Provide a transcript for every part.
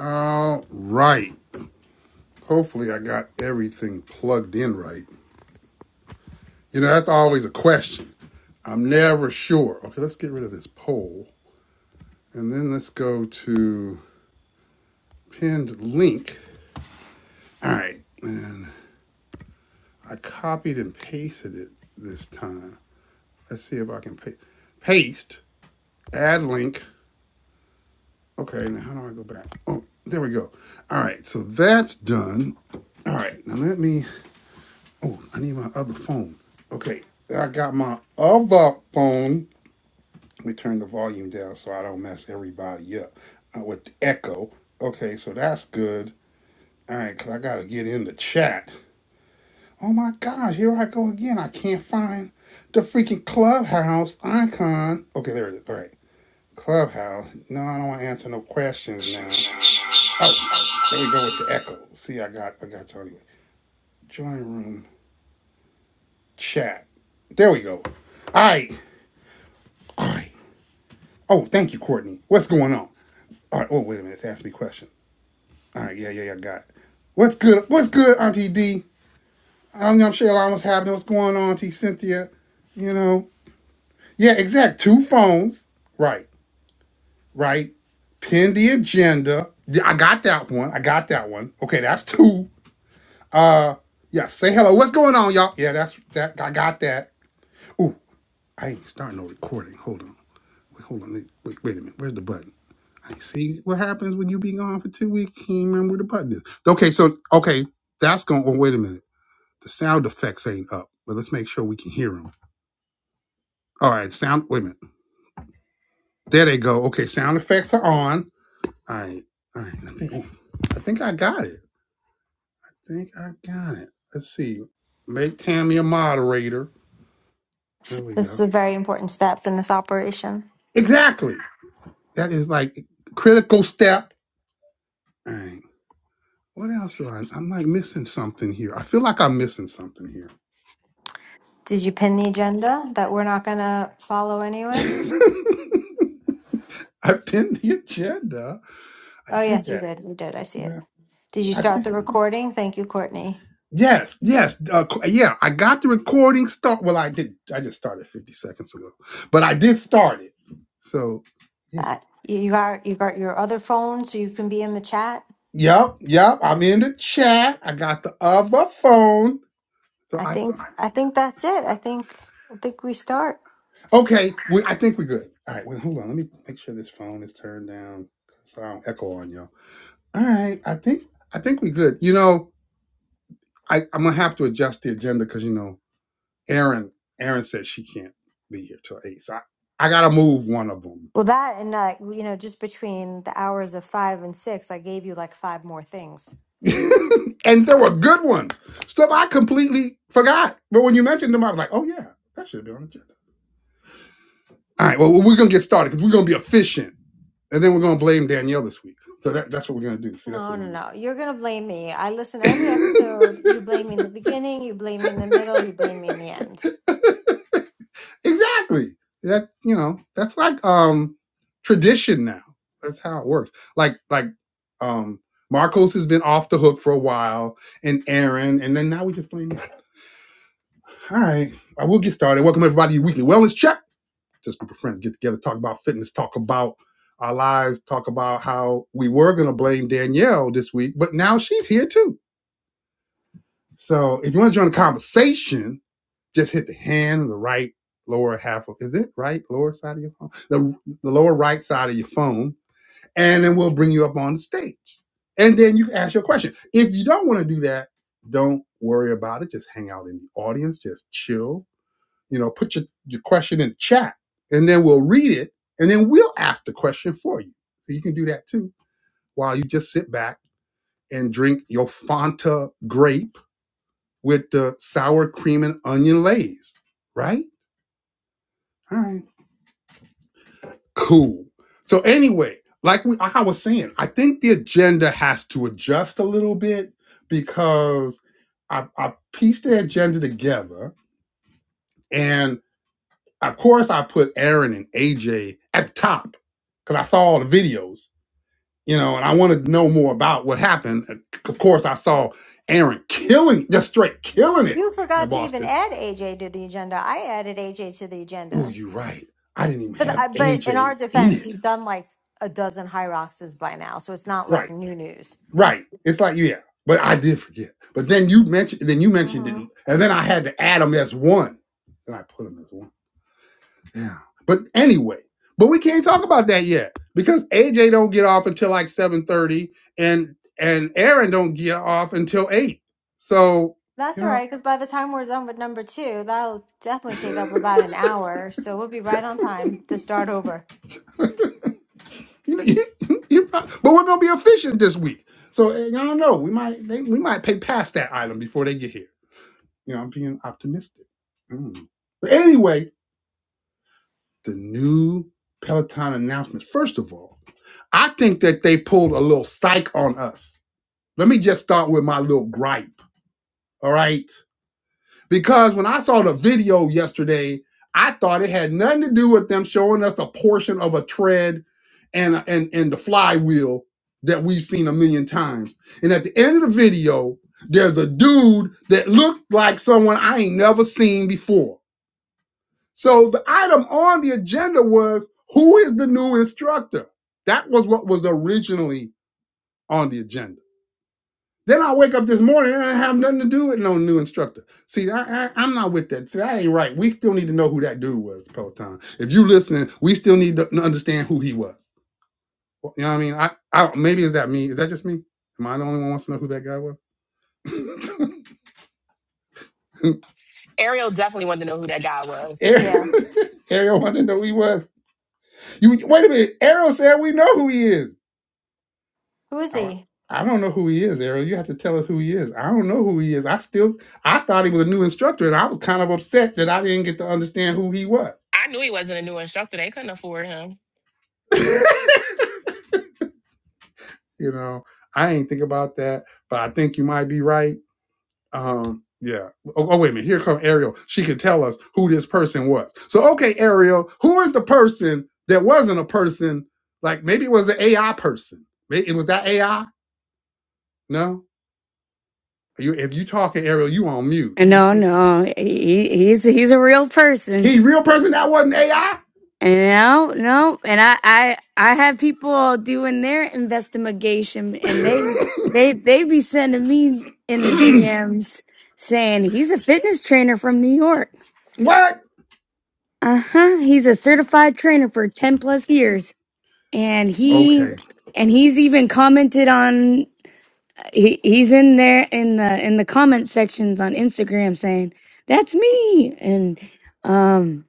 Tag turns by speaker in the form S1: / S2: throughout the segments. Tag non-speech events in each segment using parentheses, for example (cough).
S1: All right. Hopefully, I got everything plugged in right. You know, that's always a question. I'm never sure. Okay, let's get rid of this poll and then let's go to pinned link. All right. And I copied and pasted it this time. Let's see if I can pa- paste, add link. Okay, now how do I go back? Oh, there we go. All right, so that's done. All right, now let me Oh, I need my other phone. Okay, I got my other phone. Let me turn the volume down so I don't mess everybody up uh, with the echo. Okay, so that's good. All right, because I got to get in the chat. Oh my gosh, here I go again. I can't find the freaking clubhouse icon. Okay, there it is. All right. Clubhouse. No, I don't want to answer no questions now. Oh, there we go with the echo. See, I got I got you anyway. Join room chat. There we go. All right. All right. Oh, thank you, Courtney. What's going on? All right. Oh, wait a minute. It's asking me a question. All right. Yeah, yeah, yeah. Got it. What's good? What's good, Auntie D? I'm, I'm sure a lot What's happening? What's going on, Auntie Cynthia? You know? Yeah, exact. Two phones. Right. Right. Pin the agenda. Yeah, I got that one. I got that one. Okay, that's two. Yeah, say hello. What's going on, y'all? Yeah, that's that. I got that. Ooh, I ain't starting no recording. Hold on. Wait, hold on. Wait, wait a minute. Where's the button? See what happens when you be gone for two weeks. Can't remember where the button is. Okay, so okay, that's going. Oh, wait a minute. The sound effects ain't up, but let's make sure we can hear them. All right, sound. Wait a minute. There they go. Okay, sound effects are on. All right, all right. I think I think I got it. I think I got it. Let's see. Make Tammy a moderator.
S2: So
S1: There we
S2: This is
S1: go.
S2: a very important step in this operation.
S1: Exactly. That is like critical step. All right. What else do I? I'm like missing something here. I feel like I'm missing something here.
S2: Did you pin the agenda that we're not going to follow
S1: (laughs)
S2: anyway?
S1: I pinned the agenda. I
S2: Oh,
S1: did
S2: yes, you
S1: that.
S2: did. You did. I see it.
S1: Yeah,
S2: Did you
S1: I
S2: start
S1: think.
S2: the recording? Thank you, Courtney.
S1: Yes, yes, uh, qu- yeah. I got the recording start. Well, I did. I just started fifty seconds ago, but I did start it. So, yeah,
S2: Uh, you you got you got your other phone, so you can be in the chat.
S1: yep, yep. I'm in the chat. I got the other phone. So
S2: I
S1: I,
S2: think
S1: yeah.
S2: I think that's it. I think I think we start.
S1: okay. We, I think we're good. All right. Wait, hold on. Let me make sure this phone is turned down so I don't echo on y'all. All right. I think I think we're good. You know, I I'm gonna have to adjust the agenda because you know. Aaron, Aaron said she can't be here till eight. So I, I gotta move one of them.
S2: Well, that and uh, you know, just between the hours of five and six, I gave you like five more things.
S1: (laughs) and there were good ones. Stuff I completely forgot. But when you mentioned them, I was like, oh yeah, that should be on the agenda. All right, well, well, we're gonna get started because we're gonna be efficient. And then we're gonna blame Danielle this week. So that, that's what we're gonna do. See, that's
S2: No,
S1: what
S2: no,
S1: we
S2: no. You're gonna blame me. I listen to every episode. You blame me in the beginning, you blame me in the middle, you blame me in the end.
S1: do. (laughs) Exactly. That you know, that's like um tradition now. That's how it works. Like like um Marcos has been off the hook for a while, and Aaron, and then now we just blame. All right, I will get started. Welcome everybody to your weekly wellness check. Just a group of friends get together, talk about fitness, talk about our lives, talk about how we were gonna blame Danielle this week, but now she's here too. So if you want to join the conversation, Just hit the hand, the right lower half of is it right lower side of your phone, the the lower right side of your phone, and then we'll bring you up on the stage, and then you can ask your question. If you don't want to do that, don't worry about it. Just hang out in the audience, just chill. You know, put your your question in the chat, and then we'll read it, and then we'll ask the question for you. So you can do that too, while you just sit back and drink your Fanta grape with the sour cream and onion lays, right? All right. Cool. So anyway, like we, like I was saying, I think the agenda has to adjust a little bit because I, I pieced the agenda together, and of course I put Aaron and AJ at the top because I saw all the videos, you know, and I wanted to know more about what happened. And Of course, I saw Aaron killing, just straight killing it
S2: You
S1: in
S2: forgot to even
S1: Boston.
S2: add AJ to the agenda. I added AJ to the
S1: Oh,
S2: agenda.
S1: you're right. I didn't even
S2: But I,
S1: have
S2: but in our
S1: AJ in
S2: defense,
S1: it.
S2: he's done like a dozen high roxas by now, so it's not
S1: Right.
S2: like new news.
S1: Right. It's like yeah, but I did forget. But then you mentioned then you mentioned it,
S2: hmm
S1: and then I had to add them as one, and I put them as one. Yeah. But anyway, but we can't talk about that yet because AJ don't get off until like seven thirty, and and Aaron don't get off until eight. So
S2: That's
S1: you
S2: all
S1: know,
S2: right, because by the time we're done with number two, that'll definitely
S1: (laughs)
S2: take up about an hour. So we'll be right on time to start over.
S1: you know, you, you prob- but we're gonna be efficient this week. So eh, I don't know. We might they, we might pay past that item before they get here. You know, I'm being optimistic. Mm. But anyway, the new Peloton announcements. First of all, I think that they pulled a little psych on us. Let me just start with my little gripe, all right? Because when I saw the video yesterday, I thought it had nothing to do with them showing us a portion of a tread and and and the flywheel that we've seen a million times. And at the end of the video, there's a dude that looked like someone I ain't never seen before so the item on the agenda was who is the new instructor? That was what was originally on the agenda. Then I wake up this morning and I have nothing to do with no new instructor. See, I, I, I'm not with that. See, that ain't right. We still need to know who that dude was, Peloton. If you listening, we still need to understand who he was. Well, You know what I mean? I, I maybe is that me? Is that just me? Am I the only one who wants to know who that guy was?
S3: Ariel definitely wanted to know who that guy
S1: (laughs)
S3: was.
S2: Yeah.
S1: Ariel, (laughs) Ariel wanted to know who he was. You wait a minute. Ariel said we know who he is.
S2: Who is
S1: Oh, I
S2: he?
S1: I don't know who he is, Ariel. You have to tell us who he is. I don't know who he is. I still I thought he was a new instructor, and I was kind of upset that I didn't get to understand who he was.
S3: I knew he wasn't a new instructor. They couldn't afford him.
S1: (laughs) you know, I ain't think about that, but I think you might be right. Um, yeah. Oh, oh, wait a minute. Here come Ariel. She can tell us who this person was. So okay, Ariel, who is the person that wasn't a person? Like maybe it was an AI person. Maybe it was that AI. No, you if you talking Ariel, you on mute.
S4: And
S1: We
S4: No,
S1: can't.
S4: no, he, he's he's a real person.
S1: He real person that wasn't AI?
S4: And no, no, and I, I I have people doing their investigation, and they they they be sending me in the
S1: (laughs)
S4: DMs saying he's a fitness trainer from New York.
S1: (clears throat) what?
S4: Uh huh. He's a certified trainer for ten plus years, and he
S1: Okay.
S4: and he's even commented on he he's in there in the in the comment sections on Instagram saying that's me and um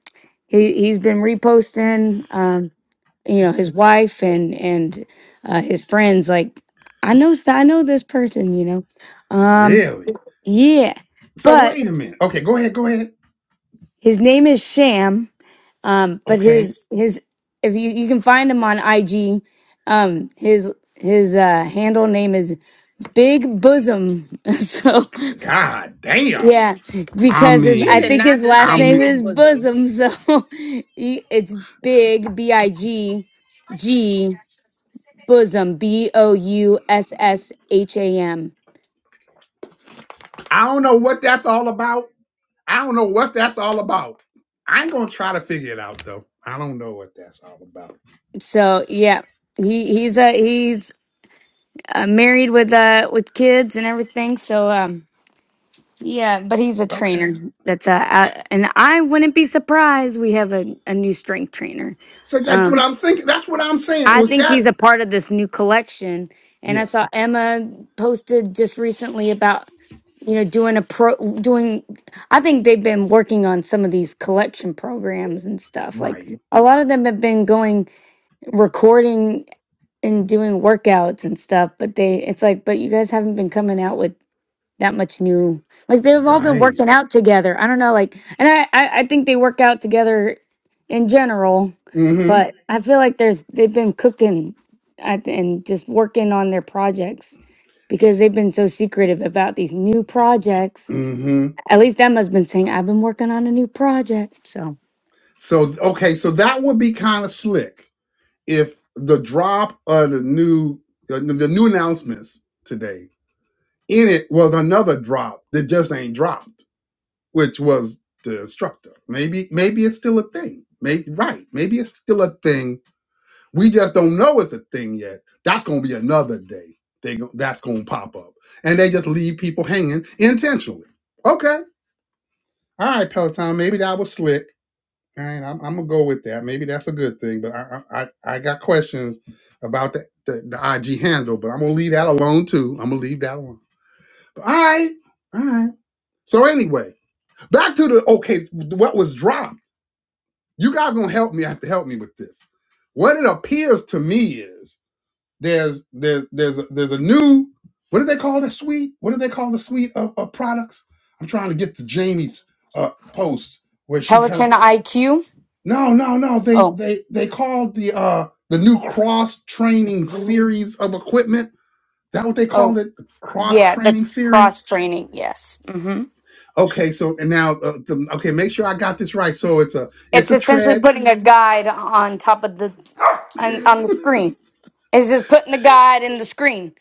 S4: he he's been reposting um you know his wife and and uh his friends like I know s- I know this person you know um
S1: Really?
S4: yeah
S1: So
S4: but
S1: wait a minute. Okay, go ahead, go ahead.
S4: his name is Sham um but
S1: Okay.
S4: his his if you you can find him on IG um his his uh handle name is Big Bosom (laughs) so
S1: God damn.
S4: Yeah,
S1: I
S4: because his,
S3: You
S4: I
S3: did
S1: mean,
S4: think
S3: not
S4: his
S3: just
S4: last
S1: I
S3: say
S4: name
S1: mean,
S3: big
S4: is
S3: bosom.
S4: Bosom, so (laughs) he, it's Big B I G G Bosom B O U S S H A M.
S1: I don't know what that's all about. I don't know what that's all about. I ain't gonna try to figure it out though. I don't know what that's all about.
S4: So yeah, he he's uh he's uh, married with uh with kids and everything. So um yeah, but he's a
S1: Okay.
S4: trainer. That's uh, uh and I wouldn't be surprised we have a, a new strength trainer.
S1: So that's what
S4: Um,
S1: I'm thinking. That's what I'm saying.
S4: I
S1: Was
S4: think
S1: that?
S4: he's a part of this new collection. And I
S1: Yeah.
S4: saw Emma posted just recently about you know doing a pro doing. I think they've been working on some of these collection programs and stuff.
S1: Right.
S4: Like a lot of them have been going recording and doing workouts and stuff. But they, it's like, but you guys haven't been coming out with that much new like they've all been
S1: Right.
S4: working out together i don't know like and i i, I think they work out together in general
S1: Mm-hmm.
S4: but i feel like there's they've been cooking at, and just working on their projects because they've been so secretive about these new projects
S1: Mm-hmm.
S4: at least emma's been saying i've been working on a new project so
S1: So okay, so that would be kind of slick if the drop of the new uh, the, the new announcements today in it was another drop that just ain't dropped, which was the instructor. Maybe maybe it's still a thing. Maybe right. Maybe it's still a thing. We just don't know it's a thing yet. That's gonna be another day. They go, that's gonna pop up, and they just leave people hanging intentionally. Okay, all right, Peloton. Maybe that was slick. All right, I'm, I'm gonna go with that. Maybe that's a good thing, but I I, I I got questions about the, the the IG handle, but I'm gonna leave that alone too. I'm gonna leave that alone. But all right, all right. So anyway, back to the okay. What was dropped? You guys gonna help me? Have to help me with this. What it appears to me is there's there's there's a, there's a new what do they call the suite? What do they call the suite of, of products? I'm trying to get to Jamie's uh, post where she kind of
S4: peloton iq
S1: No, no, no. They
S4: oh
S1: they they called the uh the new cross training series of equipment. That what they called
S4: oh
S1: it? The cross
S4: yeah
S1: training
S4: that's
S1: series.
S4: cross training yes hmm
S1: Okay, so and now uh, the, okay, make sure I got this right. So it's a it's
S4: it's
S1: a
S4: essentially
S1: tread,
S4: putting a guide on top of the
S1: (laughs)
S4: on, on the
S1: It's
S4: screen It's just putting the guide in the screen.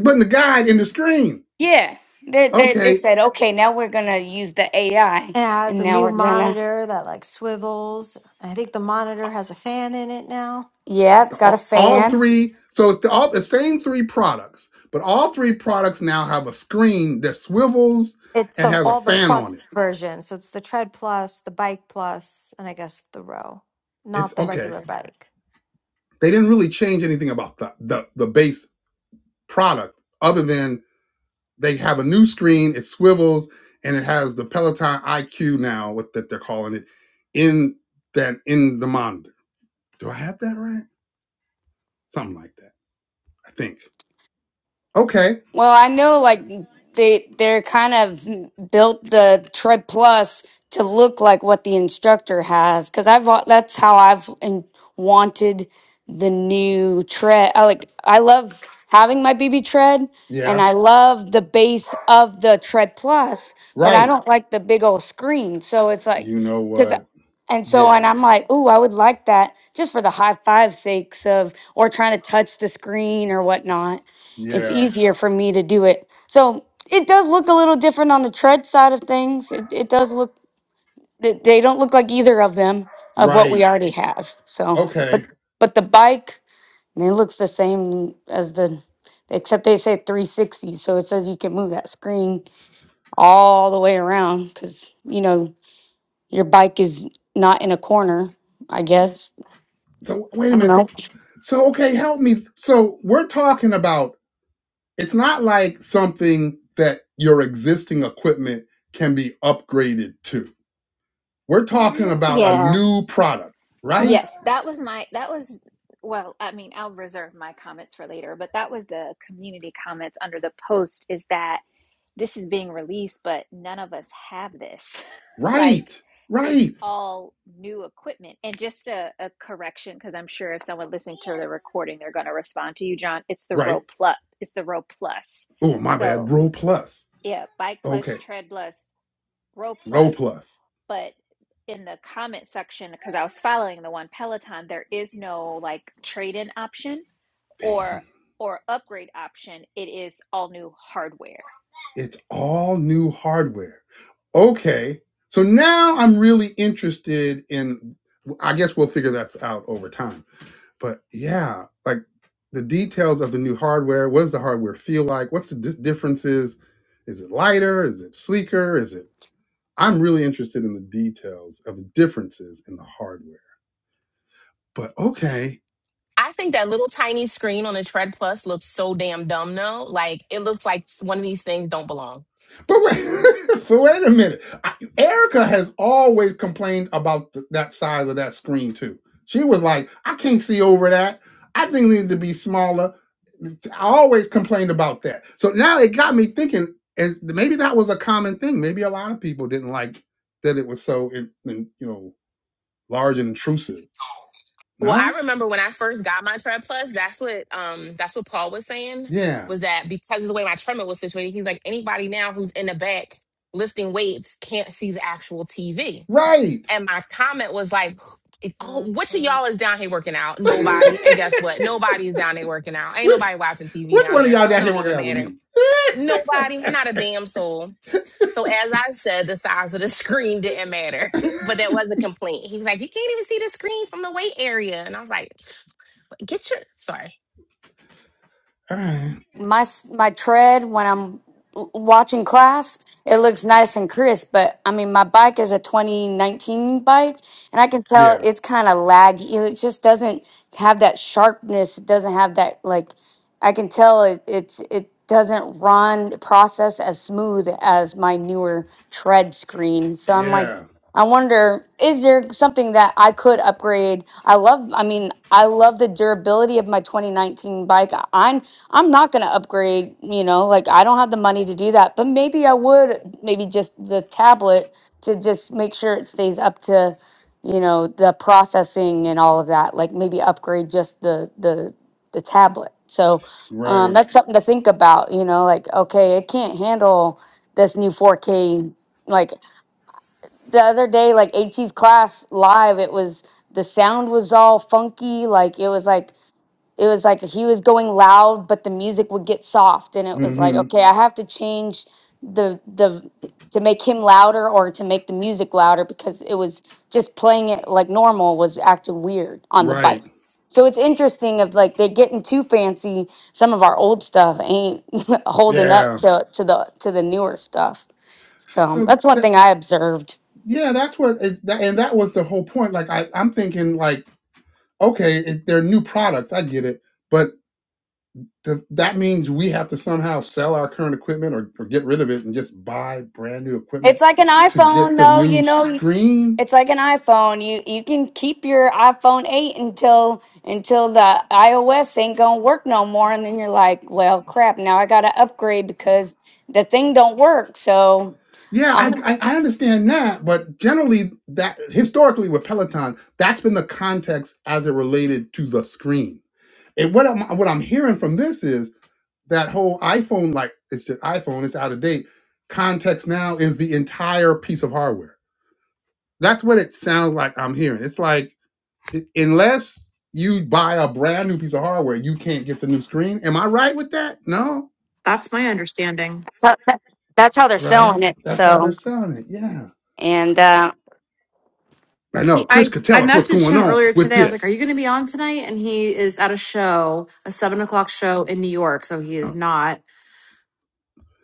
S1: but the guide in the screen.
S4: Yeah. They, they, they
S1: Okay,
S4: said, okay, now we're going to use the AI.
S2: And It has
S4: And
S2: a
S4: now
S2: new
S4: we're going to,
S2: monitor that like swivels. I think the monitor has a fan in it now.
S4: yeah,
S1: the-
S4: it's got a
S1: all, all
S4: fan.
S1: three. So it's the, all the same three products, but all three products now have a screen that swivels
S2: It's
S1: and
S2: the
S1: has a
S2: all the
S1: fan on it.
S2: plus version. So it's the tread plus, the bike plus, and I guess the row.
S1: It's
S2: Not the
S1: okay.
S2: regular bike.
S1: They didn't really change anything about the the, the base. product other than they have a new screen, it swivels, and it has the Peloton IQ now, what that they're calling it, in that in the monitor. Do I have that right? Something like that. I think. Okay.
S4: Well, I know like they they're kind of built the Tread Plus to look like what the instructor has cuz I've wa- that's how I've in, wanted the new tread. I like I love having my BB tread and
S1: Yeah.
S4: I love the base of the Tread Plus, but I
S1: Right.
S4: don't like the big old screen. So it's like
S1: You know
S4: cuz
S1: what?
S4: and so, and
S1: Yeah.
S4: I'm like, ooh, I would like that just for the high five sakes of, or trying to touch the screen or whatnot it's
S1: Yeah.
S4: easier for me to do it. So it does look a little different on the tread side of things. It, it does look they they don't look like either of them of what we
S1: Right.
S4: already have. So, but
S1: Okay.
S4: but the bike I mean, it looks the same as the except they say 360. So it says you can move that screen all the way around because you know your bike is not in a corner. I guess
S1: So wait a
S4: I don't
S1: minute. So,
S4: know.
S1: so okay, help me. So we're talking about it's not like something that your existing equipment can be upgraded to We're talking about a
S5: Yeah.
S1: new product, right?
S5: Yes, that was my that was well, I mean, I'll reserve my comments for later, but that was the community comments under the post is that this is being released, but none of us have this. (laughs) like
S1: Right,
S5: it's
S1: right,
S5: all new equipment. And just a, a correction, because I'm sure if someone listening to the recording, they're gonna respond to you, John. It's the
S1: right.
S5: row plus it's the row plus.
S1: Oh, my bad.
S5: So
S1: Row Plus.
S5: yeah, bike plus,
S1: Okay,
S5: tread plus, row
S1: Row
S5: plus
S1: Plus.
S5: but in the comment section because i was following the one peloton there is no like trade in option or
S1: Dang,
S5: or upgrade option it is all new hardware
S1: it's all new hardware. Okay, so now I'm really interested in. I guess we'll figure that out over time. But yeah, like the details of the new hardware. What does the hardware feel like? What's the di- differences? Is it lighter? Is it sleeker? Is it I'm really interested in the details of the differences in the hardware. But okay,
S3: I think that little tiny screen on the Tread Plus looks so damn dumb now. Like it looks like one of these things don't belong.
S1: but wait, (laughs) but wait a minute. I, Erica has always complained about th- that size of that screen too. She was like, I can't see over that. I think it need to be smaller. I always complained about that. So now it got me thinking, is maybe that was a common thing. Maybe a lot of people didn't like that it was so, in, in, you know, large and intrusive.
S3: Well,
S1: No?
S3: I remember when I first got my Tread Plus, that's what um that's what Paul was saying
S1: Yeah.
S3: was that because of the way my treadmill was situated, he's like anybody now who's in the back lifting weights can't see the actual TV.
S1: Right.
S3: And my comment was like, oh, which
S1: (laughs)
S3: of y'all is down here working out?
S1: (laughs)
S3: Nobody. And guess what? Nobody's down there working out. Ain't
S1: which
S3: nobody watching TV
S1: which
S3: down
S1: one of
S3: there.
S1: y'all
S3: So it
S1: down here
S3: don't
S1: working
S3: even
S1: out with
S3: matter.
S1: me? (laughs)
S3: Nobody, not a damn soul. So as I said, the size of the (laughs) screen didn't matter, (laughs) but that was a complaint. He was like, "You can't even see the screen from the weight area," and I was like, "Get your sorry."
S1: All right.
S4: my my tread when I'm l- watching class, it looks nice and crisp. But I mean, my bike is a 2019 bike, and I can tell
S1: Yeah.
S4: it's kind of laggy. It just doesn't have that sharpness. It doesn't have that like. I can tell it it's it doesn't run process as smooth as my newer tread screen. So I'm like.
S1: Yeah.
S4: I wonder, is there something that I could upgrade? I love, I mean, I love the durability of my 2019 bike. I- I'm I'm not gonna upgrade, you know, like I don't have the money to do that, but maybe I would, maybe just the tablet to just make sure it stays up to, you know, the processing and all of that. Like maybe upgrade just the the the tablet. So um,
S1: Right.
S4: that's something to think about, you know, like okay, it can't handle this new 4K like the other day, like AT's class live, it was the sound was all funky. Like it was like it was like he was going loud, but the music would get soft, and it was like,
S1: Mm-hmm.
S4: okay, I have to change the the to make him louder or to make the music louder because it was just playing it like normal was acting weird on the
S1: Right.
S4: bike. So it's interesting of like they're getting too fancy. Some of our old stuff ain't (laughs) holding up
S1: Yeah.
S4: to to the to the newer stuff. So
S1: So
S4: that's one
S1: that
S4: thing I observed.
S1: yeah, that's what it, that, and that was the whole point. Like I, I'm thinking like, okay, it, they're new products. I get it, but the, that means we have to somehow sell our current equipment or, or get rid of it and just buy brand new
S4: It's
S1: equipment
S4: like an
S1: to get
S4: iPhone,
S1: the
S4: though. You
S1: new
S4: know, you-
S1: screen
S4: it's like an iPhone. You you can keep your iPhone eight until until the iOS ain't gonna work no more, and then you're like, well, crap. Now I gotta upgrade because the thing don't work. So
S1: Yeah,
S4: um,
S1: I, I I understand that, but generally that historically with Peloton, that's been the context as it related to the screen. And what I'm what I'm hearing from this is that whole iPhone like it's just iPhone, it's out of date. Context now is the entire piece of hardware. That's what it sounds like I'm hearing. It's like i- unless you buy a brand new piece of hardware, you can't get the new screen. Am I right with that? No,
S6: That's my understanding.
S4: so that- that's how they're selling
S1: right?
S4: it.
S1: That's how they're
S4: So
S1: selling it. Yeah.
S4: and uh,
S1: I know.
S6: He,
S1: Chris
S6: I
S1: could
S6: I
S1: tell us what's
S6: messaged
S1: going
S6: him
S1: on
S6: earlier
S1: with
S6: today. I was like,
S1: this.
S6: "Are you going to be on tonight?" And he is at a show, a seven o'clock show in New York, so he is not.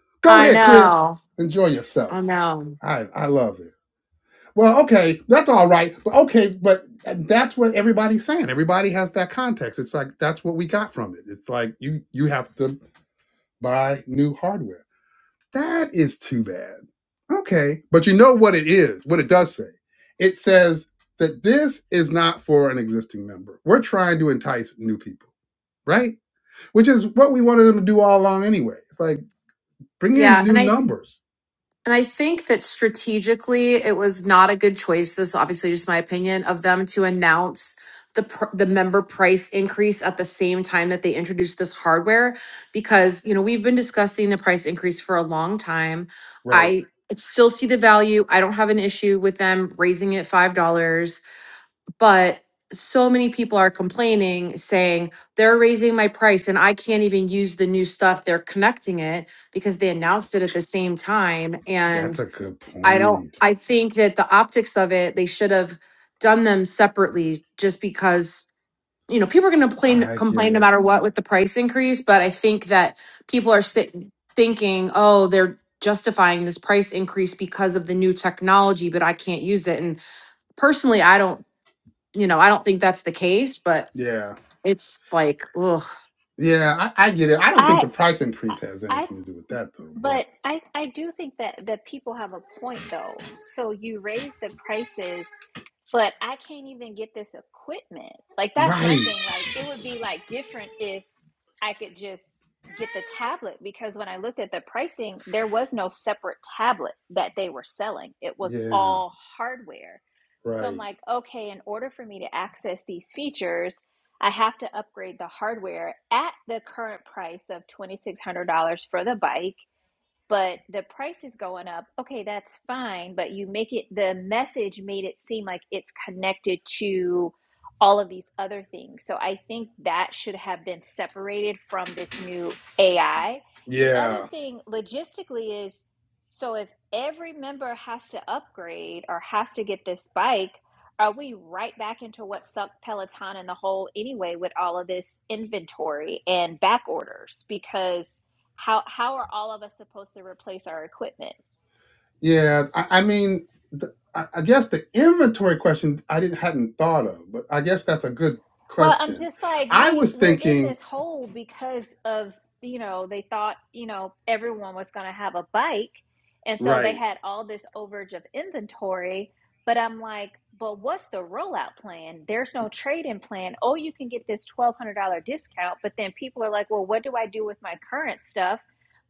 S1: Go
S6: I
S1: ahead, Chris.
S6: know.
S1: Enjoy
S6: I
S1: yourself.
S6: know.
S1: I I love it. Well, okay, that's all right. But okay, but that's what everybody's saying. Everybody has that context. It's like that's what we got from it. It's like you you have to buy new hardware. That is too bad. Okay, but you know what it is, what it does say. It says that this is not for an existing member. We're trying to entice new people, right? Which is what we wanted them to do all along anyway. It's like bring in
S6: Yeah,
S1: new
S6: and I
S1: numbers,
S6: And I think that strategically, it was not a good choice. This is obviously just my opinion of them to announce the pr- the member price increase at the same time that they introduced this hardware, because you know we've been discussing the price increase for a long time.
S1: right?
S6: I still see the value. I don't have an issue with them raising it five dollars, but so many people are complaining, saying they're raising my price and I can't even use the new stuff. They're connecting it because they announced it at the same time and
S1: That's a good
S6: I don't,
S1: point.
S6: I think that the optics of it, they should have done them separately just because, you know, people are going to complain,
S1: I get
S6: complain no
S1: it.
S6: matter what with the price increase. But I think that people are sitting thinking, oh, they're justifying this price increase because of the new technology, but I can't use it. And personally, I don't, you know, I don't think that's the case, but
S1: Yeah.
S6: it's like, ugh.
S1: Yeah, I, I get it. I don't think
S5: I
S1: the price increase has
S5: I
S1: anything to do with that though, but
S5: But I, I do think that, that people have a point though. So you raise the prices, but I can't even get this equipment. Like that's my
S1: right.
S5: thing. Like it would be like different if I could just get the tablet because when I looked at the pricing, there was no separate tablet that they were selling. It was
S1: Yeah,
S5: all hardware. So I'm
S1: right.
S5: like, okay, in order for me to access these features, I have to upgrade the hardware at the current price of $2,600 for the bike but the price is going up. Okay, that's fine, but you make it the message made it seem like it's connected to all of these other things. So I think that should have been separated from this new AI. The other
S1: Yeah.
S5: thing logistically is so if every member has to upgrade or has to get this bike, are we right back into what sucked Peloton in the hole anyway with all of this inventory and back orders? Because how how are all of us supposed to replace our equipment
S1: Yeah. I, I mean, the, I, I guess the inventory question I didn't hadn't thought of, but I guess that's a good
S5: well i'm
S1: question.
S5: just like
S1: I
S5: we
S1: was
S5: we're in
S1: thinking,
S5: this hole because of you know they thought you know everyone was going to have a bike and so they
S1: right,
S5: had all this overage of inventory but i'm like but what's the rollout plan there's no trade-in plan oh you can get this $1200 discount but then people are like well what do i do with my current stuff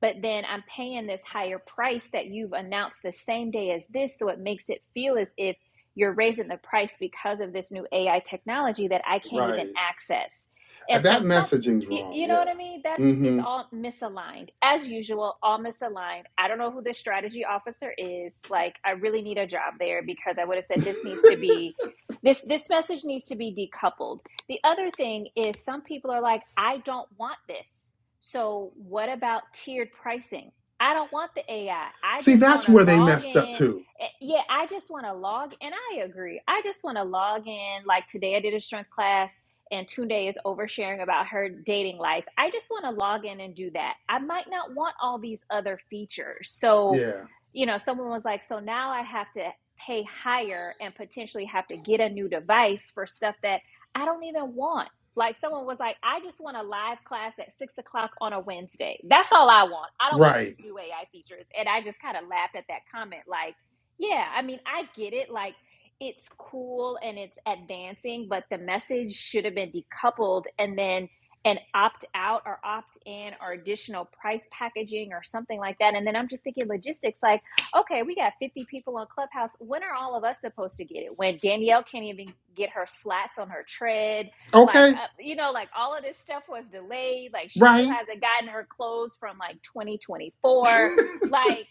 S5: but then i'm paying this higher price that you've announced the same day as this so it makes it feel as if you're raising the price because of this new AI technology that I can't even
S1: right.
S5: access.
S1: Uh,
S5: And so
S1: That
S5: some
S1: messaging's
S5: y-
S1: wrong.
S5: you know what I
S1: Yeah.
S5: mean? That's it's
S1: Mm-hmm.
S5: all misaligned. As usual, all misaligned. I don't know who the strategy officer is. Like I really need a job there because I would have said this needs to be this this message needs to be decoupled. The other thing is some people are like I don't want this. So what about tiered pricing? I don't want the AI. I I
S1: See,
S5: just
S1: that's
S5: want to
S1: where they
S5: log
S1: messed up
S5: in
S1: too.
S5: Eh, yeah, I just want to log, and I agree. I just want to log in. Like today, I did a strength class, and Tunde is oversharing about her dating life. I just want to log in and do that. I might not want all these other features. So,
S1: Yeah.
S5: you know, someone was like, so now I have to pay higher and potentially have to get a new device for stuff that I don't even want. Like someone was like, I just want a live class at six o'clock on a Wednesday. That's all I want. I don't want
S1: Right.
S5: these new AI features. And I just kind of laughed at that comment. Like, yeah, I mean, I get it. Like, it's cool and it's advancing, but the message should have been decoupled and then an opt out or opt in or additional price packaging or something like that. And then I'm just thinking logistics like, okay, we got 50 people on Clubhouse. When are all of us supposed to get it? When Danielle can't even get her slats on her tread? Like,
S1: Okay.
S5: uh, you know, like all of this stuff was delayed. Like, she still
S1: Right.
S5: hasn't gotten her clothes from like 2024.
S1: (laughs)
S5: Like,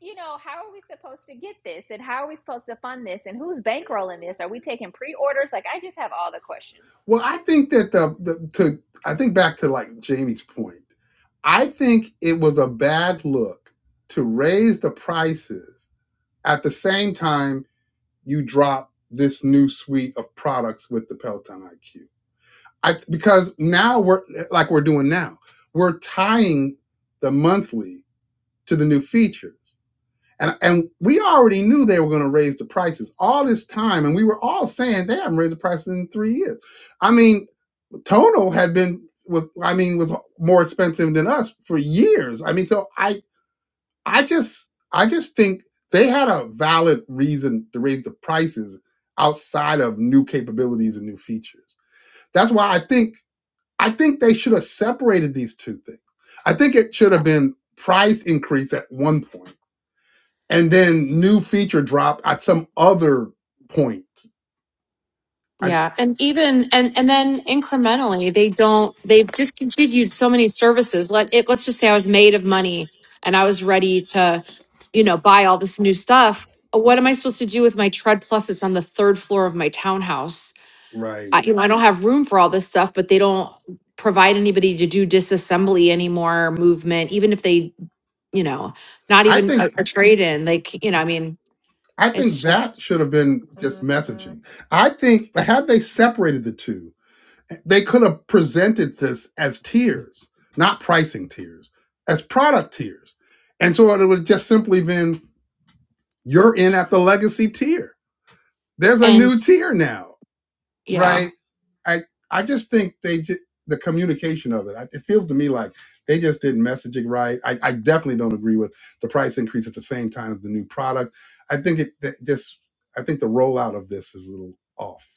S5: you know, how are we supposed to get this? And how are we supposed to fund this? And who's bankrolling this? Are we taking pre orders? Like, I just have all the questions.
S1: Well, I think that the, the to I think back to like Jamie's point. I think it was a bad look to raise the prices at the same time you drop this new suite of products with the Peloton IQ. I because now we're like we're doing now. We're tying the monthly to the new features. And and we already knew they were going to raise the prices all this time and we were all saying they haven't raised the prices in 3 years. I mean, Tonal had been with I mean was more expensive than us for years. I mean, so I I just I just think they had a valid reason to raise the prices outside of new capabilities and new features. That's why I think I think they should have separated these two things. I think it should have been price increase at one point and then new feature drop at some other point. I
S6: Yeah, and even and and then incrementally, they don't. They've discontinued so many services. Let it. Let's just say I was made of money and I was ready to, you know, buy all this new stuff. Uh, What am I supposed to do with my tread plus? It's on the third floor of my townhouse.
S1: right.
S6: I, you know, I don't have room for all this stuff, but they don't provide anybody to do disassembly anymore, movement. Even if they, you know, not
S1: I
S6: even a,
S1: think
S6: a trade in. Like you know, I mean,
S1: I think
S6: it's
S1: that
S6: just
S1: should have been just Mm-hmm. messaging. I think had they separated the two, they could have presented this as tiers, not pricing tiers, as product tiers. And so it would have just simply been you're in at the legacy tier. There's a
S6: and
S1: new tier now,
S6: yeah,
S1: right? I I just think they ju- the communication of it. I- It feels to me like they just didn't message it right. I, I definitely don't agree with the price increase at the same time as the new product. I think it that just I think the rollout of this is a little off.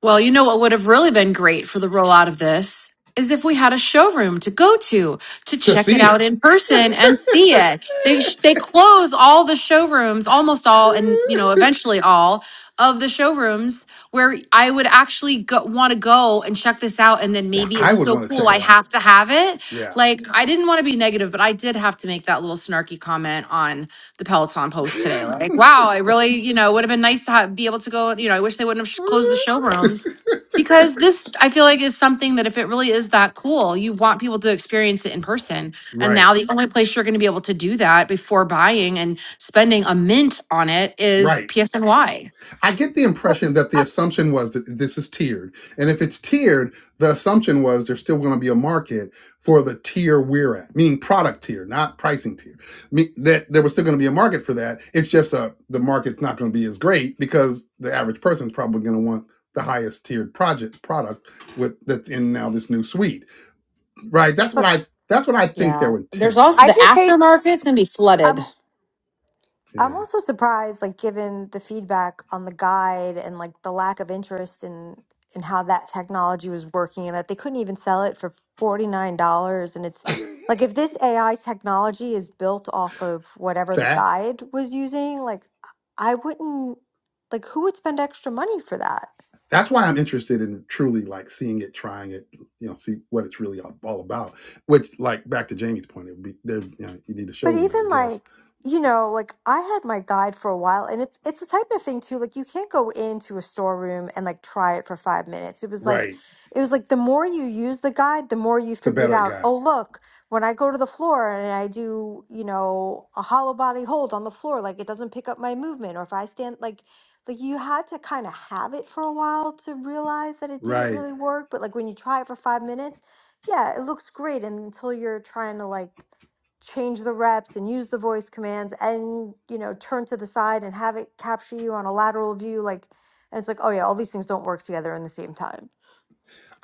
S6: Well, you know what would have really been great for the rollout of this is if we had a showroom to go to to
S1: To
S6: check it
S1: see it,
S6: out in person and see it. They sh- they close all the showrooms, almost all, and you know eventually all of the showrooms where I would actually go, want to go and check this out. And then
S1: (laughs)
S6: maybe
S1: I
S6: it's
S1: would
S6: so
S1: want to
S6: cool
S1: check
S6: I
S1: it out.
S6: have to have it.
S1: Yeah.
S6: Like I didn't want to be negative, but I did have to make that little snarky comment on the Peloton post today. Like, wow, I really, you know, would have been nice to have, be able to go. You know, I wish they wouldn't have sh- closed the
S1: (laughs)
S6: showrooms because this, I feel like, is something that if it really is that cool, you want people to experience it in person. And
S1: right.
S6: now the only place you're going to be able to do that before buying and spending a mint on it is
S1: Right.
S6: PSNY.
S1: I get the
S2: But
S1: impression that the
S2: I
S1: assumption was that this is tiered. And if it's tiered, the assumption was there's still going to be a market for the tier we're at, meaning product tier, not pricing tier. Me- that there was still going to be a market for that. It's just uh, the market's not going to be as great because the average person's probably going to want the highest tiered project product with that's in now this new suite. Right? That's what
S2: but
S1: I that's what I think
S6: Yeah.
S1: their
S6: There's
S1: intent
S6: also
S4: I
S1: was.
S6: the
S4: just hate
S6: aftermarket's gonna be flooded.
S2: I'm I'm
S1: Yeah.
S2: also surprised, like given the feedback on the guide and like the lack of interest in in how that technology was working, and that they couldn't even sell it for forty nine dollars. And it's like if this AI technology is built off of whatever the
S1: that.
S2: guide was using, like I wouldn't like who would spend extra money for that?
S1: that's why I'm interested in truly like seeing it, trying it, you know, see what it's really all all about. Which, like, back to Jamie's point, it would be there. You, know, you need a
S2: But
S1: showroom, I
S2: even
S1: guess.
S2: like, you know, like I had my guide for a while and it's it's the type of thing too, like you can't go into a storeroom and like try it for five minutes. It was like
S1: Right.
S2: it was like the more you use the guide, the more you
S1: The
S2: figured
S1: better it
S2: out,
S1: got.
S2: oh look, when I go to the floor and I do, you know, a hollow body hold on the floor, like it doesn't pick up my movement, or if I stand like like you had to kind of have it for a while to realize that it didn't
S1: Right.
S2: really work. But like when you try it for five minutes, yeah, it looks great until you're trying to like change the reps and use the voice commands and you know turn to the side and have it capture you on a lateral view like and it's like oh yeah all these things don't work together in the same time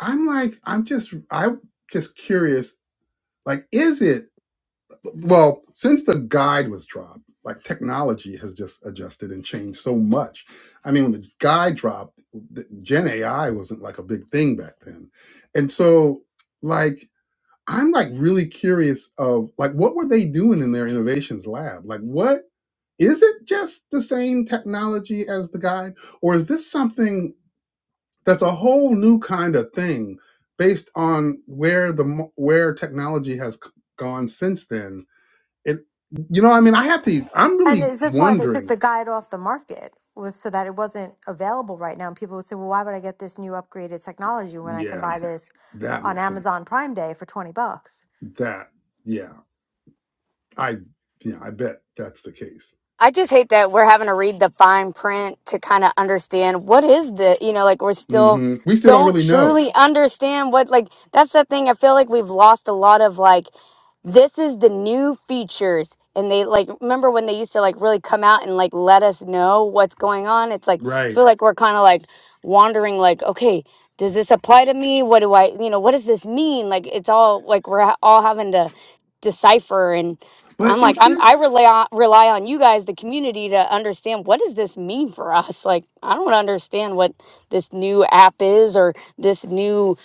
S1: I'm like, I'm just, I'm just curious. Like, is it? Well, since the guide was dropped, like technology has just adjusted and changed so much. I mean, when the guide dropped, the Gen AI wasn't like a big thing back then, and so like I'm like really curious of like what were they doing in their innovations lab? Like what is it just the same technology as the guide or is this something that's a whole new kind of thing based on where the mo- where technology has c- gone since then? It you know, I mean, I have to I'm
S2: and
S1: really
S2: is this why they took
S1: wondering,
S2: the guide off the market was so that it wasn't available right now and people would say well why would i get this new upgraded technology when i can
S1: yeah,
S2: buy this
S1: that
S2: on
S1: makes sense.
S2: amazon prime day for 20 bucks
S1: That yeah, I yeah, I bet that's the case.
S4: I just hate that we're having to read the fine print to kind of understand what is the, you know, like we're still
S1: Mhm. We still don't
S4: don't
S1: really know.
S4: truly understand what, like, that's the thing. I feel like we've lost a lot of, like, this is the new features. And they, like, remember when they used to, like, really come out and, like, let us know what's going on? It's like, I
S1: Right.
S4: feel like we're kind of, like, wandering, like, okay, does this apply to me? What do I, you know, what does this mean? Like, it's all, like, we're ha- all having to decipher. and. I'm
S1: But
S4: like,
S1: is
S4: I'm I
S1: this?
S4: rely on rely on you guys, the community, to understand what does this mean for us? Like, I don't understand what this new app is or this new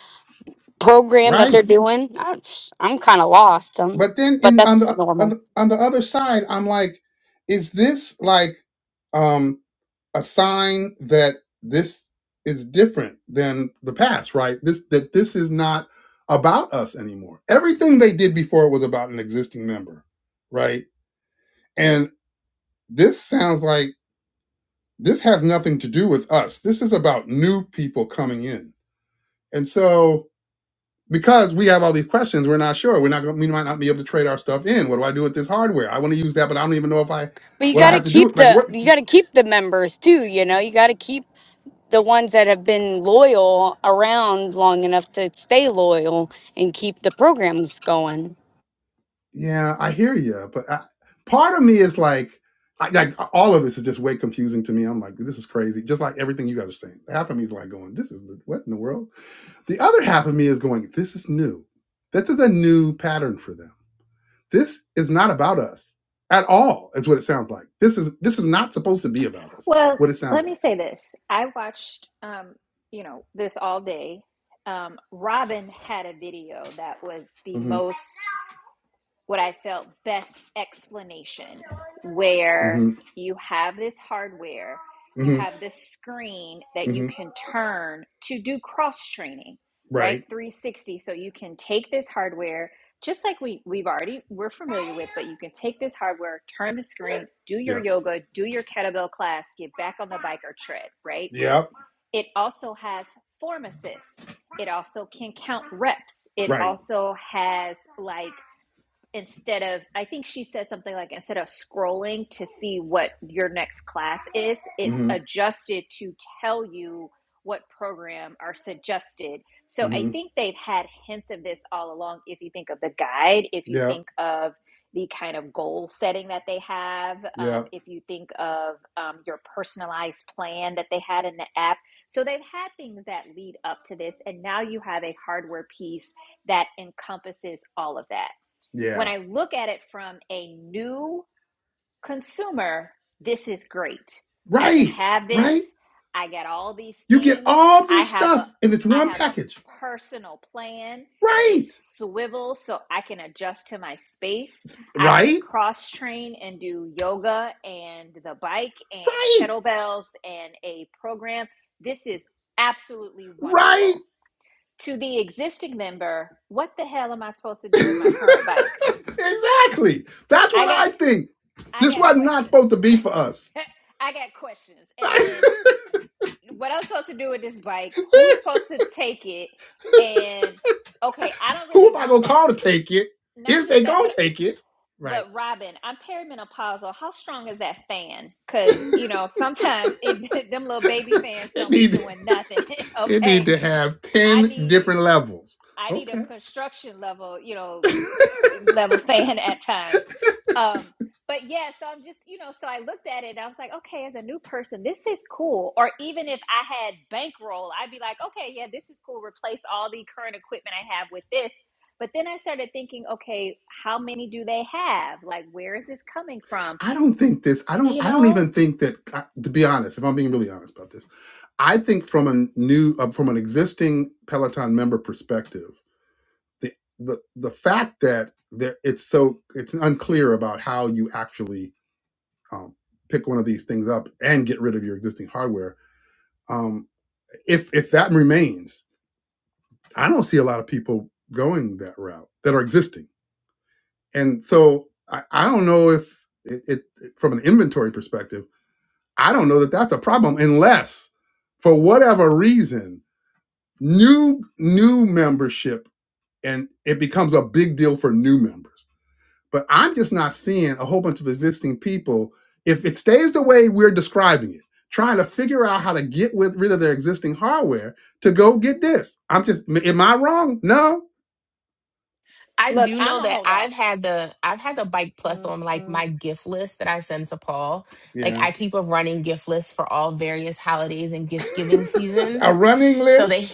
S4: program that they're
S1: Right.
S4: doing. I, I'm kind of lost. Um,
S1: But then
S4: but
S1: in on
S4: that's
S1: the on
S4: normal.
S1: the, on the other side, I'm like, is this like um a sign that this is different than the past, right? This that this is not about us anymore. Everything they did before was about an existing member, right? And this sounds like this has nothing to do with us. This is about new people coming in. And so because we have all these questions, we're not sure. We're not going. We might not be able to trade our stuff in. What do I do with this hardware? I want to use that, but I don't even know if I
S4: But you
S1: what I
S4: got to
S1: have to do.
S4: keep
S1: Like
S4: the
S1: what?
S4: you got to keep the members too. You know, you got to keep the ones that have been loyal around long enough to stay loyal and keep the programs going.
S1: Yeah, I hear you, but I, part of me is like, I, like all of this is just way confusing to me. I'm like, this is crazy. Just like everything you guys are saying, half of me is like going, this is the, what in the world. The other half of me is going, this is new. This is a new pattern for them. This is not about us at all. Is what it sounds like. This is this is not supposed to be about us.
S5: Well,
S1: What it sounds
S5: let
S1: like.
S5: me say this I watched, um, you know, this all day. Um, Robin had a video that was the
S1: Mhm,
S5: most what I felt best explanation
S1: mhm.
S5: where you have this hardware, you
S1: Mm-hmm.
S5: have this screen that you
S1: Mm-hmm.
S5: can turn to do cross training, right?
S1: Right.
S5: 360. So you can take this hardware, just like we, we've already, we're familiar with, but you can take this hardware, turn the screen, do your
S1: Yeah.
S5: yoga, do your kettlebell class, get back on the bike or tread, right?
S1: Yep.
S5: It also has form assist. It also can count reps. It
S1: Right.
S5: also has like instead of i think she said something like instead of scrolling to see what your next class is it's
S1: Mm-hmm.
S5: adjusted to tell you what program are suggested so i
S1: Mm-hmm.
S5: think they've had hints of this all along if you think of the guide if you
S1: Yep.
S5: think of the kind of goal setting that they have um,
S1: Yep.
S5: if you think of um, your personalized plan that they had in the app so they've had things that lead up to this and now you have a hardware piece that encompasses all of that when
S1: Yeah.
S5: I look at it from a new consumer, this is great. I can
S1: Right.
S5: have
S1: Right.
S5: this. I got all these
S1: You get
S5: things.
S1: all
S5: I
S1: this
S5: have a
S1: stuff in this
S5: I
S1: one
S5: have a
S1: package.
S5: personal plan. It
S1: Right.
S5: swivels so I can adjust to my space. I can
S1: Right.
S5: cross train and do yoga and the bike and
S1: Right.
S5: kettlebells and a program. This is absolutely
S1: Right.
S5: wonderful. To the existing member, what the hell am I supposed to do with
S1: (laughs)
S5: my current bike?
S1: exactly. That's
S5: I
S1: what
S5: got
S1: I think.
S5: I
S1: This
S5: got
S1: was not
S5: questions.
S1: supposed to be for us.
S5: (laughs) I got questions.
S1: (laughs)
S5: And then what I'm supposed to do with this bike? Who's supposed to take it? And okay, I don't
S1: Who
S5: really
S1: am I
S5: want
S1: gonna
S5: that.
S1: call to take it?
S5: Not
S1: Is
S5: just
S1: they
S5: that,
S1: gonna
S5: but
S1: take it? Right.
S5: but Robin, I'm perimenopausal. How strong is that fan? Because you know sometimes it (laughs) them little baby fans
S1: It
S5: don't be
S1: need
S5: doing nothing. (laughs)
S1: it need
S5: okay,
S1: to have
S5: I
S1: ten
S5: need.
S1: different levels.
S5: I need a
S1: Okay.
S5: construction level, you
S1: (laughs)
S5: know, level fan at times. Um, but yeah, so I'm just, you know, so I looked at it and I was like, okay, as a new person, this is cool. Or even if I had bankroll, I'd be like, okay, yeah, this is cool. Replace all the current equipment I have with this. But then I started thinking, okay, how many do they have? Like, where is this coming from?
S1: I don't think this. I don't.
S5: You
S1: I don't
S5: know,
S1: even think that. To be honest, if I'm being really honest about this, I think from a new, uh, from an existing Peloton member perspective, the the the fact that there it's so it's unclear about how you actually um, pick one of these things up and get rid of your existing hardware. Um, if if that remains, I don't see a lot of people going that route that are existing, and so I, I don't know if it, it from an inventory perspective I don't know that that's a problem unless, for whatever reason, new new membership and it becomes a big deal for new members. But I'm just not seeing a whole bunch of existing people. If it stays the way we're describing it, trying to figure out how to get with, rid of their existing hardware to go get this. I'm just, am I wrong? No.
S3: I
S5: look,
S3: do
S5: I'm
S3: know
S5: a
S3: that
S5: holdoff.
S3: I've had the I've had the bike plus on like my gift list that I send to Paul. Like
S1: Yeah.
S3: I keep a running gift list for all various holidays and gift giving
S1: A
S3: seasons.
S1: running
S3: So
S1: list,
S3: they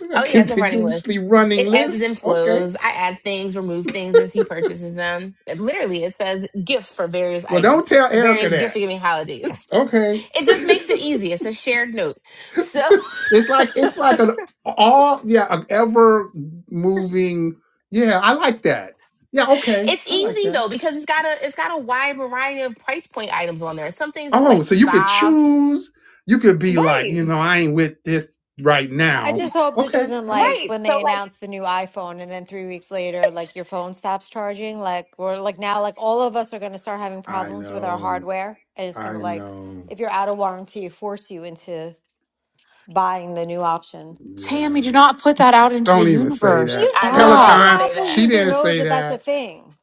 S3: (laughs)
S1: a
S3: oh yeah, it's a running list.
S1: continuously running
S3: It ebbs
S1: list.
S3: and
S1: Okay.
S3: flows. I add things, remove things as he purchases them. It- literally, it says gifts for various
S1: Well, don't
S3: items
S1: tell
S3: for
S1: Erica
S3: various gift
S1: that.
S3: giving holidays. (laughs)
S1: Okay.
S3: It just makes it easy. It's a shared note, so (laughs)
S1: (laughs) It's like it's like an all yeah, an ever moving. Yeah, I like that. Yeah, okay,
S3: it's
S1: I like
S3: easy
S1: that.
S3: though because it's got a it's got a wide variety of price point items on there.
S1: Okay.
S3: Some things is
S1: Oh,
S3: like
S1: so you could
S3: socks
S1: choose. You could be like,
S3: Right,
S1: you know, I ain't with this right
S2: I
S1: now.
S2: just hope this
S1: Okay,
S2: isn't
S1: all right.
S2: like
S3: right.
S2: when
S3: So
S2: they
S3: like,
S2: announce the new iPhone and then three weeks later, like your phone stops charging. Like we're like now, like all of us are going to start having
S1: I
S2: problems with our
S1: know.
S2: hardware, and it's
S1: I
S2: going to like
S1: know.
S2: if you're out of warranty, force you into buying the new option.
S6: Tammy, do
S1: Yeah.
S6: not put that out into the
S1: Don't even say
S6: universe.
S1: that.
S2: You,
S3: I
S2: know,
S3: know,
S2: but
S3: don't
S2: any
S6: Stop.
S3: even
S1: Peloton.
S3: say
S2: Apple
S3: that.
S1: She
S2: user
S1: didn't
S2: knows
S1: say
S2: that that's a
S1: that.
S2: thing.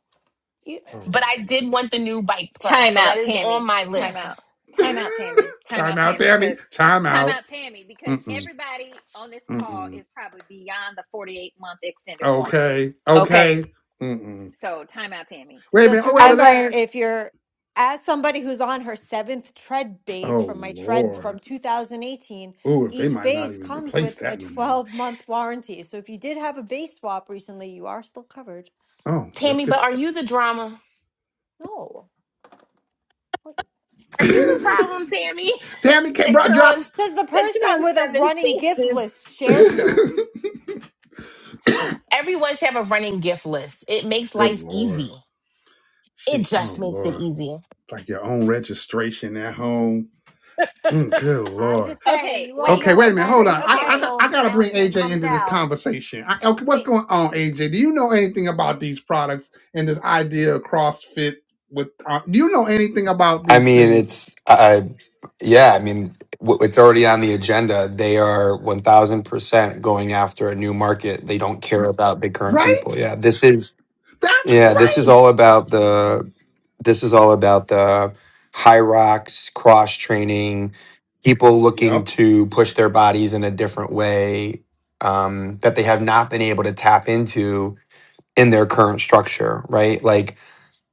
S1: Oh.
S3: But I did want the new bike plus,
S5: Time
S3: so that
S5: out,
S3: is on
S5: Tammy.
S3: my
S5: Time out.
S3: list.
S5: Time out,
S1: (laughs)
S5: Tammy. Time
S1: time
S5: out,
S1: out,
S5: Tammy.
S1: Tammy.
S5: Because
S1: Time
S5: time
S1: out.
S5: out, Tammy. Because
S1: Mm mm
S5: everybody on this
S1: mm
S5: call
S1: mm.
S5: is probably beyond the forty-eight month extended warranty.
S1: Okay. Okay.
S5: Okay,
S1: Mm mm.
S5: so time out, Tammy.
S1: Wait a
S2: just
S1: minute. Oh, wait a
S6: As
S1: minute.
S2: remember
S6: I
S2: if you're as somebody who's on her seventh tread base
S1: Oh,
S2: from my tread from
S1: Lord.
S2: 2018
S1: Oh, if they
S2: each
S1: might not
S2: base
S1: even
S2: comes
S1: replace
S2: with a
S1: that no more.
S2: 12 month warranty so if you did have a base swap recently you are still covered
S1: Oh, that's
S3: Tammy, but
S1: good.
S3: are you the drama?
S2: no What-
S3: Are you the problem, Tammy? (laughs)
S1: (laughs) Tammy can't
S3: That
S1: brought
S3: you're on
S1: drop.
S2: says the
S3: that you're
S2: person
S3: on
S2: with a
S3: seven
S2: running gift
S3: faces.
S2: list
S1: (laughs)
S2: shared note
S1: good
S3: Everyone should have a running gift list. It makes life
S1: Lord.
S3: easy. It
S1: She, oh,
S3: just makes it
S1: Lord.
S3: easy.
S1: Like your own registration at home. Mm, good
S2: i'm
S1: Lord.
S2: just saying
S5: Okay,
S2: you all
S5: wait,
S1: Okay,
S2: know
S5: but
S1: wait a
S2: when
S1: minute.
S2: that
S1: Hold
S2: new
S1: on. I,
S5: okay,
S1: I,
S5: wait,
S1: got- I
S2: iphone
S1: got to bring
S2: announcement
S1: AJ
S2: comes
S1: into this
S2: out
S1: conversation. I, okay, what's
S5: wait,
S1: going on, AJ? Do you know anything about these products and this idea of CrossFit? With uh, Do you know anything about
S7: I
S1: these
S7: mean,
S1: things?
S7: it's I, yeah. I mean, w- it's already on the agenda. They are one thousand percent going after a new market. They don't care about the current people.
S1: Right?
S7: Yeah, this is
S1: That's
S7: yeah. This is
S1: right.
S7: all about the. This is all about the high rocks cross training. People looking
S1: Yep.
S7: to push their bodies in a different way um, that they have not been able to tap into in their current structure. Right, like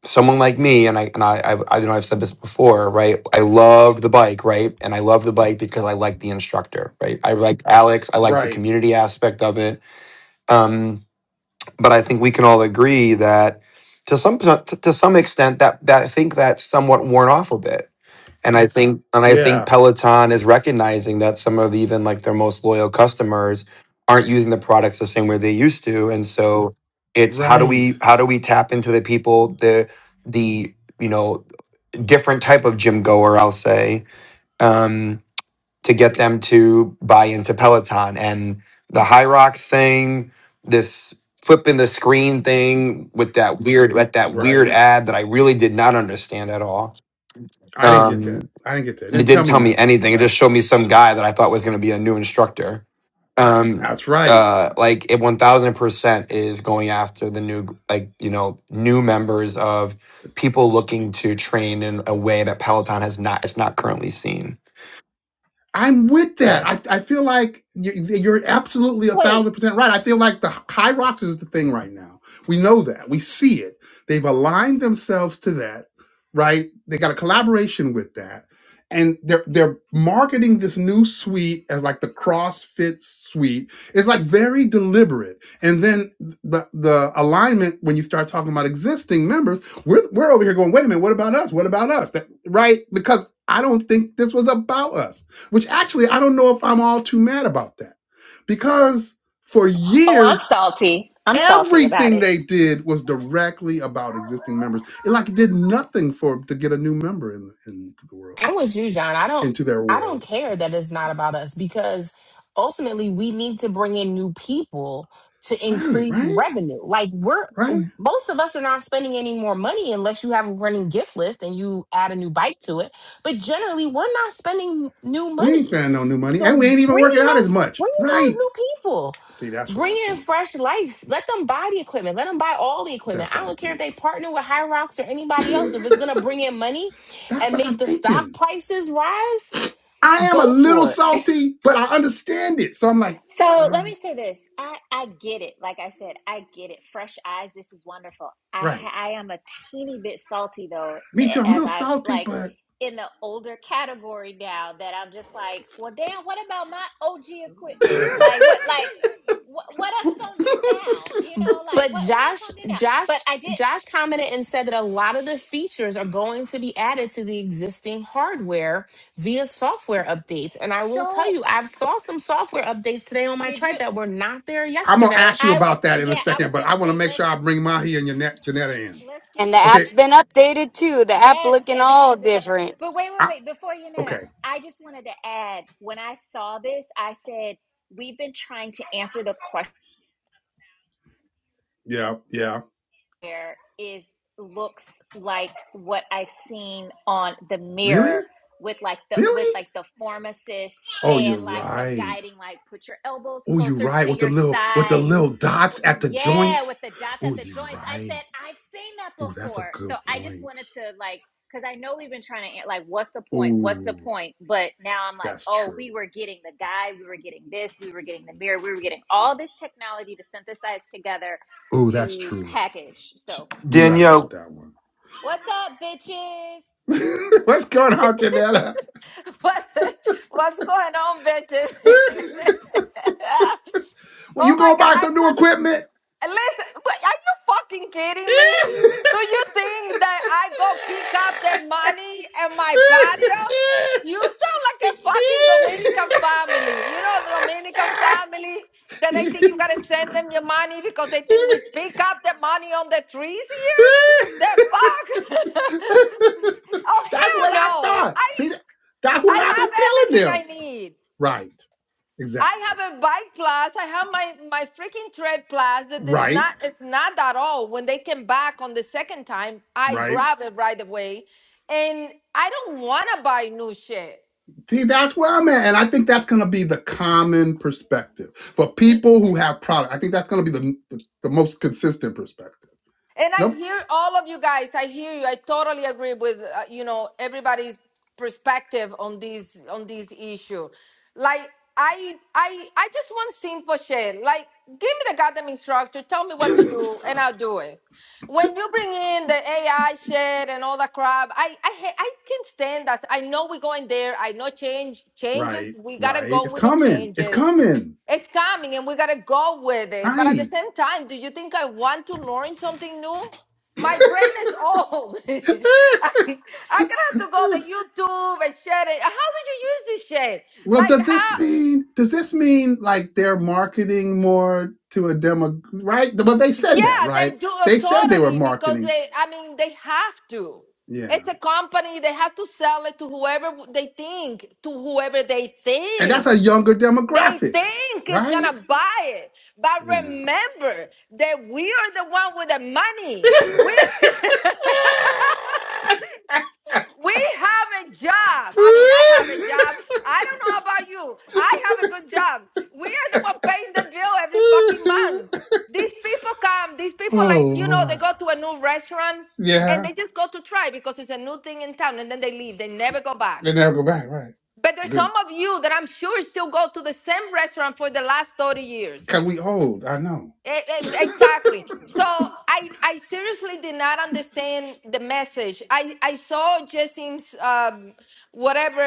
S7: someone like me, and I and I I've, I know I've said this before, right? I love the bike, right? And I love the bike because I like the instructor, right? I like Alex. I like the
S1: Right.
S7: community aspect of it. Um, but I think we can all agree that to some to, to some extent that that I think that's somewhat worn off a bit and I think and I think
S1: Yeah.
S7: Peloton is recognizing that some of even like their most loyal customers aren't using the products the same way they used to. And so it's how do
S1: Right.
S7: we how do we tap into the people the the you know different type of gym goer I'll say um, to get them to buy into Peloton and the High Rocks thing this flipping the screen thing with that weird at that weird
S1: Right.
S7: ad that I really did not understand at all.
S1: I didn't get
S7: Um,
S1: that. I didn't get that. It
S7: and it
S1: didn't tell
S7: didn't
S1: me
S7: tell me
S1: nothing.
S7: anything. It just
S1: Right.
S7: showed me some guy that I thought was going to be a new instructor. Um,
S1: That's right.
S7: uh, like it one thousand percent is going after the new, like you know, new members of people looking to train in a way that Peloton has not. It's not currently seen.
S1: I'm with
S7: Yeah.
S1: that. I, I feel like you're absolutely a
S5: wait.
S1: thousand percent right. I feel like the high rocks is the thing right now. We know that. We see it. They've aligned themselves to that, right? They got a collaboration with that, and they're they're marketing this new suite as like the CrossFit suite. It's like very deliberate. And then the the alignment when you start talking about existing members, we're we're over here going, wait a minute, what about us? What about us? That, right? Because I don't think this was about us which actually I don't know if I'm all too mad about that because for
S5: Oh, I'm
S1: years
S5: salty. I'm salty about
S1: everything
S5: it.
S1: they did was directly about existing members. It like it did nothing for to get a new member in into the world
S3: I'm with you, John. I don't
S1: into their
S3: I don't
S1: world.
S3: care that it's not about us because ultimately we need to bring in new people to
S1: Right,
S3: increase
S1: right,
S3: revenue. Like we're
S1: right.
S3: most of us are not spending any more money unless you have a running gift list and you add a new bike to it. But generally we're not spending new
S1: We ain't
S3: money.
S1: spending no new money and
S3: So
S1: we ain't even
S3: bring
S1: working
S3: in
S1: out as
S3: those
S1: much.
S3: bring in those
S1: Right.
S3: new people.
S1: See, that's what I
S3: Bring in
S1: think.
S3: fresh life. Let them buy the equipment. Let them buy all the
S1: That's
S3: equipment. I
S1: what I
S3: don't care if
S1: think.
S3: they partner with High Rocks or anybody else. If it's gonna bring in money,
S1: (laughs) that's
S3: and
S1: what
S3: make
S1: I'm
S3: the stock
S1: thinking.
S3: prices rise,
S1: I am a
S3: go
S1: little
S3: for it.
S1: salty, but I understand it. So I'm like,
S5: So let
S1: well,
S5: me say this. I, I get it. Like I said, I get it. Fresh eyes, this is wonderful. I
S1: right.
S5: ha- I am a teeny bit salty though,
S1: Me too.
S5: a-
S1: I'm a
S5: as
S1: little
S5: I'm
S1: salty,
S5: like
S1: but
S5: in the older category now that I'm just like, well, damn, what about my OG equipment? Like what like
S1: (laughs)
S5: what what us gonna do now? You know, like
S3: But
S5: what what I'm
S3: Josh,
S5: gonna do now? But
S3: Josh,
S5: I did
S3: Josh commented and said that a lot of the features are going to be added to the existing hardware via software updates. And I will tell
S5: so
S3: you, I've saw some software updates today on my
S5: did you
S3: chart that were not there
S1: I'm gonna ask
S3: yesterday.
S1: you
S5: I was
S1: about that in a
S5: yeah, I was
S1: second, but I
S5: gonna
S1: want to
S5: say
S1: make
S5: let's
S1: sure I bring Mahi and Janet, Janetta in.
S5: let's get
S4: And the
S5: that.
S1: Okay.
S4: app's been updated too. The app
S5: Yes,
S4: looking all
S5: everything's been up.
S4: different
S5: But wait, wait,
S1: I,
S5: wait. Before you know that,
S1: okay.
S5: I just wanted to add when I saw this, I said, we've been trying to answer the question
S1: Yeah. Yeah.
S5: there is looks like what I've seen on the
S1: Really?
S5: mirror with like the with
S1: Really?
S5: like the pharmacist
S1: Oh,
S5: and
S1: you're
S5: like the
S1: right.
S5: guiding like put your elbows
S1: Oh, you're
S5: closer
S1: right.
S5: to
S1: With the
S5: your
S1: little with the
S5: side
S1: little dots at the
S5: yeah, with
S1: joints.
S5: the dots
S1: Oh,
S5: at the
S1: you're
S5: joints. I said
S1: right.
S5: I've seen that
S1: Oh, that's a
S5: before. So
S1: good
S5: I just
S1: point.
S5: wanted to like cuz I know we've been trying to eh, like what's the point? What's the
S1: Oh,
S5: point? But now I'm like,
S1: that's
S5: "Oh,
S1: true.
S5: we were getting the guy, we were getting this, we were getting the mirror, we were getting all this technology to synthesize together
S1: Oh, that's
S5: to
S1: true.
S5: package." So,
S1: You're right about
S7: Danielle.
S1: that one.
S5: what's up, bitches?
S1: (laughs) What's going on, Janetta?
S8: What, what's going on, bitches? (laughs)
S1: (laughs) Will
S8: oh
S1: you
S8: my
S1: go
S8: god,
S1: buy
S8: I
S1: some new
S8: couldn't
S1: equipment?
S8: listen. But are you fucking kidding me? Do you
S1: (laughs)
S8: think that I go pick up the
S1: (laughs)
S8: money and my patio? You sound like a fucking Dominican family. You know, Dominican family that they think you gotta send them your money because they think we pick up the money on the trees here. The fuck? (laughs) oh
S1: That's what
S8: hell
S1: I
S8: no!
S1: thought.
S8: I.
S1: See, that- that's what
S8: I
S1: I've
S8: have
S1: been telling
S8: everything I
S1: them.
S8: need.
S1: Right.
S8: I
S1: Exactly.
S8: have a bike plus. I have my my freaking tread plus. That it's
S1: Right.
S8: not it's not at all. When they came back on the second time, I
S1: Right.
S8: grab it right away, and I don't want to buy new shit.
S1: See, that's where I'm at. And I think that's going to be the common perspective for
S8: Y-
S1: people who have product. I think that's going to be the, the, the most consistent perspective.
S8: And I
S1: Nope.
S8: hear all of you guys. I hear you. I totally agree with uh, you know everybody's perspective on this on this issue. Like I I I just want simple shit. Like give me the goddamn instructor. Tell me
S1: (laughs)
S8: what to do, and I'll do it. When you bring in the AI shit and all that crap, I I ha- I can not stand that. I know we're going there. I know change changes.
S1: right.
S8: We gotta
S1: Right.
S8: go
S1: It's
S8: with the
S1: coming. It's
S8: changes.
S1: coming.
S8: It's coming and we gotta go with it. But at the
S1: Right.
S8: same time, do you think I want to learn something new? My brain is old. (laughs) I,
S1: (laughs)
S8: I gonna have to go to YouTube and share it. How do you use this shit?
S1: well,
S8: Like
S1: does this
S8: how?
S1: mean does this mean like they're marketing more to a demo right? but they said that,
S8: Yeah,
S1: right?
S8: they do it
S1: They said they were
S8: totally because
S1: marketing.
S8: they. I mean, they have to.
S1: Yeah.
S8: It's a company. They have to sell it to whoever they think, to whoever they
S1: And that's
S8: think.
S1: a younger
S8: They
S1: demographic,
S8: think it's
S1: right?
S8: gonna buy it, but
S1: Yeah.
S8: remember that we are the one with the money.
S1: (laughs)
S8: We (laughs) we have a job. I mean, I have a job. I don't know about you. I have a good job. We are the one paying the bill every fucking month. These people come. These people
S1: oh
S8: like you know they
S1: Lord.
S8: go to a new restaurant and
S1: Yeah.
S8: they just go to try because it's a new thing in town, and then they leave. They never go back.
S1: They never go back, right?
S8: But there's some
S1: Good.
S8: of you that I'm sure still go to the same restaurant for the last 30 years.
S1: Cause we old, I know.
S8: E- e- Exactly. So I I seriously did not understand the message. I I saw Jessim's um whatever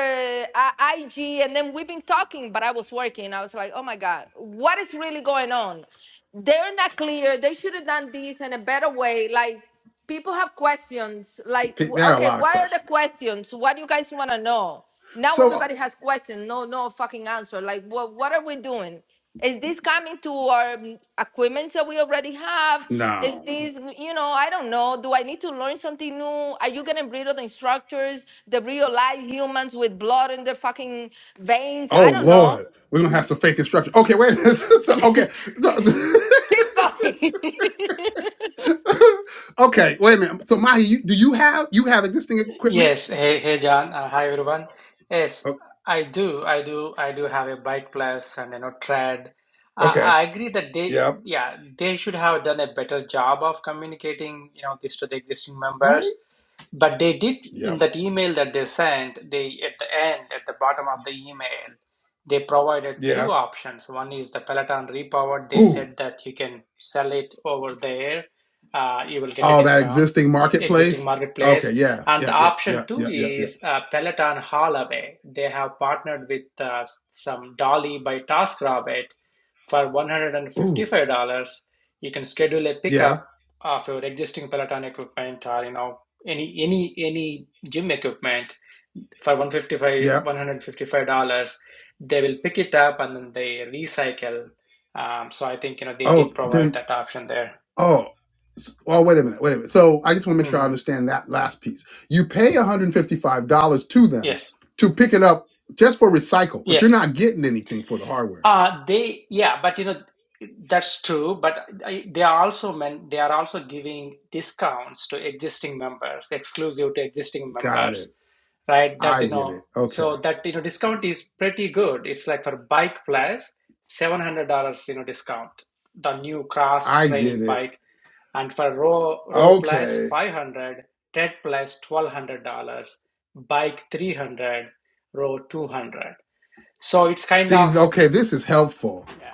S8: uh, IG and then we've been talking, but I was working. I was like, oh my god, what is really going on? They're not clear. They should have done this in a better way. Like people have questions like w-
S1: There are a
S8: okay
S1: lot of
S8: what are the
S1: questions.
S8: questions what do you guys want to know now
S1: So uh,
S8: everybody has questions no no fucking answer like what what are we doing is this coming to our mm, equipment that we already have is
S1: no.
S8: this you know i don't know do i need to learn something new are you getting rid of the instructors the real live humans with blood in their fucking veins
S1: Oh
S8: i don't know
S1: Lord, we're gonna have some fake instruction. Okay, wait. a minute. (laughs)
S8: (laughs)
S1: so, okay, so,
S8: keep going (laughs)
S1: (laughs) okay, wait a minute. So Mahi, you, do you have you have existing equipment?
S9: Yes, hey, hey, John. Uh, hi, everyone. Yes,
S1: Oh,
S9: I do. I do. I do have a bike plus and you know trad. I
S1: okay.
S9: I agree that they,
S1: Yep.
S9: yeah, they should have done a better job of communicating, you know, this to the existing
S1: Right.
S9: members. But they did in
S1: Yep.
S9: that email that they sent, they at the end, at the bottom of the email, they provided two
S1: Yeah.
S9: options. One is the Peloton repowered. They
S1: Ooh.
S9: said that you can sell it over there, uh, you will get a
S1: Oh, that
S9: discount,
S1: existing
S9: e- existing
S1: marketplace. Okay.
S9: marketplace.
S1: Yeah.
S9: And
S1: Yeah.
S9: the
S1: Yeah. Yeah.
S9: option two
S1: Yeah. Yeah.
S9: is
S1: Yeah.
S9: uh, Peloton Holloway. They have partnered with uh, some Dolly by TaskRabbit for
S1: Ooh.
S9: $155. You can schedule a
S1: Yeah.
S9: pickup of your existing Peloton equipment or you know any any any gym equipment for 155
S1: Yeah.
S9: 155 dollars they will pick it up and then they recycle um, so i think you know they did
S1: Oh,
S9: provide
S1: then
S9: that option there
S1: Oh, s- well, wait a minute, wait a minute. So I just want to make sure I
S9: hmm
S1: understand that last piece. You pay $155 to them
S9: yes
S1: to pick it up just for recycle, but you're
S9: yes
S1: not getting anything for the hardware.
S9: uh they yeah but you know that's true but I, they are also men they are also giving discounts to existing members exclusive to existing
S1: Got
S9: members
S1: it.
S9: right? That
S1: I
S9: you
S1: get
S9: know,
S1: it. Okay.
S9: so that you know, discount is pretty good. It's like for bike plus seven hundred dollars, you know, discount the new cross
S1: I get
S9: training
S1: it.
S9: bike, and for row row plus
S1: Okay.
S9: five hundred, tread plus twelve hundred dollars, bike three hundred, row two hundred. So it's kind
S1: See,
S9: of
S1: okay, this is helpful.
S9: yeah.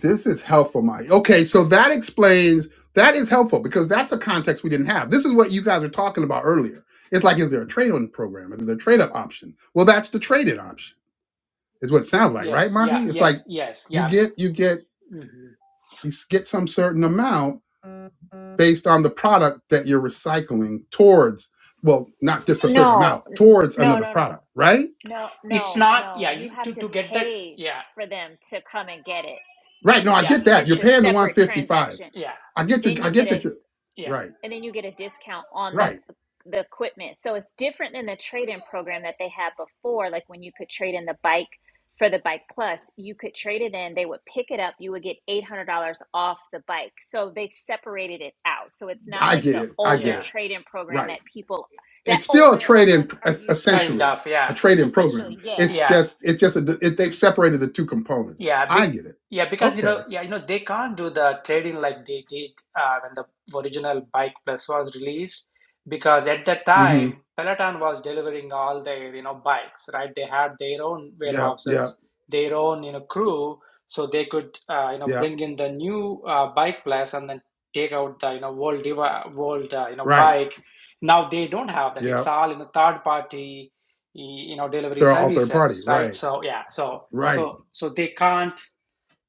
S1: This is helpful, Mike. Okay, so that explains that is helpful because that's a context we didn't have. This is what you guys were talking about earlier. It's like, is there a trade-on program? Is there a trade-up option? Well, that's the trade-in option is what it sounds like, right,
S9: Yes, yeah,
S1: Mahi? It's like
S9: yes, yes,
S1: you
S9: yeah.
S1: get you get
S9: hmm
S1: you get some certain amount based on the product that you're recycling towards. Well, not just a certain
S5: No.
S1: amount
S5: n-
S1: towards
S5: No,
S1: another
S5: no, no.
S1: product, right?
S5: No,
S9: It's
S5: no,
S9: not,
S5: no.
S9: yeah,
S5: You
S9: you,
S5: have
S9: to
S5: to
S9: to get that,
S5: pay
S9: yeah,
S5: for them to come and get it.
S1: Right. No,
S5: Then
S1: I
S9: yeah,
S1: get
S5: y-
S1: that.
S5: it's
S1: You're
S5: a
S9: yeah,
S1: paying the
S5: separate
S1: 155.
S5: transaction
S9: yeah,
S1: I get your
S5: then
S1: I
S5: you get
S1: get that
S5: a
S1: you're
S9: yeah,
S1: right.
S5: and then you get a discount on the
S1: Right.
S5: the equipment. So it's different than the trade-in program that they had before, like when you could trade in the bike for the bike plus, you could trade it in, they would pick it up, you would get $800 off the bike. So they've separated it out. So it's not
S1: I
S5: like
S1: get
S5: the
S1: it. I get
S5: older
S9: yeah,
S1: it.
S5: trade-in program that
S1: Right.
S5: people that
S1: It's still a
S5: older
S1: trade
S5: of us
S1: in
S5: are used to.
S9: kind
S1: essentially
S9: of,
S1: a
S9: yeah,
S1: trade in
S5: Essentially,
S1: program.
S5: yeah.
S1: It's
S9: yeah
S1: just it's just a, it, they've separated the two components.
S9: Yeah,
S1: I
S9: big.
S1: get it.
S9: Yeah, because you
S1: Okay.
S9: know, yeah, you know, they can't do the trading like they did uh, when the original Bike Plus was released, because at that
S1: Mhm.
S9: time Peloton was delivering all their you know bikes, right? They had their own
S1: Yeah, yeah,
S9: warehouses, their own you know crew, so they could uh, you know
S1: yeah.
S9: bring in the new uh, Bike Plus and then take out the you know old devi- old uh, you know
S1: Right.
S9: bike. Now they don't have that.
S1: Yeah,
S9: It's all you know third party y- you know delivery
S1: they're all third
S9: services,
S1: party.
S9: right?
S1: Right,
S9: So yeah, so
S1: right,
S9: so so they can't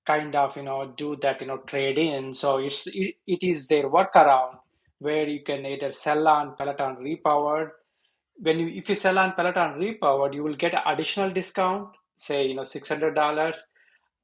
S9: kind of you know do that you know trade in so it's it, it is their workaround where you can either sell on peloton repowered when you if you sell on peloton repowered you will get an additional discount say you know $600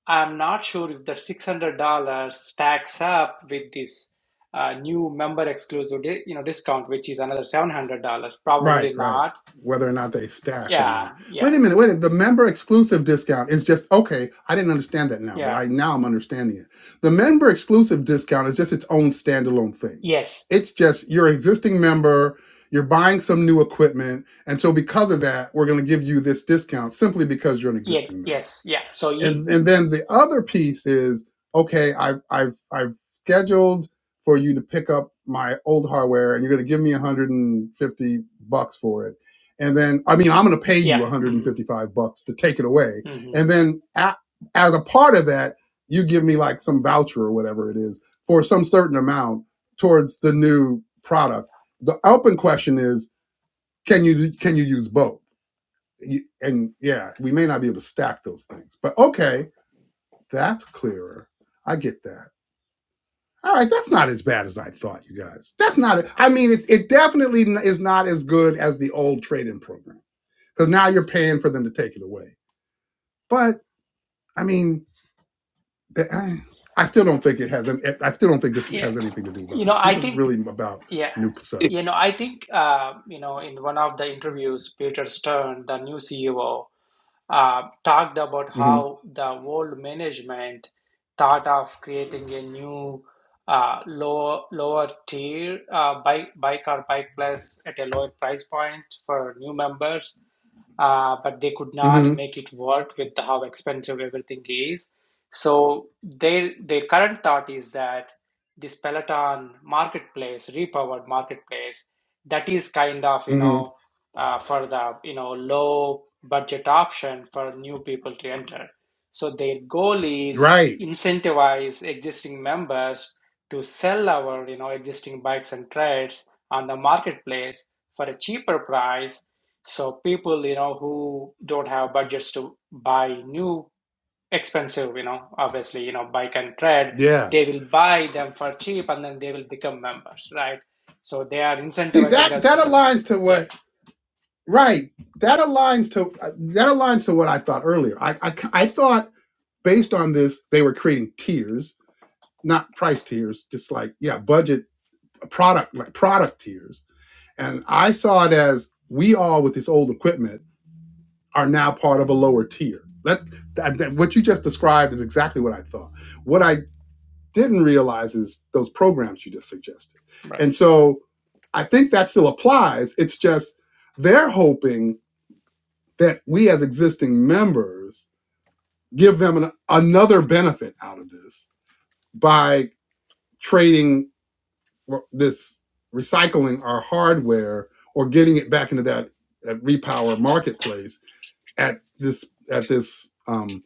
S9: i'm not sure if the $600 stacks up with this uh, new member exclusive you know discount which is another $700 probably
S1: right, right.
S9: not
S1: Whether or not they stack or
S9: yeah
S1: not. Wait
S9: yeah
S1: a minute. Wait. A minute. The member exclusive discount is just okay. I didn't understand that now, but
S9: yeah
S1: I now I'm understanding it. The member exclusive discount is just its own standalone thing.
S9: yes
S1: It's just you're an existing member. You're buying some new equipment, and so because of that, we're going to give you this discount simply because you're an
S9: yeah
S1: existing member.
S9: yes yeah so
S1: and
S9: y-
S1: and then the other piece is okay i've i've i've scheduled for you to pick up my old hardware and you're going to give me 150 bucks for it and then i mean i'm going to pay you
S9: Yeah. hmm
S1: 155 bucks to take it away
S9: hmm
S1: and then a as a part of that you give me like some voucher or whatever it is for some certain amount towards the new product the open question is can you can you use both You- and yeah we may not be able to stack those things but okay that's clearer. I get that. All right, that's not as bad as I thought, you guys. That's not. I mean, it, it definitely is not as good as the old trade-in program because now you're paying for them to take it away. But I mean, eh, I still don't think it has. I still don't think this
S9: Yeah.
S1: has anything to do about
S9: You know,
S1: us. This
S9: I
S1: is
S9: think,
S1: really about
S9: yeah.
S1: new
S9: You
S1: subs.
S9: know, I think, uh, you know, in one of the interviews, Peter Stern, the new CEO, uh, talked about
S1: mm
S9: how the old management thought of creating a new uh, lower lower tier uh, bike bike or bike plus at a lower price point for new members uh, but they could
S1: hmm
S9: not
S1: hmm
S9: make it work with how expensive everything is. So their their current thought is that this Peloton marketplace, repowered marketplace, that is kind of you
S1: hmm
S9: know uh, for the you know low budget option for new people to enter. So their goal is
S1: Right.
S9: incentivize existing members to sell our you know existing bikes and trades on the marketplace for a cheaper price so people, you know, who don't have budgets to buy new expensive, you know, obviously, you know, bike and tread,
S1: Yeah.
S9: they will buy them for cheap and then they will become members, right? So they are
S1: See
S9: incentivizing
S1: that
S9: us
S1: that
S9: to tell.
S1: aligns to
S9: Yeah,
S1: what. Right. That aligns to uh, that aligns to what I thought earlier. I I, I thought based on this, they were creating tiers, not price tiers, just like, yeah, budget product, like product tiers. And I saw it as we all with this old equipment are now part of a lower tier. That, that, that- what you just described is exactly what I thought. What I didn't realize is those programs you just suggested.
S9: right.
S1: And so I think that still applies. It's just they're hoping that we as existing members give them an, another benefit out of this by trading this recycling our hardware or getting it back into that, that repower marketplace at this at this um,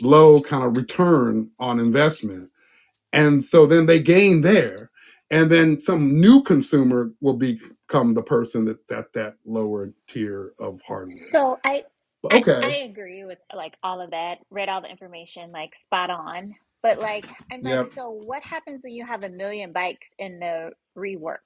S1: low kind of return on investment and so then they gain there and then some new consumer will become the person that's at that lower tier of hardware
S5: So I,
S1: but
S5: I I
S1: okay
S5: agree with like all of that. Read all the information, like spot on. But like I'm like,
S1: yep
S5: so what happens when you have a million bikes in the rework,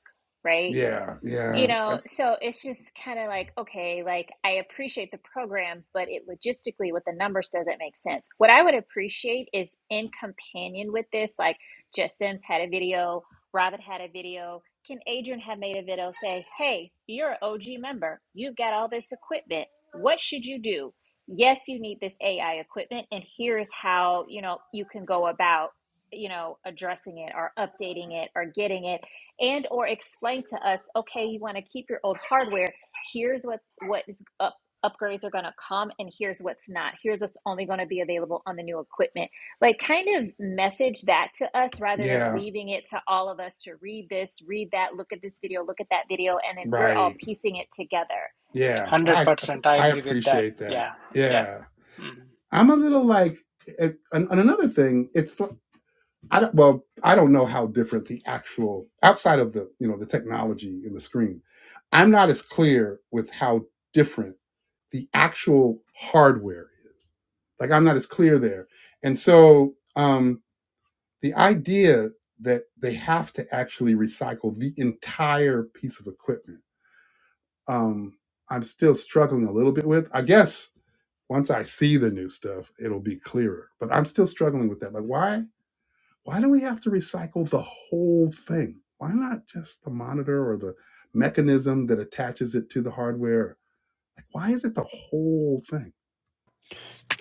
S5: right?
S1: yeah
S5: you
S1: yeah I,
S5: know so it's just kind of like okay like i appreciate the programs but it logistically with the numbers doesn't make sense what i would appreciate is in companion with this like jess sims had a video Robert had a video can adrian have made a video say hey you're an og member you've got all this equipment what should you do yes you need this ai equipment and here is how you know you can go about you know addressing it or updating it or getting it and or explain to us okay you want to keep your old hardware here's what what is up upgrades are going to come and here's what's not here's what's only going to be available on the new equipment like kind of message that to us rather than
S1: yeah
S5: leaving it to all of us to read this read that look at this video look at that video and then we're all
S1: right
S5: piecing it together
S1: yeah i
S9: 100%. I
S1: i
S9: agree with that.
S1: appreciate that
S9: Yeah, yeah.
S1: yeah
S9: Mhm.
S1: I'm a little like, eh, and, another thing, it's I I don't, well, I don't know how different the actual outside of the you know the technology in the screen. I'm not as clear with how different the actual hardware is. Like I'm not as clear there, and so um, the idea that they have to actually recycle the entire piece of equipment, um, I'm still struggling a little bit with. I guess once I see the new stuff, it'll be clearer. But I'm still struggling with that. Like, why? Why do we have to recycle the whole thing? Why not just the monitor or the mechanism that attaches it to the hardware? Like, why is it the whole thing?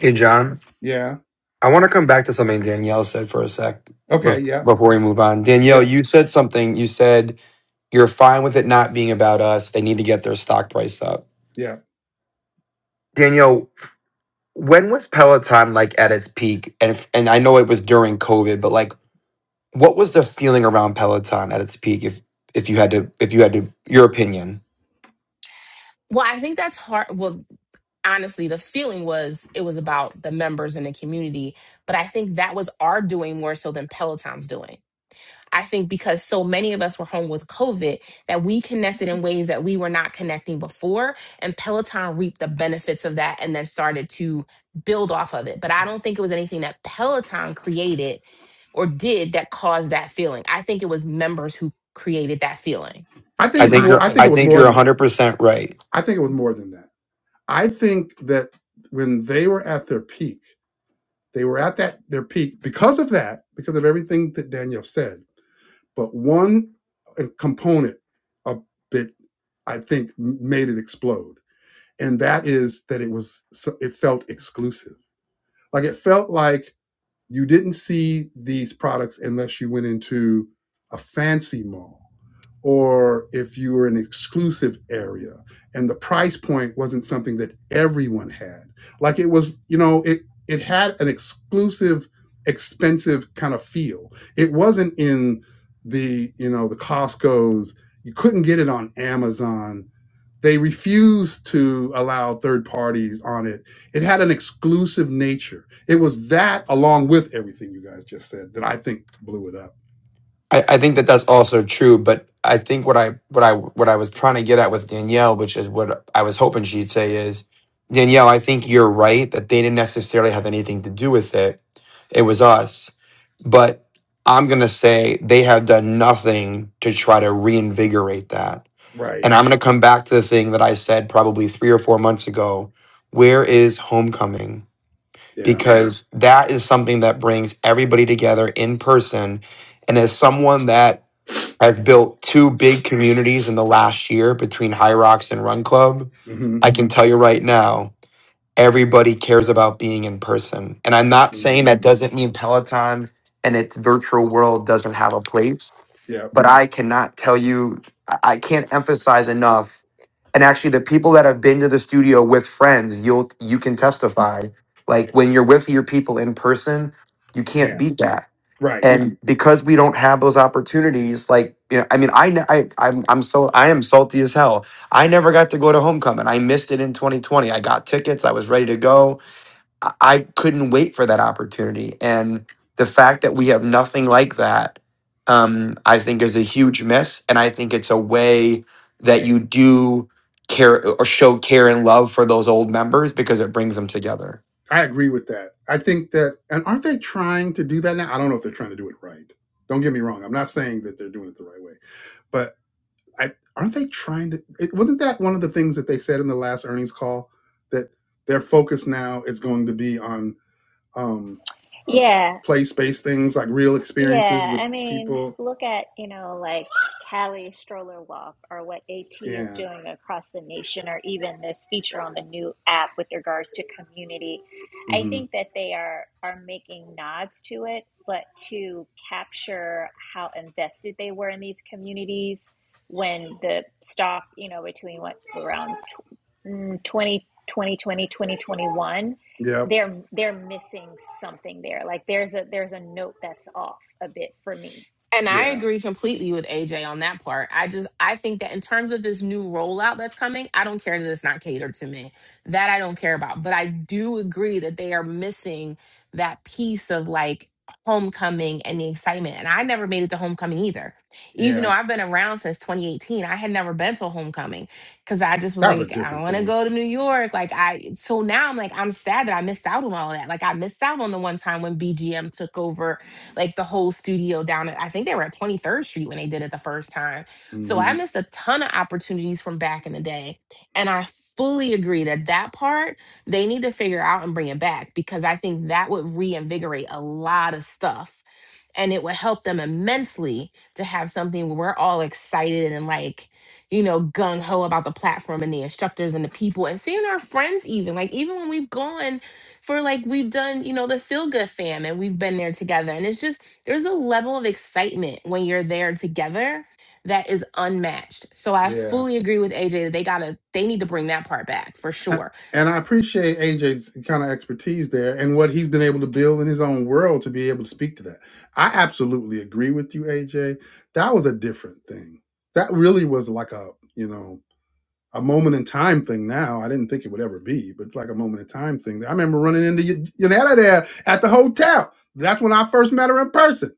S7: Hey, John.
S1: Yeah.
S7: I want to come back to something Danielle said for a sec
S1: Okay.
S7: bef-
S1: Yeah.
S7: before we move on. Danielle,
S1: Yeah.
S7: you said something. You said you're fine with it not being about us. They need to get their stock price up.
S1: Yeah.
S7: Danielle, when was Peloton like at its peak? And if, and I know it was during COVID, but like, what was the feeling around Peloton at its peak? If if you had to, if you had to, your opinion.
S3: Well, I think that's hard. Well, honestly, the feeling was it was about the members in the community, but I think that was our doing more so than Peloton's doing I think because so many of us were home with COVID that we connected in ways that we were not connecting before. And Peloton reaped the benefits of that and then started to build off of it. But I don't think it was anything that Peloton created or did that caused that feeling. I think it was members who created that feeling,
S1: I think
S7: I
S3: in
S1: it's
S7: think
S3: my
S1: more.
S7: you're.
S1: I think
S3: opinion.
S1: it
S7: I
S1: was
S7: think
S1: more
S7: you're
S1: than that.
S7: 100 percent right.
S1: I think it was more than that. I think that when they were at their peak, they were at that their peak because of that, because of everything that Daniel said But one uh, component a bit, I think, made it explode, and that is that it was so- it felt exclusive. Like it felt like you didn't see these products unless you went into a fancy mall or if you were an exclusive area and the price point wasn't something that everyone had like it was you know it it had an exclusive expensive kind of feel it wasn't in the you know the costcos you couldn't get it on amazon they refused to allow third parties on it it had an exclusive nature it was that along with everything you guys just said that i think blew it up
S7: I, I think that that's also true, but I think what I what I what I was trying to get at with Danielle, which is what I was hoping she'd say, is Danielle, I think you're right that they didn't necessarily have anything to do with it. It was us, but I'm gonna say they have done nothing to try to reinvigorate that.
S1: right
S7: And I'm gonna come back to the thing that I said probably three or four months ago. Where is homecoming?
S1: yeah
S7: Because that is something that brings everybody together in person. And as someone that I've built two big communities in the last year between High Rocks and Run Club.
S1: hmm
S7: I can tell you right now, everybody cares about being in person. And I'm not saying
S1: hmm
S7: that doesn't mean Peloton and its virtual world doesn't have a place,
S1: Yep.
S7: but I cannot tell you, I I can't emphasize enough. And actually, the people that have been to the studio with friends, you'll you can testify. Like when you're with your people in person, you can't
S1: Yeah,
S7: beat that
S1: right.
S7: and because we don't have those opportunities like you know i mean i ne- I I'm, I'm so i am salty as hell i never got to go to homecoming i missed it in 2020 i got tickets i was ready to go i, I couldn't wait for that opportunity and the fact that we have nothing like that um i think is a huge miss and i think it's a way that you do care or show care and love for those old members because it brings them together
S1: I agree with that. I think that, and aren't they trying to do that now? I don't know if they're trying to do it right. Don't get me wrong. I'm not saying that they're doing it the right way, but I, aren't they trying to? It, wasn't that one of the things that they said in the last earnings call that their focus now is going to be on um, uh,
S5: yeah
S1: place based things like real experiences
S5: Yeah,
S1: with
S5: I mean,
S1: people?
S5: look at, you know, like Cali Stroller Walk or what AT is
S1: Yeah.
S5: doing across the nation, or even this feature on the new app with regards to community. I
S1: Mm-hmm.
S5: think that they are are making nods to it, but to capture how invested they were in these communities when the stock, you know, between what around tw- mm, 20, twenty twenty, twenty twenty-one
S1: Yep.
S5: they're they're missing something there like there's a there's a note that's off a bit for me
S3: And I
S1: Yeah.
S3: agree completely with AJ on that part. I just I think that in terms of this new rollout that's coming, I don't care that it's not catered to me. That I don't care about. But I do agree that they are missing that piece of like homecoming and the excitement. And I never made it to homecoming either. Even though
S1: Yeah.
S3: I've been around since 2018, I had never been to a homecoming cuz I just was
S1: That was a
S3: like I don't
S1: different
S3: want to
S1: thing.
S3: go to New York. Like I so now I'm like I'm sad that I missed out on all that. Like I missed out on the one time when BGM took over like the whole studio down at I think they were at 23rd Street when they did it the first time. So I
S1: Mm-hmm.
S3: missed a ton of opportunities from back in the day. And I fully agree that that part they need to figure out and bring it back because I think that would reinvigorate a lot of stuff and it would help them immensely to have something where we're all excited and like you know gung ho about the platform and the instructors and the people and seeing our friends even like even when we've gone for like we've done, you know, the feel good fam and we've been there together. And it's just there's a level of excitement when you're there together that is unmatched. So I
S1: Yeah.
S3: fully agree with AJ that they gotta they need to bring that part back for
S1: A-
S3: sure.
S1: And I appreciate AJ's kind of expertise there and what he's been able to build in his own world to be able to speak to that. I absolutely agree with you, AJ. That was a different thing. That really was like a, you know, a moment in time thing now. I didn't think it would ever be, but it's like a moment in time thing. I remember running into Y- Yanetta there at the hotel. That's when I first met her in person.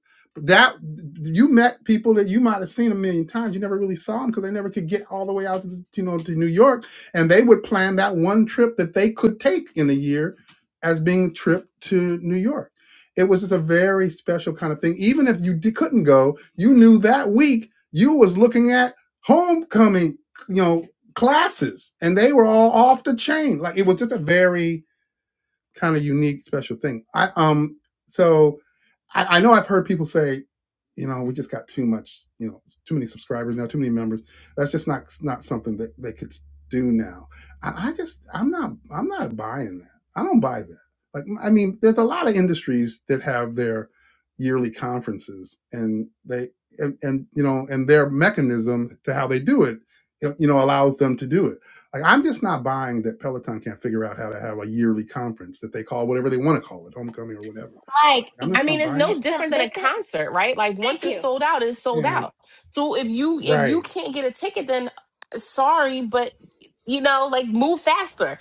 S1: That you met people that you might have seen a million times. You never really saw them because they never could get all the way out to you know to New York, and they would plan that one trip that they could take in a year as being a trip to New York. It was just a very special kind of thing. Even if you di- couldn't go, you knew that week you was looking at homecoming you know classes and they were all off the chain like it was just a very kind of unique special thing i um so I, I know I've heard people say, you know, we just got too much, you know, too many subscribers now, too many members. That's just not not something that they could do now. I, I just I'm not I'm not buying that. I don't buy that. Like I mean, there's a lot of industries that have their yearly conferences, and they and, and you know, and their mechanism to how they do it, you know, allows them to do it. Like I'm just not buying that Peloton can't figure out how to have a yearly conference that they call whatever they want to call it, homecoming or whatever.
S5: like
S1: I'm
S3: I
S1: just
S5: you
S3: mean,
S1: not
S3: it's
S1: buying it.
S3: no
S5: can't tell
S3: different than
S5: they
S3: a
S5: could
S3: concert, right? Like once
S5: thank
S3: it's
S5: you
S3: sold out, it's sold
S1: Yeah.
S3: out. So if you if you
S1: Right.
S3: can't get a ticket, then uh, sorry, but you know, like move faster.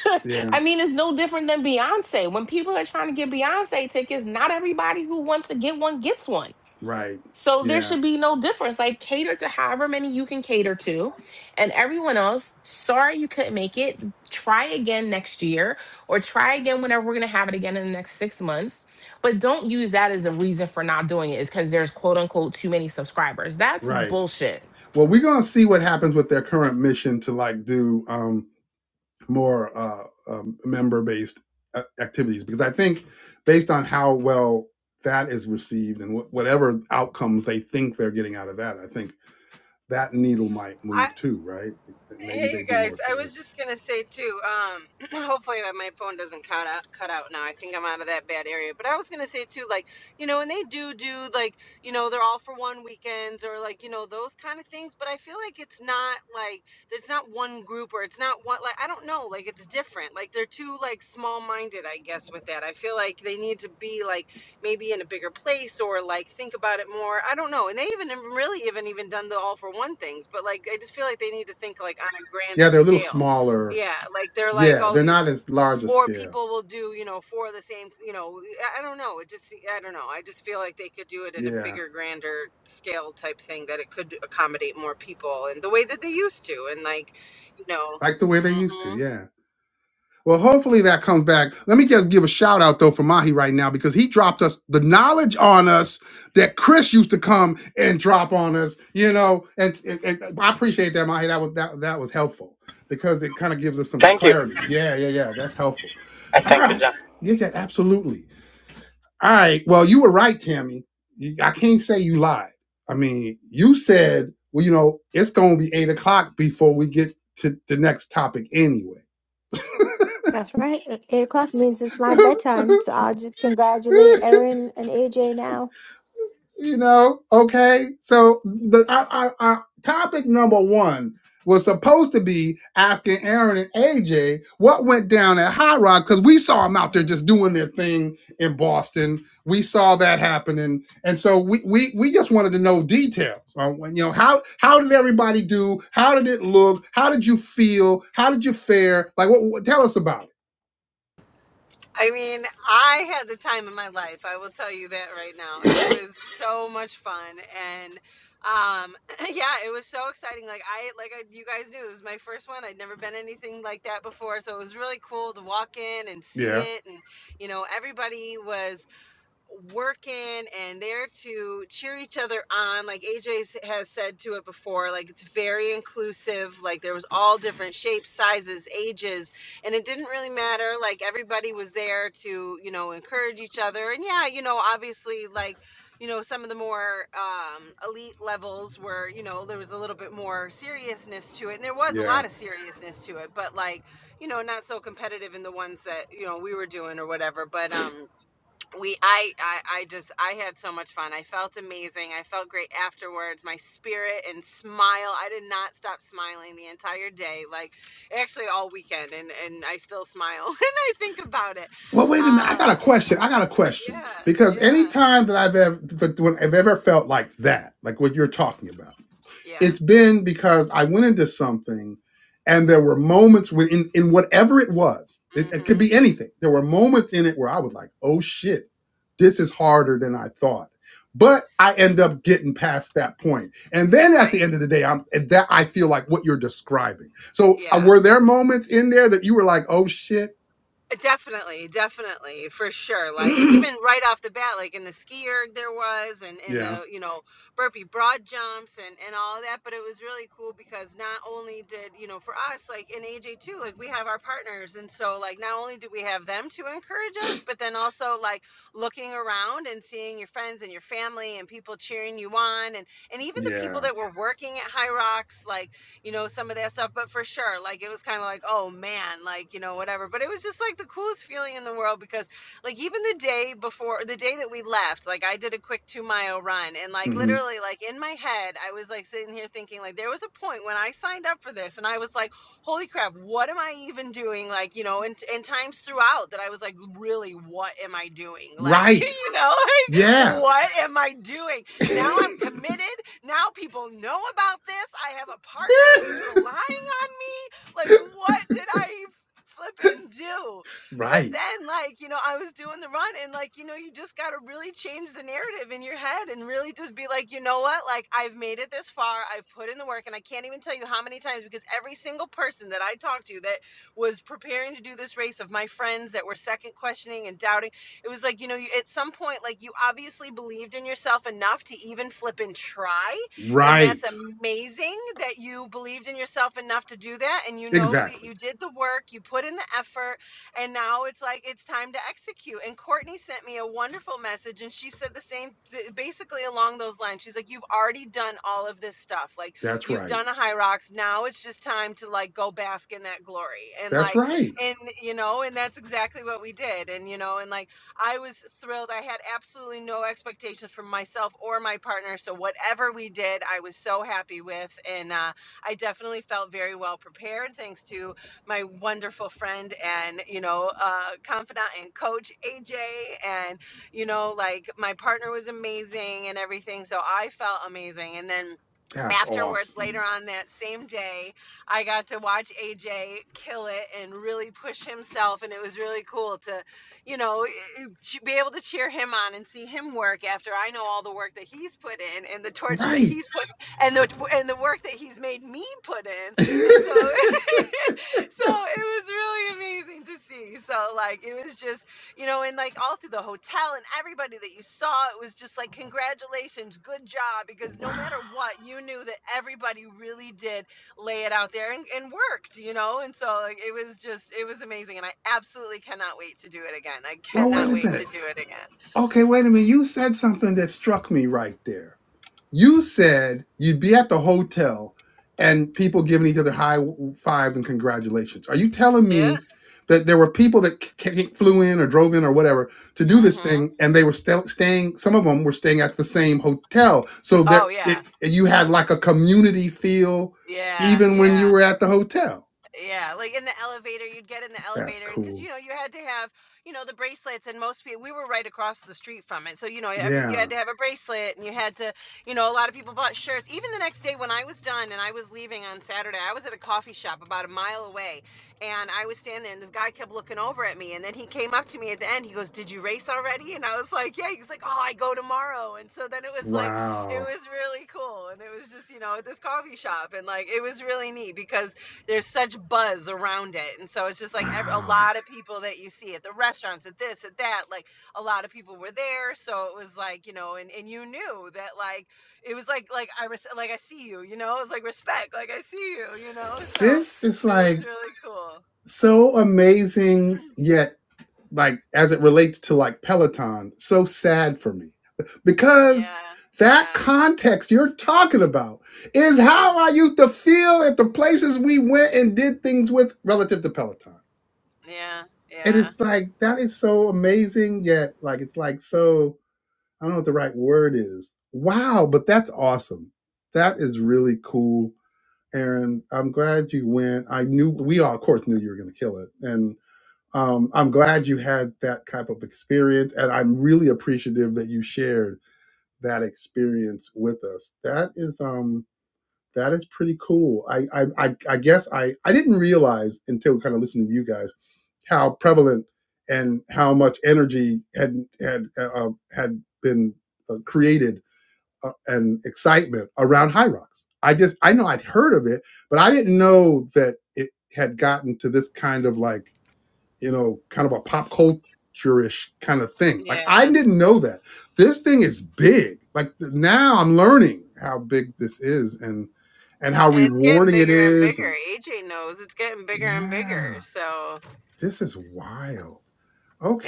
S3: (laughs)
S1: Yeah.
S3: I mean, it's no different than Beyonce. When people are trying to get Beyonce tickets, not everybody who wants to get one gets one.
S1: Right.
S3: So there
S1: Yeah.
S3: should be no difference. Like cater to however many you can cater to. And everyone else, sorry you couldn't make it. Try again next year or try again whenever we're gonna have it again in the next six months. But don't use that as a reason for not doing it, is because there's quote unquote too many subscribers. That's
S1: Right.
S3: bullshit.
S1: Well, we're gonna see what happens with their current mission to like do um, more uh, um, member-based uh, activities because I think based on how well that is received and wh- whatever outcomes they think they're getting out of that, I think that needle might
S10: I,
S1: move too. Right. That Maybe
S10: hey, you
S1: they do
S10: guys.
S1: more
S10: I was
S1: things.
S10: just gonna say too. Um, (clears throat) hopefully my phone doesn't cut out. Cut out now. I think I'm out of that bad area. But I was gonna say too, like you know, and they do do like you know they're all for one weekends or like you know those kind of things. But I feel like it's not like it's not one group or it's not one like I don't know. Like it's different. Like they're too like small minded, I guess, with that. I feel like they need to be like maybe in a bigger place or like think about it more. I don't know. And they even haven't really even even done the all for one things, but like I just feel like they need to think like on a
S1: Yeah,
S10: grander
S1: they're a little
S10: scale.
S1: smaller.
S10: Yeah, like they're like
S1: Yeah,
S10: oh
S1: they're
S10: these
S1: not as large a
S10: or
S1: scale.
S10: people will do you know for the same you know I I don't know. It just I don't know. I just feel like they could do it in a
S1: Yeah,
S10: bigger, grander scale type thing that it could accommodate more people and the way that they used to and like you know.
S1: like the way they used
S10: mhm.
S1: to. Yeah. Well, hopefully that comes back. Let me just give a shout out though for Mahi right now because he dropped us the knowledge on us that Chris used to come and drop on us, you know. And, and, and I appreciate that, Mahi. That was that that was helpful because it kind of gives us some
S9: Thank you.
S1: clarity. Yeah, yeah, yeah. That's helpful.
S9: I
S1: All
S9: thank you,
S1: right.
S9: John.
S1: Yeah, yeah, absolutely. All right. Well, you were right, Tammy. You- I can't say you lied. I mean, you said, well, you know, it's gonna be eight o'clock before we get to the next topic anyway.
S2: That's right. Eight o'clock means it's my bedtime, so I'll just
S1: (laughs)
S2: congratulate Erin and AJ now.
S1: you know okay so the our, our, our topic number one was supposed to be asking aaron and aj what went down at high rock because we saw them out there just doing their thing in boston we saw that happening and so we we, we just wanted to know details on when you know how how did everybody do how did it look how did you feel how did you fare like what, what tell us about it
S10: I mean, I had the time of my life. I will tell you that right now. It was so much fun and um (clears throat) yeah, it was so exciting. Like I like I, you guys knew it was my first one. I'd never been anything like that before, so it was really cool to walk in and see
S1: yeah
S10: it and you know, everybody was working and there to cheer each other on like aj has said to it before like it's very inclusive like there was all different shapes sizes ages and it didn't really matter like everybody was there to you know encourage each other and yeah you know obviously like you know some of the more um, elite levels were you know there was a little bit more seriousness to it and there was a
S1: yeah
S10: lot of seriousness to it but like you know not so competitive in the ones that you know we were doing or whatever but um we I, I i just i had so much fun i felt amazing i felt great afterwards my spirit and smile i did not stop smiling the entire day like actually all weekend and and i still smile (laughs) when i think about it
S1: Well, wait a minute. I got
S10: um
S1: a question. I got a question
S10: yeah
S1: because any
S10: yeah
S1: time that I've ever that when I've ever felt like that, like what you're talking about,
S10: yeah
S1: it's been because I went into something, and there were moments when in, in whatever it was, it, it could
S10: mhm
S1: be anything. There were moments in it where I was like, "Oh shit, this is harder than I thought." But I end up getting past that point, and then at the
S10: right
S1: end of the day, I'm and that I feel like what you're describing. So,
S10: yeah
S1: uh, were there moments in there that you were like, "Oh shit"?
S10: Definitely, definitely, for sure. Like
S1: (clears throat)
S10: even right off the bat, like in the ski erg there was, and in
S1: yeah.
S10: the you know burpee broad jumps and and all of that. But it was really cool because not only did you know for us like in AJ too, like we have our partners, and so like not only do we have them to encourage us, but then also like looking around and seeing your friends and your family and people cheering you on, and and even the people
S1: Yeah.
S10: that were working at High Rocks, like you know, some of that stuff. But for sure, like it was kind of like, oh man, like, you know, whatever. But it was just like the coolest feeling in the world because, like, even the day before, the day that we left, like, I did a quick two mile run. And, like,
S1: hmm
S10: literally, like, in my head, I was like sitting here thinking, like, there was a point when I signed up for this and I was like, holy crap, what am I even doing? Like, you know, and, and times throughout that I was like, really, what am I doing? Like, (laughs)
S1: Right.
S10: you know, like,
S1: Yeah.
S10: what am I doing?
S1: (laughs)
S10: Now I'm committed. Now people know about this. I have a partner who's relying on me. Like, what did I flipping do? But
S1: right.
S10: then, like, you know, I was doing the run and, like, you know, you just got to really change the narrative in your head and really just be like, you know what? Like, I've made it this far. I've put in the work. And I can't even tell you how many times because every single person that I talked to that was preparing to do this race of my friends that were second questioning and doubting it was like, you know, you, at some point, like you obviously believed in yourself enough to even flip and try. And that's
S1: Right.
S10: amazing that you believed in yourself enough to do that. And you know that
S1: Exactly.
S10: you did the work, you put in the effort, and now it's like it's time to execute. And Courtney sent me a wonderful message, and she said the same, th- basically along those lines. She's like, You've already done all of this stuff. Like,
S1: That's
S10: you've
S1: right.
S10: done a high rocks. Now it's just time to like go bask in that glory. And
S1: That's
S10: like,
S1: right.
S10: and you know, and that's exactly what we did. And you know, and like, I was thrilled. I had absolutely no expectations from myself or my partner. So whatever we did, I was so happy with, and uh, I definitely felt very well prepared thanks to my wonderful friend and you know uh, confidant and coach AJ, and you know like my partner was amazing and everything. So I felt amazing, and then.
S1: That's
S10: Afterwards, later
S1: awesome.
S10: on that same day, I got to watch AJ kill it and really push himself. And it was really cool to you know, i- be able to cheer him on and see him work after I know all the work that he's put in and the torture that
S1: Right.
S10: he's put and the and the work that he's made me put in.
S1: (laughs)
S10: And so (laughs) so it was really amazing to see. So like it was just, you know, and like all through the hotel and everybody that you saw, it was just like congratulations, good job because no
S1: wow.
S10: matter what, you knew that everybody really did lay it out there and, and worked, you know? And so like, it was just, it was amazing. And I absolutely cannot wait to do it again. I
S1: Well, wait
S10: cannot
S1: a
S10: wait to
S1: minute.
S10: do it
S1: Okay, wait a minute. You said something that struck me right there. You said you'd be at the hotel and people giving each other high fives and congratulations. Are you telling
S10: again.
S1: me that there were people that c- c- flew in or drove in or whatever to do
S10: Yeah.
S1: this
S10: hmm
S1: thing and they were sta- staying, some of them were staying at the same hotel. So that
S10: Oh, yeah.
S1: it, you had like a community feel
S10: Yeah.
S1: even when you
S10: Yeah.
S1: were at the hotel.
S10: Yeah, like in the elevator, you'd get in the
S1: That's
S10: elevator, and because
S1: cool.
S10: you know you had to have, you know, the bracelets, and most people we were right across the street from it, so you know every you had
S1: Yeah.
S10: to have a bracelet, and you had to, you know, a lot of people bought shirts. Even the next day when I was done and I was leaving on Saturday, I was at a coffee shop about a mile away, and I was standing there, and this guy kept looking over at me, and then he came up to me at the end. He goes, "Did you race already?" And I was like, "Yeah." He's like, "Oh, I go tomorrow," and so then it was like it
S1: Wow.
S10: was really cool, and it was just you know at this coffee shop, and like it was really neat because there's such buzz around it and so it's just like ev- a
S1: Wow.
S10: lot of people that you see at the restaurants at this at that like a lot of people were there so it was like you know and, and you knew that like it was like like i res- like i see you you know it was like respect like i see you you know so
S1: This is
S10: it was
S1: like
S10: really cool
S1: so amazing yet like as it relates to like Peloton, so sad for me because
S10: yeah
S1: that
S10: yeah
S1: context you're talking about is how I
S10: mhm
S1: used to feel at the places we went and did things with relative to Peloton.
S10: yeah
S1: And
S10: yeah
S1: it's like that is so amazing, yet like it's like so I don't know what the right word is. Wow, but that's awesome. That is really cool. Aaron, I'm glad you went. I knew we all, of course, knew you were going to kill it, and um, I'm glad you had that type of experience, and I'm really appreciative that you shared that experience with us. That is um, that is pretty cool. I I, I, I guess I, I didn't realize until kind of listening to you guys how prevalent and how much energy had had uh, uh, had been uh, created uh, and excitement around High Rocks. I just I know I'd heard of it, but I didn't know that it had gotten to this kind of like you know, kind of a pop culture-ish kind of thing. Like I
S10: yeah
S1: didn't know that. This thing is big. Like now I'm learning how big this is and and how
S10: and it's getting
S1: rewarding it
S10: bigger and
S1: is. And
S10: bigger aj knows it's getting bigger and bigger
S1: yeah,
S10: so
S1: this is wild.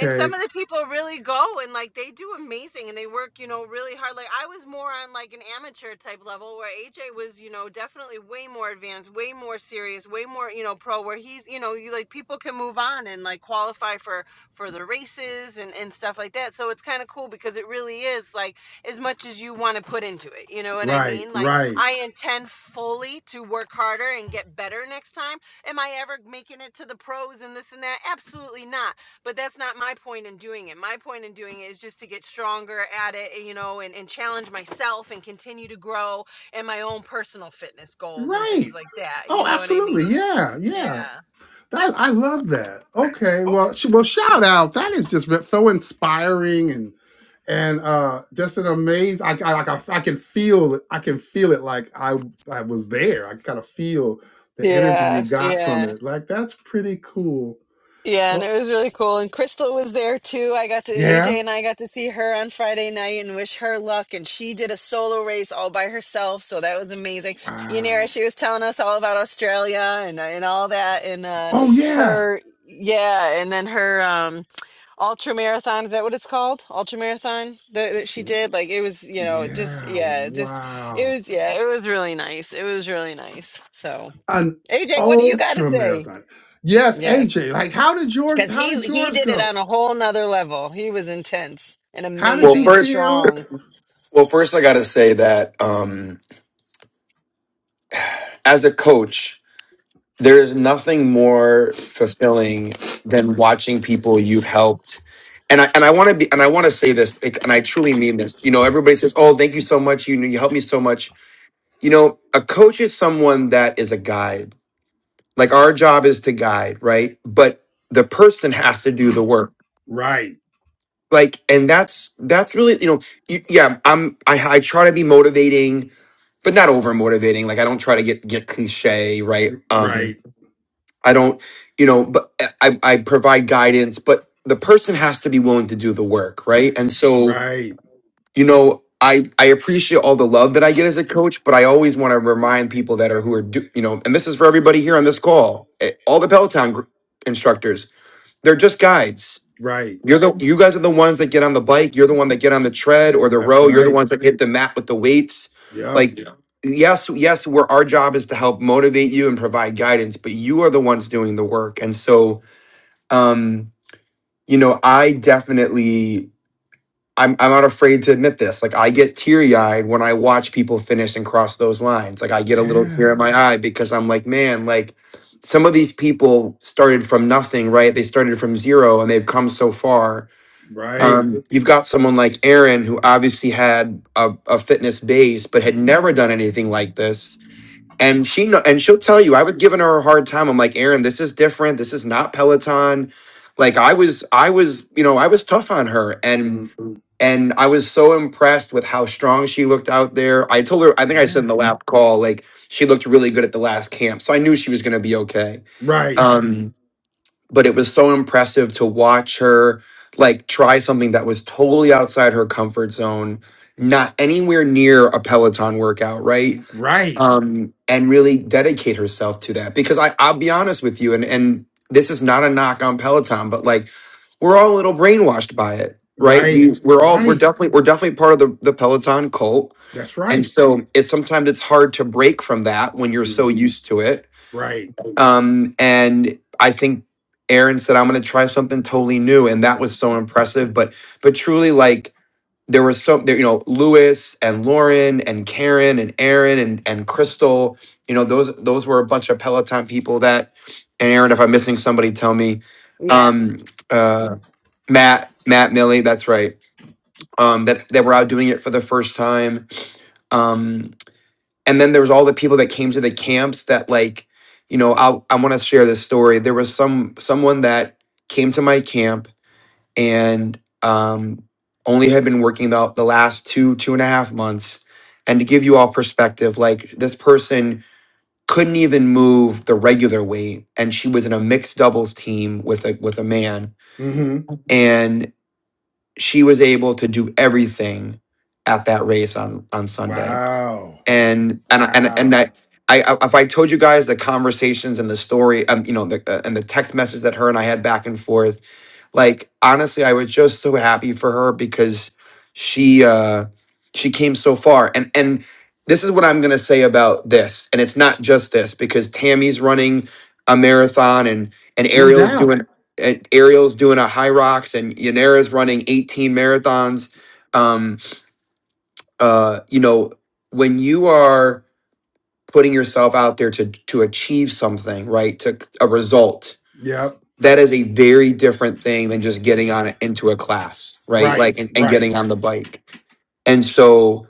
S10: and some of the people really go and like they do amazing and they work you know really hard like i was more on like an amateur type level where aj was you know definitely way more advanced way more serious way more you know pro where he's you know you like people can move on and like qualify for for the races and and stuff like that so it's kind of cool because it really is like as much as you want to put into it you know what i
S1: Right,
S10: mean like
S1: right,
S10: i intend fully to work harder and get better next time am i ever making it to the pros and this and that absolutely not but that's not my point in doing it my point in doing it is just to get stronger at it you know and, and challenge myself and continue to grow in my own personal fitness goals and things
S1: right.
S10: like that you
S1: Oh,
S10: know what i
S1: absolutely.
S10: mean
S1: Yeah, yeah.
S10: yeah
S1: I, I love that. Okay, well, sh- well, shout out. That is just ve- so inspiring and and uh just an amazing. I, I like I, I can feel it. I can feel it. Like I I was there. I kind of feel the energy
S10: Yeah,
S1: you got from
S10: yeah.
S1: it. Like that's pretty cool.
S10: Yeah, and
S1: Well,
S10: it was really cool. And Crystal was there too. I got to AJ
S1: yeah.
S10: and I got to see her on Friday night and wish her luck. And she did a solo race all by herself, so that was amazing. Yanira,
S1: Wow.
S10: she was telling us all about Australia and and all that, and uh,
S1: Oh yeah.
S10: her yeah, and then her um ultra marathon. Is that what it's called? Ultra marathon that, that she did. Like it was, you know, just
S1: Yeah.
S10: yeah, just it
S1: Wow.
S10: was yeah, it was really nice. It was really nice. So
S1: An
S10: AJ, what do you got to
S1: ultra
S10: say?
S1: marathon. Yes,
S10: Yes
S1: AJ. Like, how did yours?
S10: because
S1: How
S10: he
S1: did
S10: he
S1: yours
S10: did it
S1: go?
S10: on a whole nother level he was intense and
S1: How did
S7: Well,
S10: amazing
S1: you
S10: and
S7: first,
S1: feel?
S10: strong
S7: well, first I got to say that um, as a coach. there is nothing more fulfilling than watching people you've helped and I, and I want to be and I want to say this like, and I truly mean this. You know, everybody says, "Oh, thank you so much. You you helped me so much." You know, a coach is someone that is a guide. Like our job is to guide, right? But the person has to do the work.
S1: Right,
S7: Like, and that's that's really you know, you, yeah. I'm I, I try to be motivating, but not over motivating. Like I don't try to get get cliche, right? Um,
S1: right,
S7: I don't, you know, but I, I provide guidance, but the person has to be willing to do the work, right? And so,
S1: right.
S7: you know, I I appreciate all the love that I get as a coach, but I always want to remind people that are who are, do, you know, and this is for everybody here on this call, eh, all the Peloton gr- instructors, they're just guides.
S1: Right.
S7: You're the you guys are the ones that get on the bike. You're the one that get on the tread or the
S1: That's
S7: row. You're the
S1: right.
S7: ones that hit the mat with the weights.
S1: Yep.
S7: Like Yeah. yes, yes, we're our job is to help motivate you and provide guidance, but you are the ones doing the work. And so um, you know, I definitely I'm I'm not afraid to admit this. Like I get teary-eyed when I watch people finish and cross those lines. Like I get a little
S1: Yeah.
S7: tear in my eye because I'm like, man, like some of these people started from nothing, right? They started from zero and they've come so far
S1: Right.
S7: um, you've got someone like Aaron who obviously had a, a fitness base but had never done anything like this. And she kno- and she'll tell you, I was giving her a hard time. I'm like, Aaron, this is different. This is not Peloton. Like I was, I was, you know, I was tough on her and
S1: Mm,
S7: and I was so impressed with how strong she looked out there. I told her, I think I said in
S1: yeah.
S7: the lap call, like she looked really good at the last camp. So I knew she was gonna be okay.
S1: Right.
S7: Um, but it was so impressive to watch her like try something that was totally outside her comfort zone not anywhere near a peloton workout right
S1: Right.
S7: um and really dedicate herself to that because i i'll be honest with you and and this is not a knock on peloton but like we're all a little brainwashed by it right
S1: Right.
S7: we we're all we're
S1: Right.
S7: definitely we're definitely part of the the peloton cult
S1: That's
S7: and
S1: right.
S7: so it's sometimes it's hard to break from that when you're so
S1: Mm,
S7: used to it
S1: right.
S7: um, and I think Aaron said, I'm going to try something totally new. And that was so impressive. But, but truly, like, there was so, there, you know, Lewis and Lauren and Karen and Aaron and, and Crystal, you know, those, those were a bunch of Peloton people that, and Aaron, if I'm missing somebody, tell me,
S10: matt
S7: um, uh, Matt, Matt Millie, that's right. Um, that, that were out doing it for the first time. Um, and then there was all the people that came to the camps that like you know i i want to share this story there was some someone that came to my camp and um only had been working about the last two two and a half months and to give you all perspective like this person couldn't even move the regular weight and she was in a mixed doubles team with a with a man
S1: Mm-hmm.
S7: and she was able to do everything at that race on on sunday
S1: Wow.
S7: and and and and
S1: Wow.
S7: I, I I- if I told you guys the conversations and the story, um, you know, the, uh, and the text message that her and I had back and forth, like honestly, I was just so happy for her because she uh she came so far, and and this is what I'm gonna say about this, and it's not just this because Tammy's running a marathon and and
S1: No
S7: Ariel's doing.
S1: doubt.
S7: and Ariel's doing a high rocks and Yanera's running 18 marathons. Um, uh, you know, when you are putting yourself out there to to achieve something, right? To a result.
S1: Yep.
S7: That is a very different thing than just getting on into a class, right?
S1: Right.
S7: Like and, and
S1: Right.
S7: getting on the bike. And so,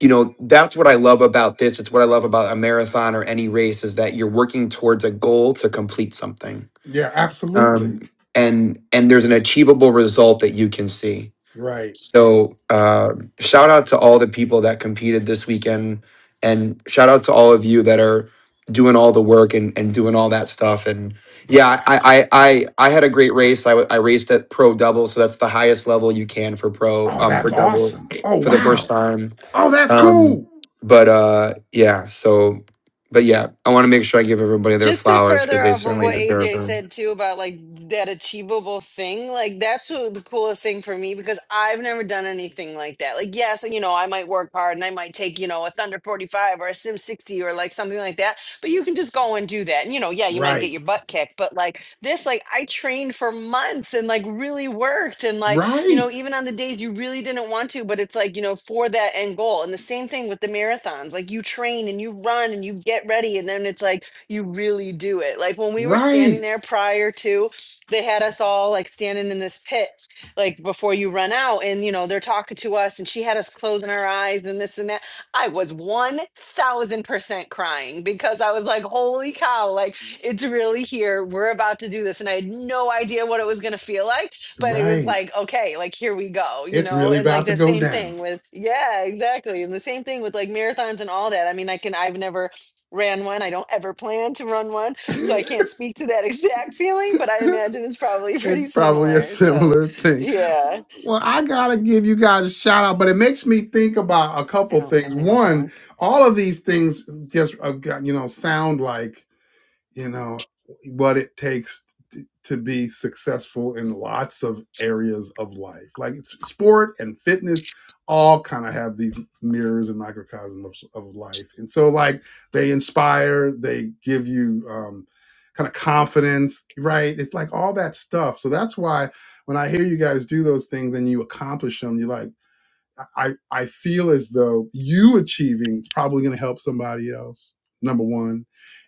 S7: you know, that's what I love about this. It's what I love about a marathon or any race is that you're working towards a goal to complete something.
S1: Yeah. Absolutely.
S7: Um and and there's an achievable result that you can see
S1: Right.
S7: so uh, shout out to all the people that competed this weekend, and shout out to all of you that are doing all the work and, and doing all that stuff. And yeah, I I I, I had a great race. I, w- I raced at pro double, so that's the highest level you can for pro
S1: Oh,
S7: um for
S1: that's
S7: doubles
S1: awesome. Oh,
S7: for the first
S1: wow.
S7: time.
S1: Oh, that's
S7: Um,
S1: cool.
S7: but uh, yeah, so but yeah, I want to make sure I give everybody their
S10: just to
S7: flowers because
S10: further
S7: they
S10: off of
S7: certainly
S10: what
S7: deserve
S10: aj
S7: them.
S10: said too about like that achievable thing like that's what the coolest thing for me because i've never done anything like that like yes you know i might work hard and i might take you know a thunder 45 or a sim 60 or like something like that but you can just go and do that. And you know, yeah, you might get
S1: Right.
S10: your butt kicked, but like this, like I trained for months and like really worked. And like, you
S1: Right.
S10: know, even on the days you really didn't want to, but it's like, you know, for that end goal. And the same thing with the marathons. Like you train and you run and you get ready. And then it's like you really do it. Like when we were standing
S1: Right.
S10: there prior to they had us all like standing in this pit like before you run out and you know they're talking to us and she had us closing our eyes and this and that I was 1000% crying because I was like, holy cow, like it's really here. We're about to do this. And I had no idea what it was going to feel like, but it was
S1: Right.
S10: like, okay, like here we go, you
S1: It's
S10: know?
S1: really
S10: And like
S1: about to
S10: the
S1: go
S10: same
S1: down.
S10: thing with, yeah, exactly. And the same thing with like marathons and all that. I mean, I can, I've never ran one. I don't ever plan to run one. So I can't speak to that (laughs) exact feeling, but I
S1: (laughs)
S10: imagine it's probably pretty
S1: it's probably a
S10: similar. So
S1: similar thing.
S10: yeah,
S1: Well, I gotta give you guys a shout out, but it makes me think about a
S10: I
S1: couple
S10: don't, I
S1: things.
S10: only want the
S1: One,
S10: one.
S1: all of these things just uh, got- you know sound like you know what it takes t- to be successful in lots of areas of life like it's sport and fitness all kind of have these mirrors and microcosm of, of life and so like they inspire they give you um, kind of confidence right it's like all that stuff so that's why when i hear you guys do those things and you accomplish them you're like I I feel as though you achieving is probably going to help somebody else. Number one,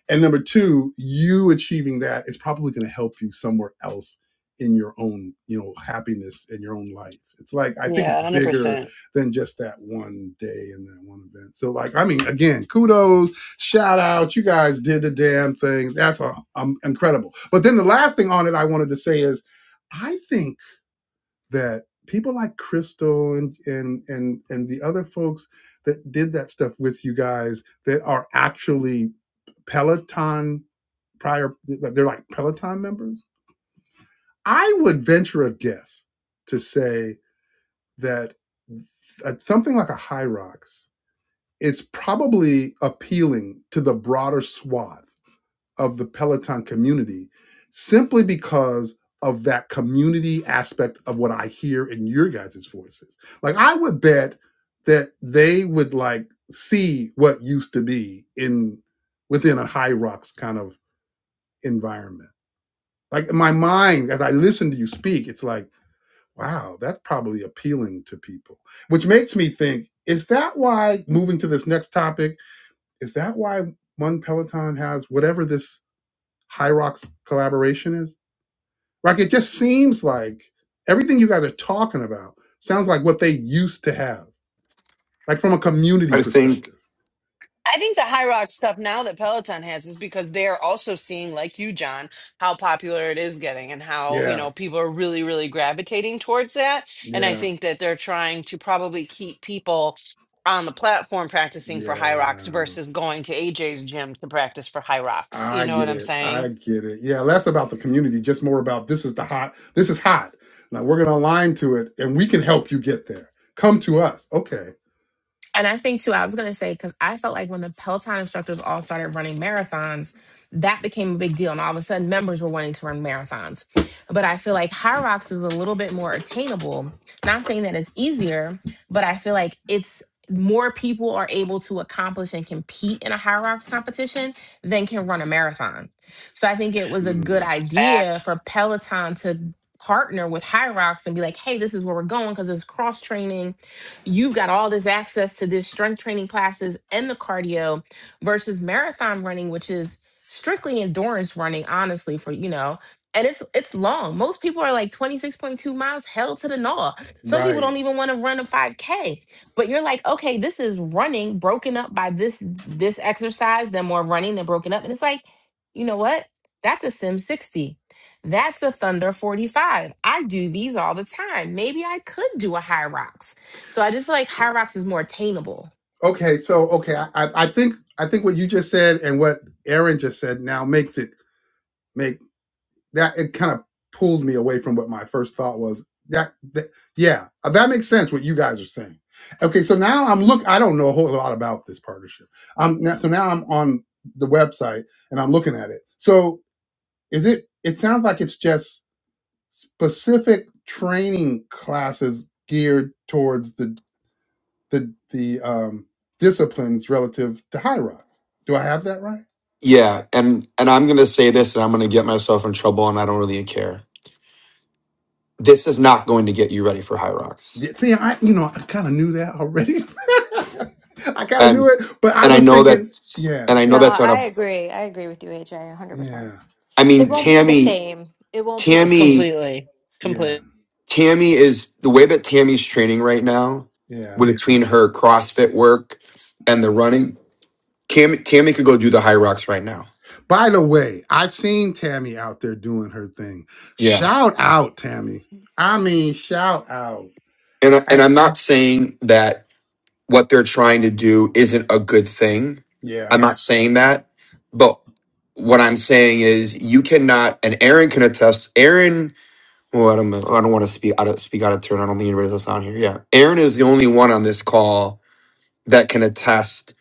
S1: and number two, you achieving that is probably going to help you somewhere else in your own you know happiness in your own life. It's like I think
S10: Yeah,
S1: it's bigger
S10: 100%.
S1: than just that one day and that one event. So like I mean, again, kudos, shout out, you guys did the damn thing. That's uh, um, incredible. But then the last thing on it I wanted to say is. I think that people like Crystal and and and and the other folks that did that stuff with you guys that are actually Peloton prior they're like Peloton members. I would venture a guess to say that at something like a High Rocks, it's probably appealing to the broader swath of the Peloton community simply because of that community aspect of what I hear in your guys' voices. Like I would bet that they would like see what used to be in within a high rocks kind of environment. Like in my mind, as I listen to you speak, it's like, wow, that's probably appealing to people. Which makes me think, is that why moving to this next topic, is that why one Peloton has whatever this High Rock's collaboration is? Like, it just seems like everything you guys are talking about sounds like what they used to have, like from a community
S7: I think.
S1: perspective.
S10: I think the high rock stuff now that Peloton has is because they're also seeing, like you, John, how popular it is getting and how, you
S1: Yeah,
S10: know, people are really, really gravitating towards that. And I
S1: yeah,
S10: think that they're trying to probably keep people on the platform practicing for high
S1: yeah.
S10: rocks versus going to AJ's gym to practice for high rocks. You
S1: I
S10: know what
S1: get
S10: I'm
S1: it. I
S10: saying?
S1: get it. Yeah, less about the community, just more about this is the hot, this is hot. Now we're going to align to it and we can help you get there. Come to us. Okay.
S3: And I think too, I was gonna say because I felt like when the Peloton instructors all started running marathons, that became a big deal, and all of a sudden members were wanting to run marathons. But I feel like High Rocks is a little bit more attainable. Not saying that it's easier, but I feel like it's more people are able to accomplish and compete in a High Rocks competition than can run a marathon. So I think it was a good
S1: Mm,
S3: idea for
S10: Facts.
S3: Peloton to partner with High Rocks and be like, hey, this is where we're going because it's cross training you've got all this access to this strength training classes and the cardio versus marathon running which is strictly endurance running honestly for you know and it's it's long most people are like 26.2 miles held to the gnaw some people
S1: right.
S3: don't even want to run a 5k but you're like okay this is running broken up by this this exercise then more running then broken up and it's like you know what that's a sim 60 that's a thunder 45 i do these all the time maybe i could do a high rocks so I just
S1: S-
S3: feel like High Rocks is more attainable.
S1: Okay. So, okay. I, I I think, I think what you just said and what Aaron just said now makes it make. that it kind of pulls me away from what my first thought was. That, that yeah, uh, that makes sense what you guys are saying. Okay, so now I'm look. I don't know a whole lot about this partnership. Um, now, so now I'm on the website and I'm looking at it. So is it? It sounds like it's just specific training classes geared towards the the the um, disciplines relative to high rocks. Do I have that right?
S7: Yeah, and and I'm going to say this, and I'm going to get myself in trouble, and I don't really care. This is not going to get you ready for High Rocks,
S1: Yeah, see, I you know I kind of knew that already. (laughs) I kind of knew
S7: and
S1: it, but I
S7: and I
S1: was
S7: know
S1: thinking,
S7: that's
S1: yeah,
S7: and I know
S2: No,
S7: that's not
S2: I
S7: a.
S2: agree. I agree with you, AJ, 100%.
S1: yeah,
S7: I
S2: It
S7: mean,
S1: yeah,
S2: won't be the
S7: Tammy,
S2: same. It won't be the
S7: Tammy,
S2: same.
S10: Completely.
S1: yeah,
S10: Completely.
S7: Tammy is the way that Tammy's training right now,
S1: yeah.
S7: with between her CrossFit work and the running. Tammy, Tammy could go do the High Rocks right now.
S1: By the way, I've seen Tammy out there doing her thing.
S7: Yeah,
S1: Shout out, Tammy. I mean, shout out.
S7: and I, and
S1: I-
S7: I'm not saying that what they're trying to do isn't a good thing. I'm
S1: yeah,
S7: not saying that, but what I'm saying is you cannot, and Aaron can attest. Aaron, well, I don't, know, I don't want to speak out of speak out of turn. I don't think anybody else on here. Yeah, Aaron is the only one on this call that can attest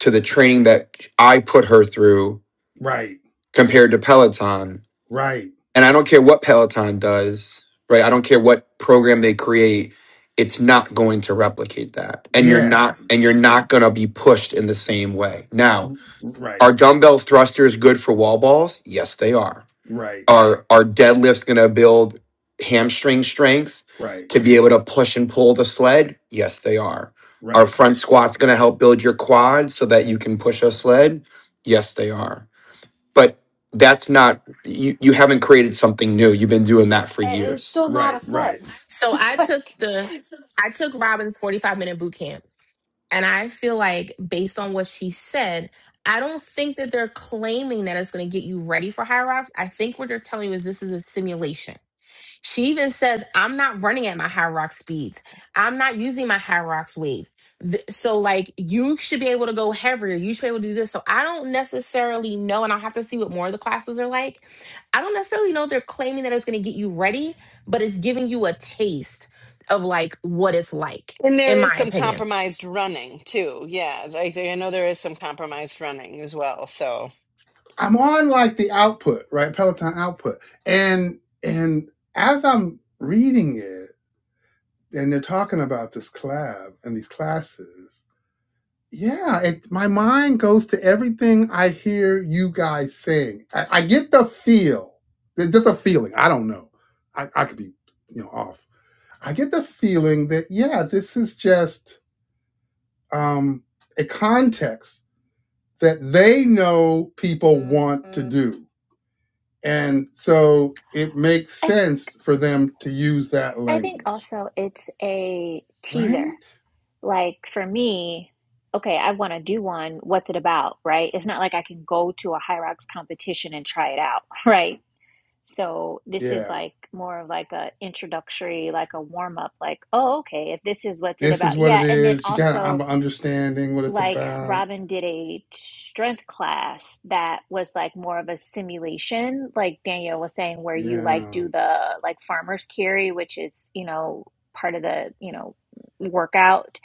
S7: to the training that I put her through
S1: right,
S7: compared to Peloton
S1: right,
S7: and I don't care what Peloton does, right? I don't care what program they create. It's not going to replicate that. And you're
S1: yeah,
S7: not and you're not going to be pushed in the same way. Now,
S1: right,
S7: are dumbbell thrusters good for wall balls? Yes, they are.
S1: right,
S7: Are are deadlifts going to build hamstring strength
S1: right,
S7: to be able to push and pull the sled? Yes, they are. Are
S1: right,
S7: front squats going to help build your quads so that you can push a sled? Yes, they are but that's not you you haven't created something new you've been doing that for
S2: I- It's
S7: years
S2: still not a
S1: right, right.
S2: slut,
S3: So
S2: (laughs)
S3: I
S2: sled.
S3: took the I took Robin's 45 minute boot camp and I feel like based on what she said, I don't think that they're claiming that it's going to get you ready for High Rocks. I think what they're telling you is this is a simulation. She even says, I'm not running at my high rock speeds. I'm not using my high rocks weight. Th- So, like, you should be able to go heavier. You should be able to do this. So, I don't necessarily know, and I'll have to see what more of the classes are like. I don't necessarily know if they're claiming that it's going to get you ready, but it's giving you a taste of like what it's like
S10: And there
S3: in
S10: is
S3: my
S10: some
S3: opinion.
S10: compromised running too. Yeah. Like I know there is some compromised running as well. So.
S1: I'm on like the output, right? Peloton output, and and as I'm reading it. and they're talking about this collab and these classes. Yeah, it, my mind goes to everything I hear you guys saying. I, I get the feel, there's just a feeling. I don't know. I, I could be, you know, off. I get the feeling that yeah, this is just um, a context that they know people want to do, and so it makes
S5: i,
S1: sense for them to use that
S5: I think
S1: language,
S5: also it's a teaser
S1: right?
S5: like for me okay i want to do one what's it about right it's not like i can go to a high competition and try it out (laughs) right so this is
S1: Yeah.
S5: like more of like a introductory like a warm up like oh okay if this is what's it
S1: This is
S5: about
S1: what it
S5: yeah and then
S1: is. You got
S5: also
S1: I'm understanding what it's
S5: like
S1: about.
S5: Robin did a strength class that was like more of a simulation, like Danielle was saying, where you like
S1: Yeah,
S5: do the like farmer's carry, which is, you know, part of the, you know, workout.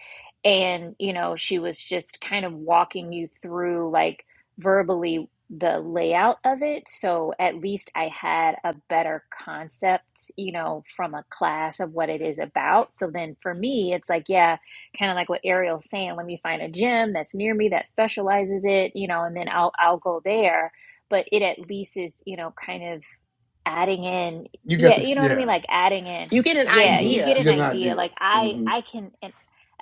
S5: And, you know, she was just kind of walking you through like verbally the layout of it. So at least I had a better concept, you know, from a class of what it is about. So then for me, it's like, yeah kind of like what Ariel's saying, let me find a gym that's near me that specializes it, you know, and then I'll I'll go there. But it at least is, you know, kind of adding in
S1: you get
S5: yeah
S1: the
S5: you know what i mean
S1: yeah.
S5: like adding in
S3: You get an
S5: yeah
S1: hmm
S5: you get
S3: idea
S1: You
S5: an
S1: get an
S5: idea
S1: idea.
S5: like i
S1: hmm
S5: i can and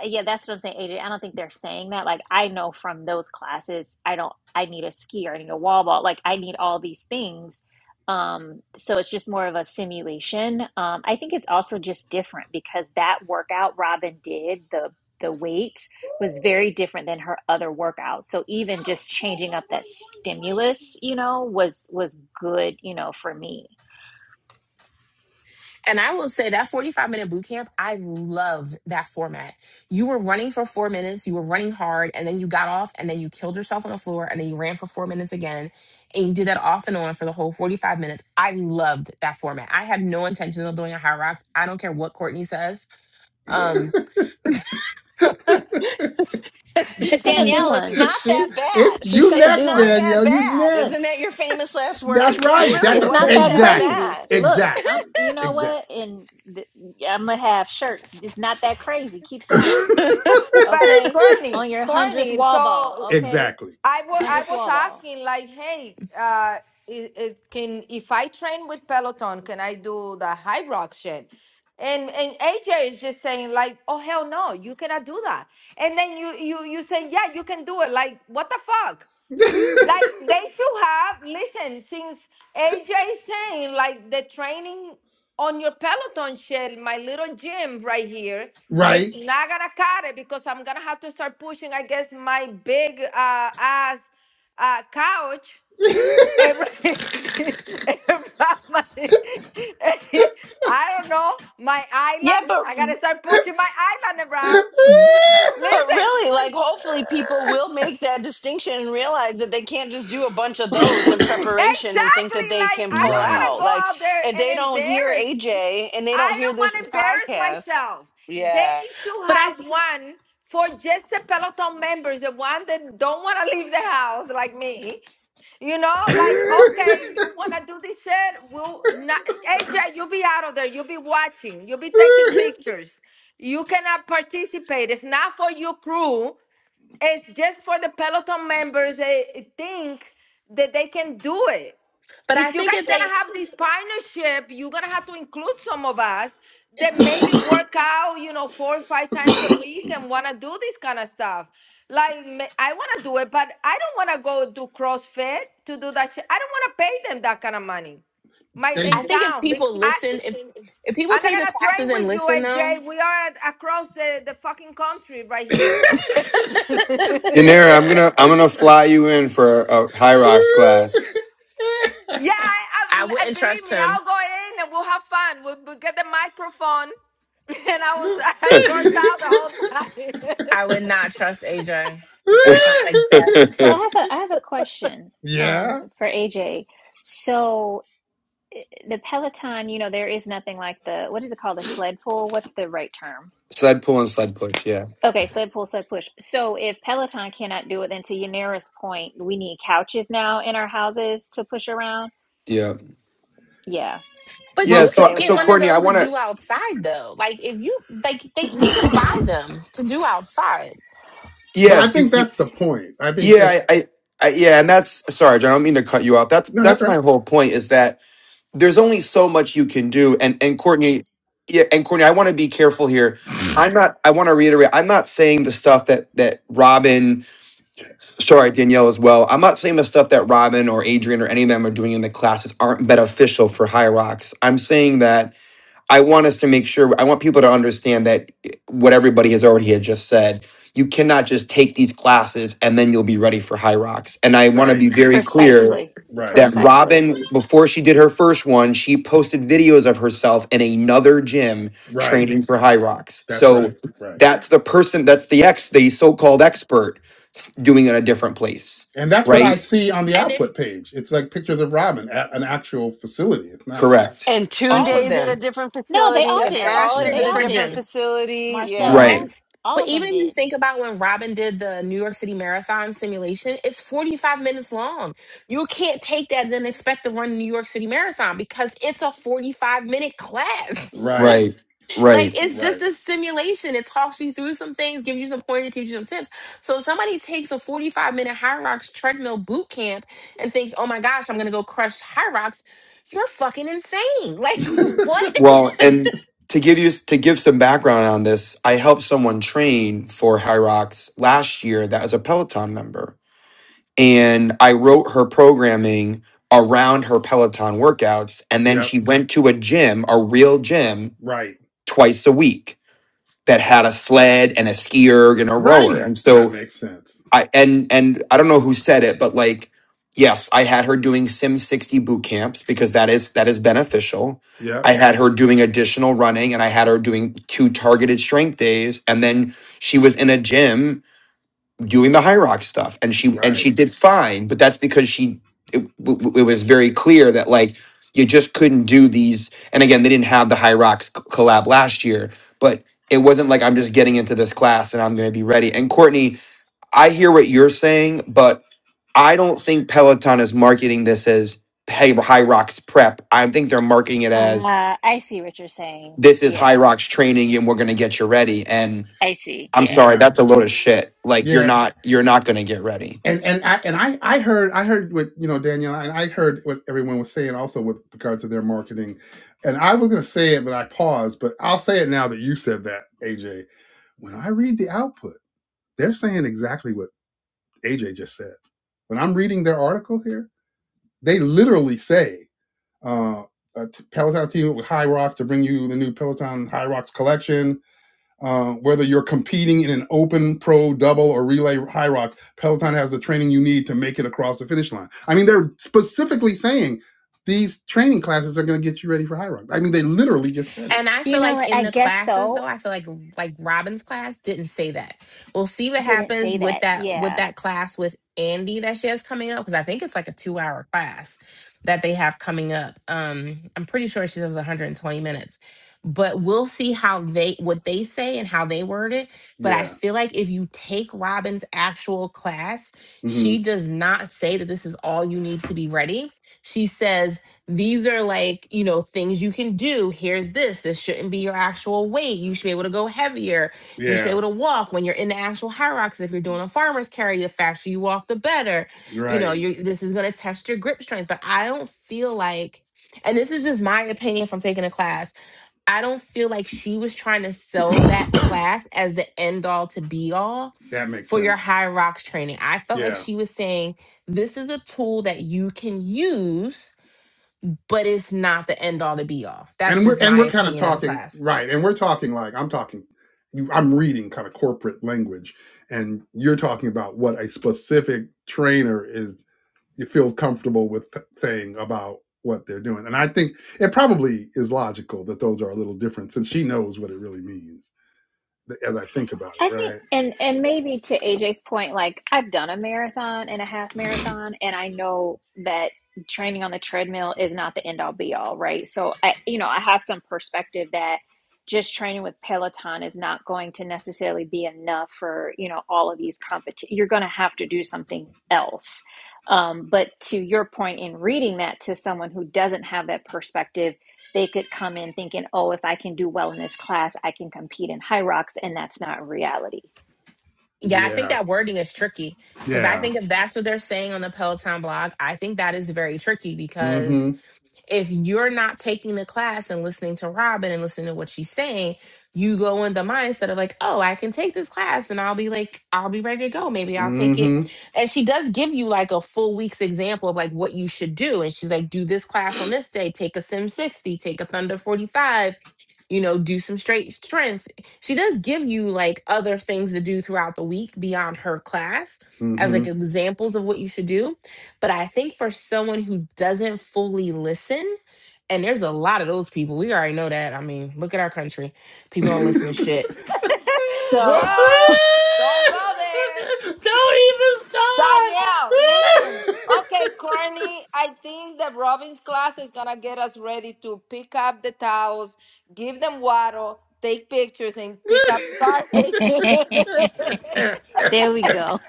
S5: uh, yeah that's what i'm saying Adrian. i don't think they're saying that like i know from those classes i don't i need a skier i need a wall ball like i need all these things um so it's just more of a simulation um i think it's also just different because that workout robin did the the weights was very different than her other workouts. So even just changing up that stimulus, you know, was was good, you know, for me.
S3: And I will say that 45 minute boot camp, I loved that format. You were running for four minutes, you were running hard, and then you got off, and then you killed yourself on the floor, and then you ran for four minutes again. And you did that off and on for the whole 45 minutes. I loved that format. I have no intention of doing a high rocks. I don't care what Courtney says. Um,
S1: (laughs)
S3: (laughs) but
S5: She's
S10: But
S5: gonna do
S10: Danielle, it's
S5: one.
S10: not
S1: she,
S10: that
S1: it's
S10: bad.
S5: She's
S1: you
S5: gonna
S10: It's
S1: next,
S5: do
S10: not
S5: one.
S10: that
S1: Danielle. You
S10: bad. Isn't
S1: next.
S10: that your famous last
S1: That's
S10: words? It
S1: right.
S10: really
S1: That's
S5: It's
S1: a,
S5: not
S10: wasn't
S5: that
S10: that
S1: exactly,
S5: crazy.
S10: bad.
S5: Look, I'm.
S1: exactly,
S5: You know what?
S1: exactly,
S5: And th- I'm gonna have shirt. It's not that crazy. Keep going.
S8: but
S5: Okay.
S1: (laughs)
S8: corny
S5: On your hundredth
S8: corny
S5: wall ball.
S8: so
S5: Okay.
S1: exactly.
S8: I wa- I
S5: Hundredth
S8: was
S5: wall ball.
S8: asking like, hey, uh, it, it can if I train with Peloton, can I do the high rock shit? And and AJ is just saying like, oh hell no, you cannot do that. And then you you you say yeah, you can do it. Like what the fuck? Like
S1: (laughs)
S8: they should have listen since AJ saying like the training on your Peloton shell, my little gym right here is
S1: right. (laughs)
S8: not gonna cut it because I'm gonna have to start pushing. I guess my big uh, ass uh, couch every, (laughs) around my, (laughs) I don't know my
S10: Yeah,
S8: island.
S10: but
S8: I gotta start pushing my island around.
S10: but
S8: Listen,
S10: really, like hopefully people will make that distinction and realize that they can't just do a bunch of those in preparation and think
S8: exactly
S10: that they
S8: like
S10: can
S8: I
S10: pull
S1: right.
S8: don't wanna
S10: out.
S1: (laughs)
S8: go
S10: Like
S8: out there
S10: if they
S8: and
S10: don't hear
S8: embarrass.
S10: AJ and they don't
S8: I
S10: hear
S8: don't
S10: this
S8: want to embarrass
S10: podcast.
S8: myself. They
S10: Yeah.
S8: should
S3: I
S8: have one for just the Peloton members, the one that don't want to leave the house like me. You know, like, okay, you want to do this shit? We'll not, AJ, you'll be out of there. You'll be watching. You'll be taking pictures. You cannot participate. It's not for your crew. It's just for the Peloton members. They think that they can do it
S3: but I
S8: if you
S3: think
S8: guys
S3: if they
S8: gonna have this partnership, you're gonna have to include some of us that maybe work out, you know, four or five times a week and wanna do this kind of stuff. Like ma- I wanna do it, but I don't wanna go do CrossFit to do that shit. I don't wanna pay them that kind of money. My
S1: they
S8: in
S3: I think if
S8: town, bec-
S3: people
S8: I
S3: listen, if if people
S8: I'm not
S3: take the
S8: gonna train
S3: classes and
S8: with you,
S3: listen though,
S8: AJ. We are at, across the, the fucking country right
S1: (laughs)
S8: here.
S7: Yanira, I'm gonna I'm gonna fly you in for a high rocks class.
S8: Yeah, I,
S3: I
S8: I, I-
S3: wouldn't
S8: believe
S3: trust
S8: me,
S3: him.
S8: I'll go in and we'll have fun. We'll, we'll get the microphone. (laughs) And I was, (laughs)
S7: (laughs)
S8: I cursed out the whole time.
S3: I would not trust AJ. That sounds like
S5: So I have a I have a question um
S1: yeah.
S5: for AJ. So the Peloton, you know, there is nothing like the what is it called? The sled pull. What's the right term?
S7: sled pull and sled push. Yeah,
S5: Okay, sled pull, sled push. So if Peloton cannot do it, then to Yanira's point, we need couches now in our houses to push around.
S7: yeah,
S5: Yeah,
S3: But
S1: Well,
S7: yeah.
S3: you
S1: see,
S7: So
S3: could
S5: there we
S3: get
S7: so
S5: go.
S3: one of
S7: Courtney, I
S3: those to
S7: want to.
S3: do outside though. Like if you like they you can buy them to do outside.
S1: but I
S7: Yes, you,
S1: think
S7: you.
S1: that's the point. I think that
S7: Yeah, I, I, I. Yeah, and that's Sarge. I don't mean to cut you off. That's
S1: no, that's
S7: that's
S1: right.
S7: my whole point. Is that there's only so much you can do, and and Courtney, yeah, and Courtney, I want to be careful here. I'm not. I want to reiterate. I'm not saying the stuff that that Robin. sorry danielle as well i'm not saying the stuff that robin or adrian or any of them are doing in the classes aren't beneficial for high rocks i'm saying that i want us to make sure i want people to understand that eh, what everybody has already had just said you cannot just take these classes and then you'll be ready for high rocks and i want to
S1: Right,
S7: be very clear
S5: Precisely.
S1: right,
S7: that
S5: Precisely.
S7: Robin, before she did her first one, she posted videos of herself in another gym
S1: right.
S7: training for high rocks.
S1: That's
S7: So
S1: right, right.
S7: that's the person, that's the ex, the so-called expert s- doing it in a different place,
S1: And that's what I
S7: right?
S1: see on the
S3: And if
S1: output page. It's like pictures of Robin at an actual facility. It's not.
S7: Correct.
S10: And Tune
S1: She's
S3: all of
S10: Day's
S1: not.
S10: at a
S3: them,
S10: different
S5: No, they
S10: facility
S5: all
S3: yep,
S10: and
S3: they're
S5: did.
S3: all
S10: Ash
S3: at a
S10: is
S5: They
S1: Yeah.
S10: at a
S5: all
S3: different
S10: different
S5: did.
S3: gym.
S10: facility. yeah.
S1: Right.
S7: Right.
S5: Marcel,
S3: And
S5: all
S3: but
S5: of them
S3: even if you
S5: did.
S3: think about when Robin did the New York City Marathon simulation, it's 45 minutes long. You can't take that and then expect to run the New York City Marathon because it's a 45 minute class. (laughs)
S1: Right.
S7: Right.
S3: Like
S7: Right.
S3: it's just
S1: Right.
S3: a simulation. It talks you through some things, gives you some pointers, gives you some tips. So if somebody takes a 45 minute high rocks treadmill boot camp and thinks, oh my gosh, I'm gonna go crush high rocks, you're fucking insane. (laughs)
S1: (laughs)
S3: Like what?
S7: Well, and to give you to give some background on this, I helped someone train for high rocks last year that was a Peloton member and I wrote her programming around her Peloton workouts. And then
S1: yep.
S7: she went to a gym, a real gym,
S1: Right.
S7: twice a week that had a sled and a ski erg and a rower.
S1: Right.
S7: And
S1: That
S7: so
S1: makes sense.
S7: I and and I don't know who said it, but like, yes, I had her doing Sim 60 boot camps because that is that is beneficial. I
S1: Yep.
S7: had her doing additional running and I had her doing two targeted strength days. And then she was in a gym doing the high rock stuff and she and
S1: Right.
S7: she did fine but that's because she it, w- w- it was very clear that like you just couldn't do these and again they didn't have the high rocks c- collab last year but it wasn't like i'm just getting into this class and i'm going to be ready and courtney i hear what you're saying but i don't think peloton is marketing this as hey high rocks prep i think they're marketing it as
S5: Uh, I see what you're saying.
S7: this is high
S5: Yeah,
S7: rocks training and we're going to get you ready and
S5: I see.
S7: i'm sorry
S5: Yeah.
S1: Yeah.
S7: that's a load of shit like you're
S1: Yeah.
S7: not you're not going to get ready
S1: And and I and I I heard I heard what you know Danielle and I heard what everyone was saying also with regard to their marketing, and I was going to say it but I paused. But I'll say it now that you said that AJ. When I read the output, they're saying exactly what AJ just said. When I'm reading their article here, they literally say. Uh, a t- Peloton team with High Rocks to bring you the new Peloton High Rocks collection Uh, whether you're competing in an open, pro, double, or relay high rocks, Peloton has the training you need to make it across the finish line. I mean, they're specifically saying these training classes are going to get you ready for high rocks. I mean, they literally just said it.
S3: And I
S5: You
S3: feel
S5: know
S3: like
S5: what?
S3: in
S5: I
S3: the
S5: guess
S3: classes though,
S5: so.
S3: I feel like like Robin's class didn't say that. We'll see what
S5: Didn't
S3: happens
S5: say
S3: with
S5: that.
S3: that with
S5: Yeah.
S3: that class with Andy that she has coming up because I think it's like a 2-hour class that they have coming up. Um I'm pretty sure she says 120 minutes. But we'll see how they what they say and how they word it. But I
S1: Yeah.
S3: feel like if you take Robin's actual class,
S1: hmm
S3: she does not say that this is all you need to be ready. She says these are like you know things you can do here's this this shouldn't be your actual weight you should be able to go heavier you should be
S1: Yeah.
S3: able to walk when you're in the actual high rocks if you're doing a farmer's carry the faster you walk the better you know
S1: Right.
S3: you this is going to test your grip strength but i don't feel like and this is just my opinion from taking a class i don't feel like she was trying to sell that class as the end all to be all
S1: That makes
S3: for your
S1: sense.
S3: high rocks training i felt like
S1: Yeah.
S3: she was saying this is a tool that you can use but it's not the end all to be all. That's
S1: And we're
S3: just
S1: and
S3: my
S1: we're kind of
S3: opinion of the
S1: talking
S3: class.
S1: right, and we're talking like I'm talking, you- I'm reading kind of corporate language, and you're talking about what a specific trainer is it feels comfortable with th- saying about what they're doing. And I think it probably is logical that those are a little different since she knows what it really means as I think about
S5: I
S1: it,
S5: think,
S1: right?
S5: and and maybe to AJ's point, like I've done a marathon and a half marathon, and I know that training on the treadmill is not the end all be all, right? So I, you know, I have some perspective that just training with Peloton is not going to necessarily be enough for you know all of these competitions. You're going to have to do something else. Um, but to your point in reading that to someone who doesn't have that perspective they could come in thinking, oh, if I can do well in this class, I can compete in high rocks, and that's not reality.
S3: Yeah, I think
S1: Yeah.
S3: that wording is tricky because I
S1: Yeah.
S3: think if that's what they're saying on the Peloton blog, I think that is very tricky because
S1: Mm-hmm.
S3: if you're not taking the class and listening to Robin and listening to what she's saying, you go in the mindset of like, oh, I can take this class and I'll be like, I'll be ready to go. Maybe I'll take it.
S1: Mm-hmm.
S3: And she does give you like a full week's example of like what you should do. And she's like, do this class on this day, take a Sim 60, take a Thunder 45, you know, do some straight strength. She does give you like other things to do throughout the week beyond her class as
S1: Mm-hmm.
S3: like examples of what you should do but I think for someone who doesn't fully listen, and there's a lot of those people, we already know that. I mean, look at our country. People don't listen to
S1: (laughs)
S3: shit.
S8: (laughs)
S3: So,
S8: Girl, don't go there.
S1: Don't even
S8: Danielle, listen. Okay, Courtney, I think the Robin's class is going to get us ready to pick up the towels, give them water, take pictures, and pick up the
S5: (laughs)
S8: garbage. (laughs)
S1: start.
S5: there we go.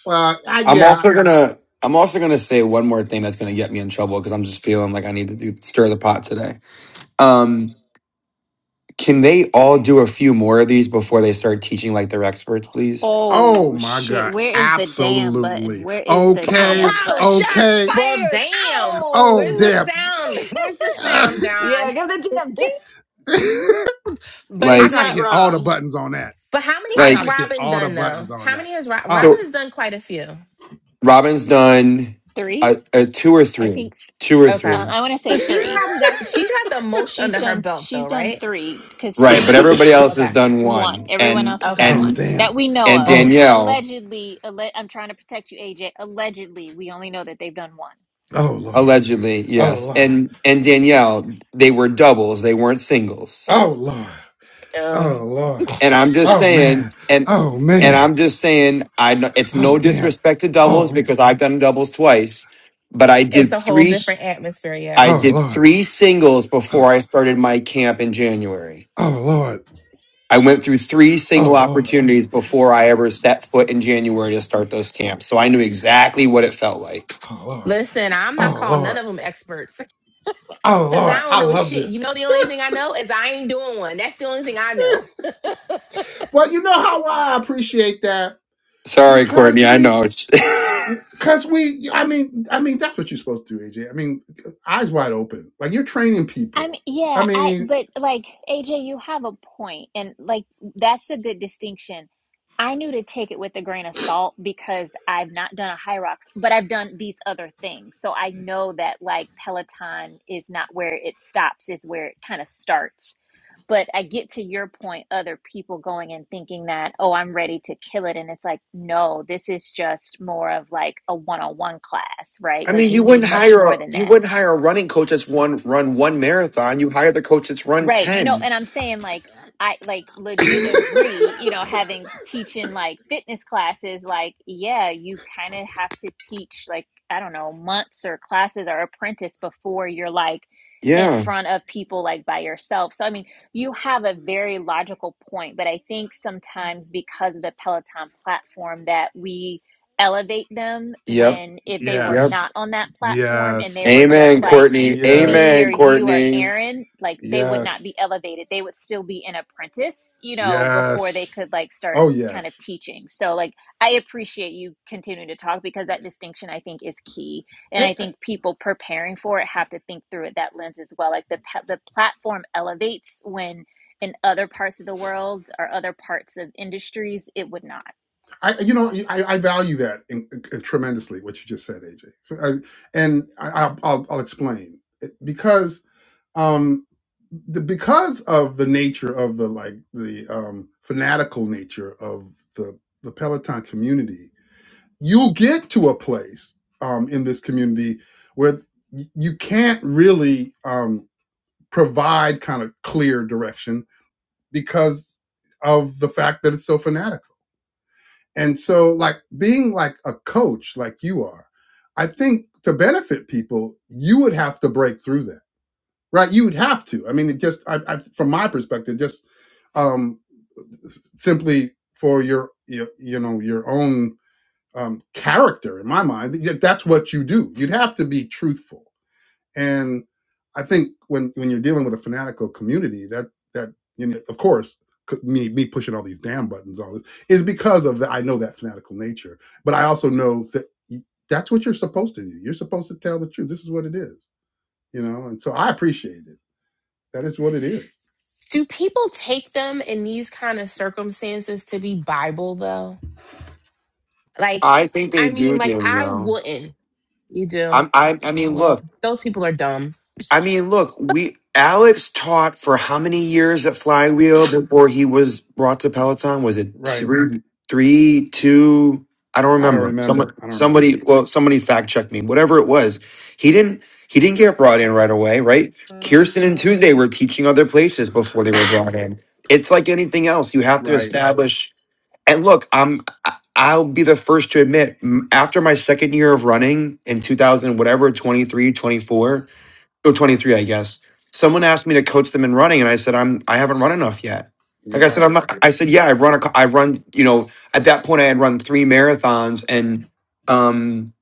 S1: (laughs) well, I,
S7: I'm
S1: yeah,
S7: also gonna I'm also gonna say one more thing that's gonna get me in trouble because I'm just feeling like I need to do, stir the pot today. Um, can they all do a few more of these before they start teaching like they're experts, please?
S1: Oh
S5: Oh
S1: my
S5: shit!
S1: God.
S5: Where is the damn button?
S1: Absolutely.
S5: Where is the
S10: Pow,
S1: Okay.
S5: damn
S10: pow,
S5: button?
S10: shots
S3: (laughs)
S1: Okay.
S3: well,
S10: fired.
S3: damn.
S1: Oh,
S3: Where's the
S10: Ow.
S1: damn.
S3: sound? Where's the
S1: (laughs)
S3: sound, John?
S10: Yeah, go the DMT.
S1: I
S10: But he's
S7: Like,
S1: got to
S10: not
S1: hit all the
S10: wrong.
S1: buttons on that.
S3: But how
S1: I
S3: many has
S1: got
S7: like
S1: to hit
S3: Robin
S1: all the
S3: done though?
S1: buttons on
S3: How
S1: that.
S3: many has Robin?
S1: Oh.
S3: Robin
S7: so.
S3: done quite a few.
S7: Robin's done
S5: Three,
S7: a, a two or
S5: I
S7: three,
S5: think.
S7: two or
S3: Okay.
S5: Um,
S7: three,
S5: I want to
S3: So
S5: say
S3: she's
S5: three.
S3: probably got she's got the most
S5: She's
S3: under her
S5: done.
S3: belt though,
S5: She's done
S3: right?
S5: three because
S1: (coughs)
S7: right? But
S5: she
S7: everybody
S1: (laughs)
S7: else has
S3: Okay.
S7: done
S5: one.
S7: one,
S5: Everyone
S7: and
S5: else has done
S3: Okay.
S1: oh,
S5: one
S7: and
S5: that
S1: damn.
S5: we know
S7: and
S5: of.
S1: Oh,
S7: Danielle
S5: Allegedly, alle- I'm trying to protect you, AJ. Allegedly, we only know that they've done one.
S1: oh, Lord.
S7: allegedly,
S1: Oh,
S7: yes,
S1: Lord.
S7: and and Danielle, they were doubles, they weren't singles.
S1: Oh, Lord. Oh,
S3: Um,
S1: Lord.
S7: And I'm just
S1: Oh,
S7: saying,
S1: man.
S7: and
S1: Oh,
S7: and
S1: man.
S7: I'm just saying, I kn- it's no
S1: Oh, damn.
S7: disrespect to
S1: Oh,
S7: doubles
S1: man.
S7: because I've done doubles twice, but I
S3: it's
S7: did
S3: a whole
S7: three.
S3: different atmosphere, yeah.
S7: I
S1: Oh,
S7: did
S1: Lord.
S7: three singles before
S1: Oh,
S7: I started my camp in January.
S1: oh Lord.
S7: I went through three
S1: Oh,
S7: single
S1: Lord.
S7: opportunities before I ever set foot in January to start those camps, so I knew exactly what it felt like.
S1: Oh, Lord.
S3: Listen, I'm not
S1: Oh,
S3: calling
S1: Lord.
S3: none of them experts.
S1: Oh
S3: Cause I
S1: Lord,
S3: don't
S1: I
S3: know
S1: love
S3: shit. You
S1: this.
S3: know the only thing I know is I ain't doing one. That's the only thing I know. (laughs)
S1: Well, you know how I appreciate that
S7: Sorry,
S1: because
S7: Courtney, I
S1: we,
S7: know. It's
S1: because we, I mean, I mean that's what you're supposed to do,
S7: (laughs)
S1: AJ. I mean, eyes wide open, like you're training
S5: I
S1: people.
S5: mean,
S1: I
S5: yeah, I
S1: mean,
S5: but like AJ, you have a point, and like that's a good distinction. I knew to take it with a grain of salt because I've not done a high rocks, but I've done these other things. So I know that like Peloton is not where it stops, is where it kind of starts. But I get to your point, other people going and thinking that, oh, I'm ready to kill it. And it's like, no, this is just more of like a one on one class, right?
S7: I
S5: Like
S7: mean,
S5: you
S7: you
S5: need
S7: wouldn't
S5: much
S7: hire a
S5: more than
S7: you
S5: that
S7: wouldn't hire a running coach that's one run one marathon. You hire the coach that's run
S5: Right. No,
S7: ten.
S5: and I'm saying like I like
S1: (laughs)
S5: legit agree, you know, having teaching like fitness classes, like, yeah, you kind of have to teach like, I don't know, months or classes or apprentice before you're like in
S7: Yeah.
S5: front of people like by yourself. So, I mean, you have a very logical point, but I think sometimes because of the Peloton platform that we elevate them
S7: Yep.
S5: when if they were
S7: Yep.
S1: yes,
S5: not on that platform and
S1: yes,
S5: they were just
S7: Amen,
S5: like,
S7: Courtney.
S1: yes,
S5: me or
S7: Amen,
S5: you or
S7: Courtney.
S5: Aaron, like they would not
S1: yes,
S5: be elevated. They would still be an apprentice, you know, before they
S1: yes.
S5: could like start
S1: Oh
S5: kind of
S1: yes.
S5: teaching. So like I appreciate you continuing to talk because that distinction I think is key. And
S1: I,
S5: I
S1: I-
S5: think people preparing for it have to think through it that lens as well. Like the pa- the platform elevates when in other parts of the world or other parts of industries it would not.
S1: you know, I, I value that in, in tremendously. What you just said, AJ, and I, I'll, I'll, I'll explain because um the, because of the nature of the like the um fanatical nature of the the peloton community you'll get to a place um in this community where y- you can't really um provide kind of clear direction because of the fact that it's so fanatical and so like being like a coach like you are i think to benefit people you would have to break through that right? You would have to. I mean, it just I, I, from my perspective, just um, simply for your, your you know your own um, character. In my mind, that- that's what you do. You'd have to be truthful, and I think when when you're dealing with a fanatical community, that that you know, of course. c- Me, me pushing all these damn buttons, all this is because of that. I know that fanatical nature, but I also know that y- that's what you're supposed to do. You're supposed to tell the truth. This is what it is, you know. And so I appreciate it. That is what it is.
S3: Do people take them in these kind of circumstances to be Bible though? Like,
S7: I think
S3: I
S7: they
S3: mean,
S7: do,
S3: like I
S7: Danielle.
S3: wouldn't. You do.
S7: I'm. I. I mean, look.
S3: Well, those people are dumb.
S7: I mean, look, we Alex taught for how many years at Flywheel before he was brought to Peloton? Was it
S1: Right.
S7: three, three, two? I don't
S1: I don't
S7: remember. Someone,
S1: remember. I don't
S7: somebody,
S1: remember.
S7: well, somebody fact checked me. Whatever it was, he didn't. He didn't get brought in right away, right? Kirsten and Tunde were teaching other places before they were brought in. It's like anything else; you have to
S1: Right.
S7: establish. And look, I'm. I- I'll be the first to admit. m- After my second year of running in 2000, whatever, 23, 24. Oh, 23. I guess. Someone asked me to coach them in running, and I said, I'm I haven't run enough yet.
S1: You're
S7: Like I said,
S1: right.
S7: I'm not. I said, yeah, I run a, co- I run. You know, at that point, I had run three marathons and um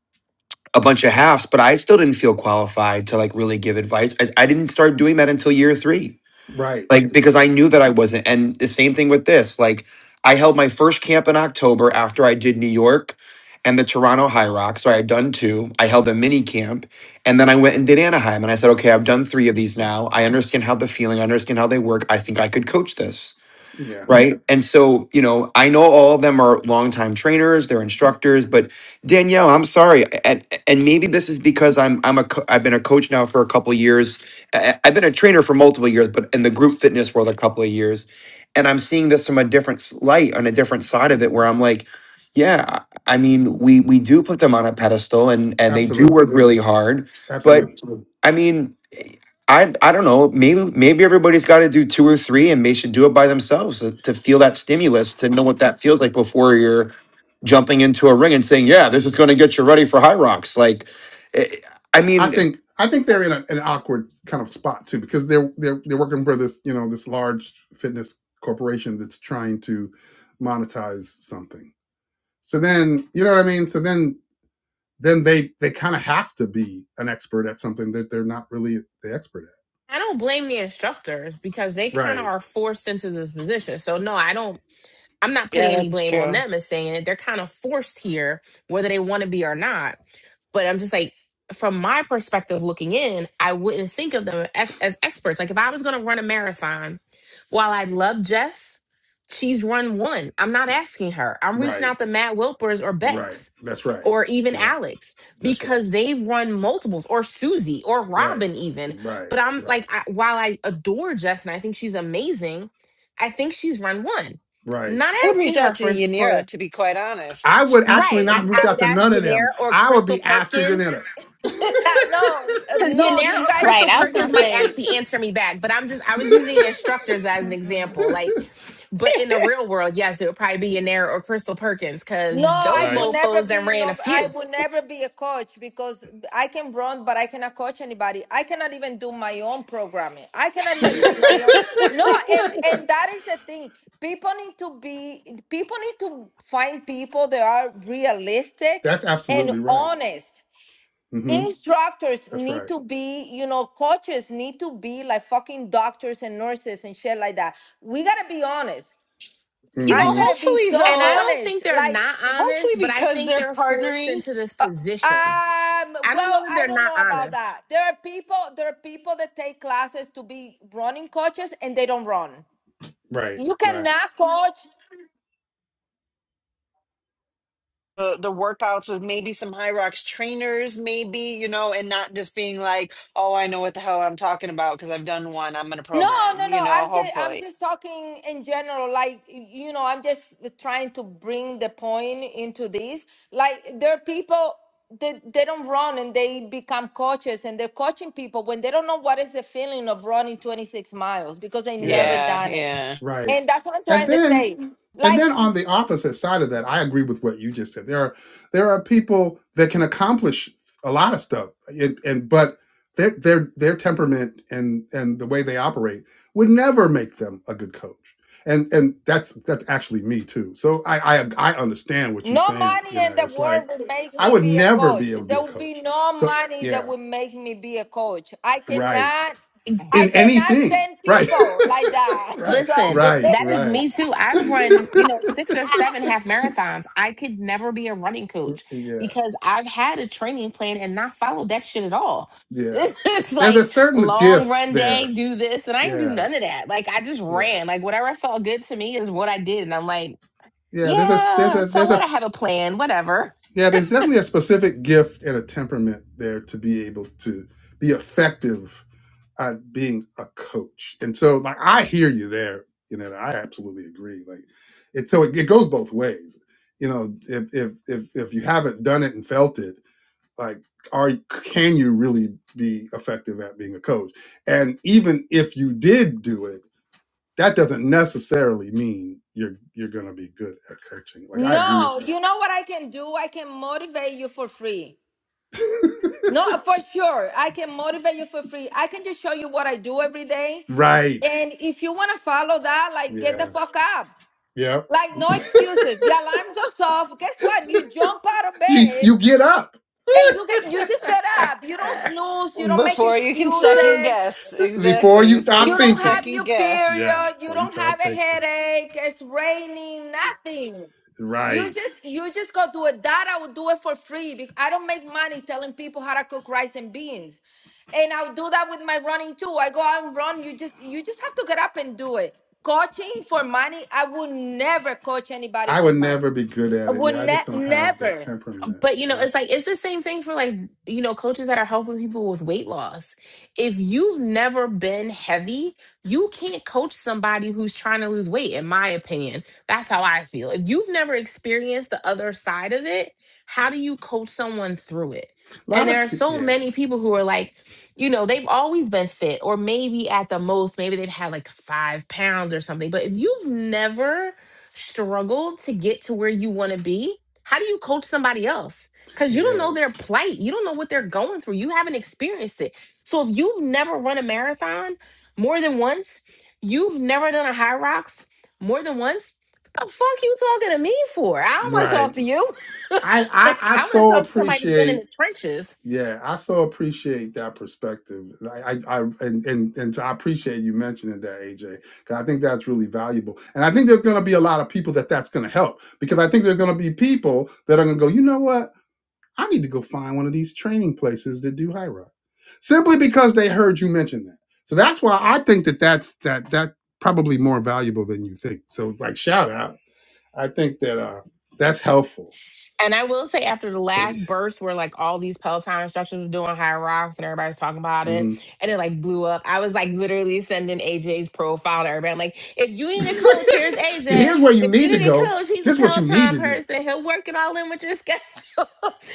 S7: a bunch of halves, but I still didn't feel qualified to like really give advice. I, I didn't start doing that until year three
S1: Right.
S7: like because I knew that I wasn't. And the same thing with this. Like I held my first camp in October after I did New York and the Toronto High Rock. So I had done two. I held a mini camp, and then I went and did Anaheim. And I said, okay, I've done three of these now. I understand how the feeling. I understand how they work. I think I could coach this
S1: Yeah.
S7: right? And so, you know, I know all of them are longtime trainers, they're instructors, but Danielle, I'm sorry, and and maybe this is because I'm I'm a co- I've been a coach now for a couple of years. I- I've been a trainer for multiple years, but in the group fitness world a couple of years, and I'm seeing this from a different s- light on a different side of it, where I'm like. Yeah, I I mean, we we do put them on a pedestal, and and they do
S1: Absolutely.
S7: work really hard.
S1: Absolutely.
S7: But I mean. I I don't know. Maybe maybe everybody's got to do two or three, and they should do it by themselves to, to feel that stimulus, to know what that feels like before you're jumping into a ring and saying, "Yeah, this is going to get you ready for high rocks." Like, eh, I
S1: I
S7: mean,
S1: think I think they're in a, an awkward kind of spot too because they're they're they're working for this you know this large fitness corporation that's trying to monetize something. So then you know what I mean. So then then they they kind of have to be an expert at something that they're not really the expert at.
S3: I don't blame the instructors because they kind of
S1: Right.
S3: are forced into this position. So no, I don't I'm not putting
S10: Yeah,
S3: any
S10: that's
S3: blame on
S10: true.
S3: them as saying it. They're kind of forced here, whether they want to be or not. But I'm just like, from my perspective looking in, I wouldn't think of them ex- as experts. Like if I was going to run a marathon, while I love Jess, she's run one. I'm not asking her. I'm reaching
S1: Right.
S3: out to Matt Wilpers or
S1: Right.
S3: Bex
S1: That's right.
S3: or even
S1: Yeah.
S3: Alex
S1: That's right.
S3: because they've run multiples or Susie or
S1: Right.
S3: Robin even.
S1: Right.
S3: But I'm
S1: Right.
S3: like, I, while I adore Jess and I think she's amazing, I think she's run one.
S1: Right.
S3: Not
S10: I would reach
S3: asking her
S10: out to
S3: for
S10: Yanira,
S3: for
S10: to be quite
S1: I
S10: honest.
S1: would actually
S3: right.
S1: not
S3: um, I
S1: reach out
S3: would
S1: to
S3: ask
S1: none of them.
S3: Yanira or
S1: I would be
S3: Crystal
S1: asking
S3: Perkins
S1: Janetta. (laughs)
S8: Yeah,
S3: because
S8: no, no,
S3: Yanira
S8: you
S3: or
S5: Right.
S3: Crystal
S5: I
S8: guys.
S5: was going
S3: Perkins
S5: to
S3: might
S5: say
S3: actually answer me back. But I'm just I was using instructors as an
S5: Mm-mm.
S3: example. Like, but in the real world, yes, it would probably be Yanira or Crystal Perkins
S8: No,
S3: because
S8: I
S3: those
S1: Right.
S8: will never
S3: mofos that
S8: be
S3: ran a
S8: no. I
S3: few.
S8: will never be a coach because I can run, but I cannot coach anybody. I cannot even do my own programming. I cannot even do my own. No, and
S1: (laughs)
S8: and that is the thing. People need to be. People need to find people that are realistic
S1: That's
S8: and
S1: absolutely right.
S8: honest.
S1: hmm
S8: Instructors
S1: That's
S8: need
S1: right.
S8: to be, you know, coaches need to be like fucking doctors and nurses and shit like that. We gotta be honest.
S10: You
S8: I
S10: know,
S1: hmm
S8: gotta be
S10: hopefully,
S8: so
S3: And I
S10: though,
S3: don't
S8: honest.
S3: think they're
S8: Like
S3: not
S10: hopefully
S3: honest, but I
S10: because
S3: think
S10: they're
S3: they're forced
S10: partnering
S3: into this position.
S8: Um,
S3: I don't know
S8: well,
S3: that
S8: I
S3: they're
S8: don't
S3: not
S8: know about
S3: honest.
S8: that. There are people, there are people that take classes to be running coaches and they don't run.
S1: Right.
S8: You
S1: Right.
S8: cannot coach.
S10: the, the workouts with maybe some High Rocks trainers, maybe, you know, and not just being like, oh, I know what the hell I'm talking about because I've done one. I'm going to
S8: No,
S10: program,
S8: no,
S10: you
S8: no.
S10: know,
S8: I'm just I'm
S10: hopefully.
S8: just talking in general. Like you know, I'm just trying to bring the point into this. Like there are people that they don't run and they become coaches and they're coaching people when they don't know what is the feeling of running 26 miles because they
S1: Yeah.
S8: never
S10: Yeah,
S8: done it.
S10: yeah.
S1: Right.
S8: And that's what I'm
S1: And
S8: trying to
S1: then
S8: say.
S1: and then
S8: Like
S1: on the opposite side of that, I agree with what you just said. There are there are people that can accomplish a lot of stuff and, and but their their their temperament and and the way they operate would never make them a good coach. And and that's that's actually me too. So I I I understand what you're
S8: No
S1: saying, you
S8: money
S1: know.
S8: in the
S1: It's
S8: world
S1: like
S8: will make
S1: I
S8: me
S1: would
S8: be a
S1: never be
S8: coach.
S1: able to be
S8: There
S1: a
S8: will be
S1: coach.
S8: no
S1: So
S8: money that
S1: yeah,
S8: will make me be a coach. I
S1: right
S8: cannot I
S1: in
S8: cannot
S1: anything.
S8: stand
S1: Right.
S8: people like
S1: (laughs)
S8: that. (laughs)
S1: right.
S3: Listen,
S1: Right.
S3: that is
S1: Right.
S3: me too.
S1: (laughs)
S3: I've run, you know, six or seven half marathons. I could never be a running coach
S1: yeah.
S3: because I've had a training plan and not followed that shit at all. (laughs)
S1: Yeah.
S3: It's
S1: There's a
S3: like
S1: certain
S3: long
S1: gift
S3: run
S1: there.
S3: day, do this, and I didn't do
S1: Yeah.
S3: none of that. Like I just
S1: Yeah.
S3: ran. Like whatever felt good to me is what I did. And I'm like,
S1: Yeah. There's a, there's
S3: yeah,
S1: a,
S3: so
S1: there's a,
S3: what? I have a plan, whatever.
S1: yeah, there's definitely a specific gift and a temperament there to be able to be effective at being a coach. And so like I hear you there, you know, I absolutely agree. Like it so it, it goes both ways. You know, if if if if you haven't done it and felt it, like are can you really be effective at being a coach and even if you did do it that doesn't necessarily mean you're you're going to be good at coaching like i agree with
S8: no,
S1: that
S8: you know what I can do? I can motivate you for free. No, for sure. I can motivate you for free. I can just show you what I do every day.
S1: right
S8: And if you want to follow that, like get the
S1: yeah
S8: fuck up.
S1: yeah
S8: Like no excuses. The alarm goes off. Guess what? You jump out of
S1: you
S8: bed
S1: you get up
S8: And you get you just get up. You
S1: (laughs)
S8: don't snooze. You don't make
S10: Before you can second
S8: excuses.
S10: guess.
S1: before
S10: Exactly.
S1: you
S10: Before
S1: start
S8: You
S10: you can
S8: don't
S1: thinking
S8: have
S10: second
S8: your
S10: guess.
S1: yeah
S8: period. You
S1: before you
S8: don't have
S1: start
S8: a
S1: thinking
S8: headache. It's raining. Nothing. You
S1: right
S8: just you just go do it. That I would do it for free because I don't make money telling people how to cook rice and beans. And I'll do that with my running too. I go out and run. You just you just have to get up and do it. Coaching for money, I would never coach anybody
S1: i
S8: for
S1: would
S8: money.
S1: never be good
S8: I
S1: at it
S8: would
S1: yeah i
S8: ne-
S1: just don't have the
S8: never.
S1: temperament
S3: but you
S1: Yeah,
S3: know
S1: I,
S3: it's like it's the same thing for like you know coaches that are helping people with weight loss if you've never been heavy you can't coach somebody who's trying to lose weight in my opinion that's how i feel if you've never experienced the other side of it how do you coach someone through it
S1: a lot
S3: and
S1: of
S3: there are
S1: pe-
S3: so
S1: yeah
S3: many people who are like you know they've always been fit or maybe at the most maybe they've had like five pounds or something but if you've never struggled to get to where you want to be how do you coach somebody else? Because you don't
S1: yeah
S3: know their plight. You don't know what they're going through. You haven't experienced it. So if you've never run a marathon more than once, you've never done a high rocks more than once, the fuck you talking to me for? I don't want to
S1: right
S3: talk to you. (laughs)
S1: I, I
S3: like
S1: I
S3: I want to
S1: so
S3: talk to somebody that's been in
S1: appreciate
S3: the trenches
S1: Yeah, I so appreciate that perspective. And I, I, I and, and and so I appreciate you mentioning that, AJ, because I think that's really valuable. And I think there's going to be a lot of people that that's going to help because I think there's going to be people that are going to go, you know what? I need to go find one of these training places that do high rock, simply because they heard you mention that. So that's why I think that that's that that probably more valuable than you think. So it's like shout out. I think that uh that's helpful.
S3: And I will say, after the
S1: But
S3: last burst where like all these Peloton instructors were doing high rocks and everybody's talking about
S1: mhm.
S3: it, and it like blew up, I was like literally sending AJ's profile to everybody. I'm like, if you need a coach, here's
S1: (laughs)
S3: AJ.
S1: Here's where you
S3: If you
S1: need to
S3: need a
S1: go.
S3: coach, he's a
S1: This is what you need
S3: Peloton
S1: to do.
S3: person. He'll work it all in with your (laughs) schedule.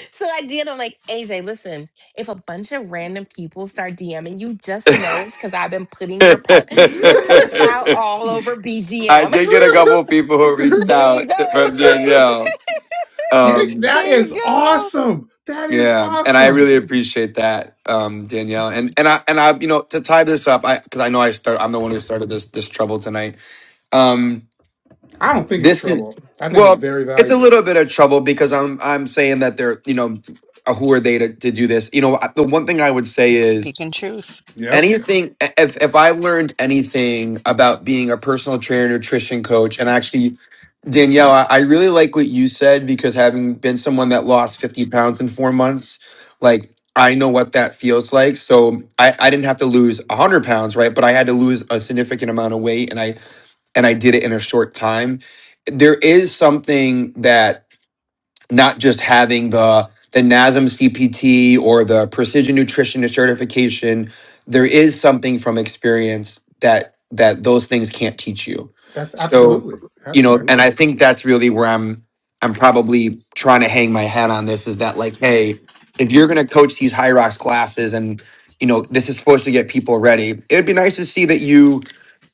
S3: so I did. I'm like, AJ, listen, if a bunch of random people start DMing you, just know it's because I've been
S7: (laughs)
S3: putting
S7: I
S3: your pro-
S1: (laughs)
S3: your profile all over BGM.
S7: did get a couple of people who reached
S10: There you go,
S7: out from
S10: AJ.
S7: Danielle.
S10: (laughs)
S7: Um,
S1: that
S10: there you
S1: is
S10: go.
S1: awesome. That is
S7: yeah, and I
S1: awesome.
S7: really appreciate that, um, Danielle. And and I and I, you know, to tie this up, I because I know I start. I'm the one who started this this trouble tonight. Um,
S1: I don't think it's
S7: this is
S1: trouble. I think it's
S7: well
S1: very
S7: it's a
S1: valuable.
S7: little bit of trouble because i'm i'm saying that they're you know uh, who are they to, to do this you know I- the one thing i would say is
S10: Speaking truth.
S1: Yep.
S7: anything if if i learned anything about being a personal trainer nutrition coach and actually danielle I, I really like what you said because having been someone that lost 50 pounds in four months like i know what that feels like so i, I didn't have to lose 100 pounds right but i had to lose a significant amount of weight and i and I did it in a short time. There is something that not just having the the NASM CPT or the precision nutritionist certification, there is something from experience that that those things can't teach you.
S1: That's
S7: So,
S1: absolutely.
S7: you know, and I
S1: Absolutely.
S7: think that's really where I'm I'm probably trying to hang my hat on this is that like, hey, if you're gonna coach these high rocks classes and you know this is supposed to get people ready, it'd be nice to see that you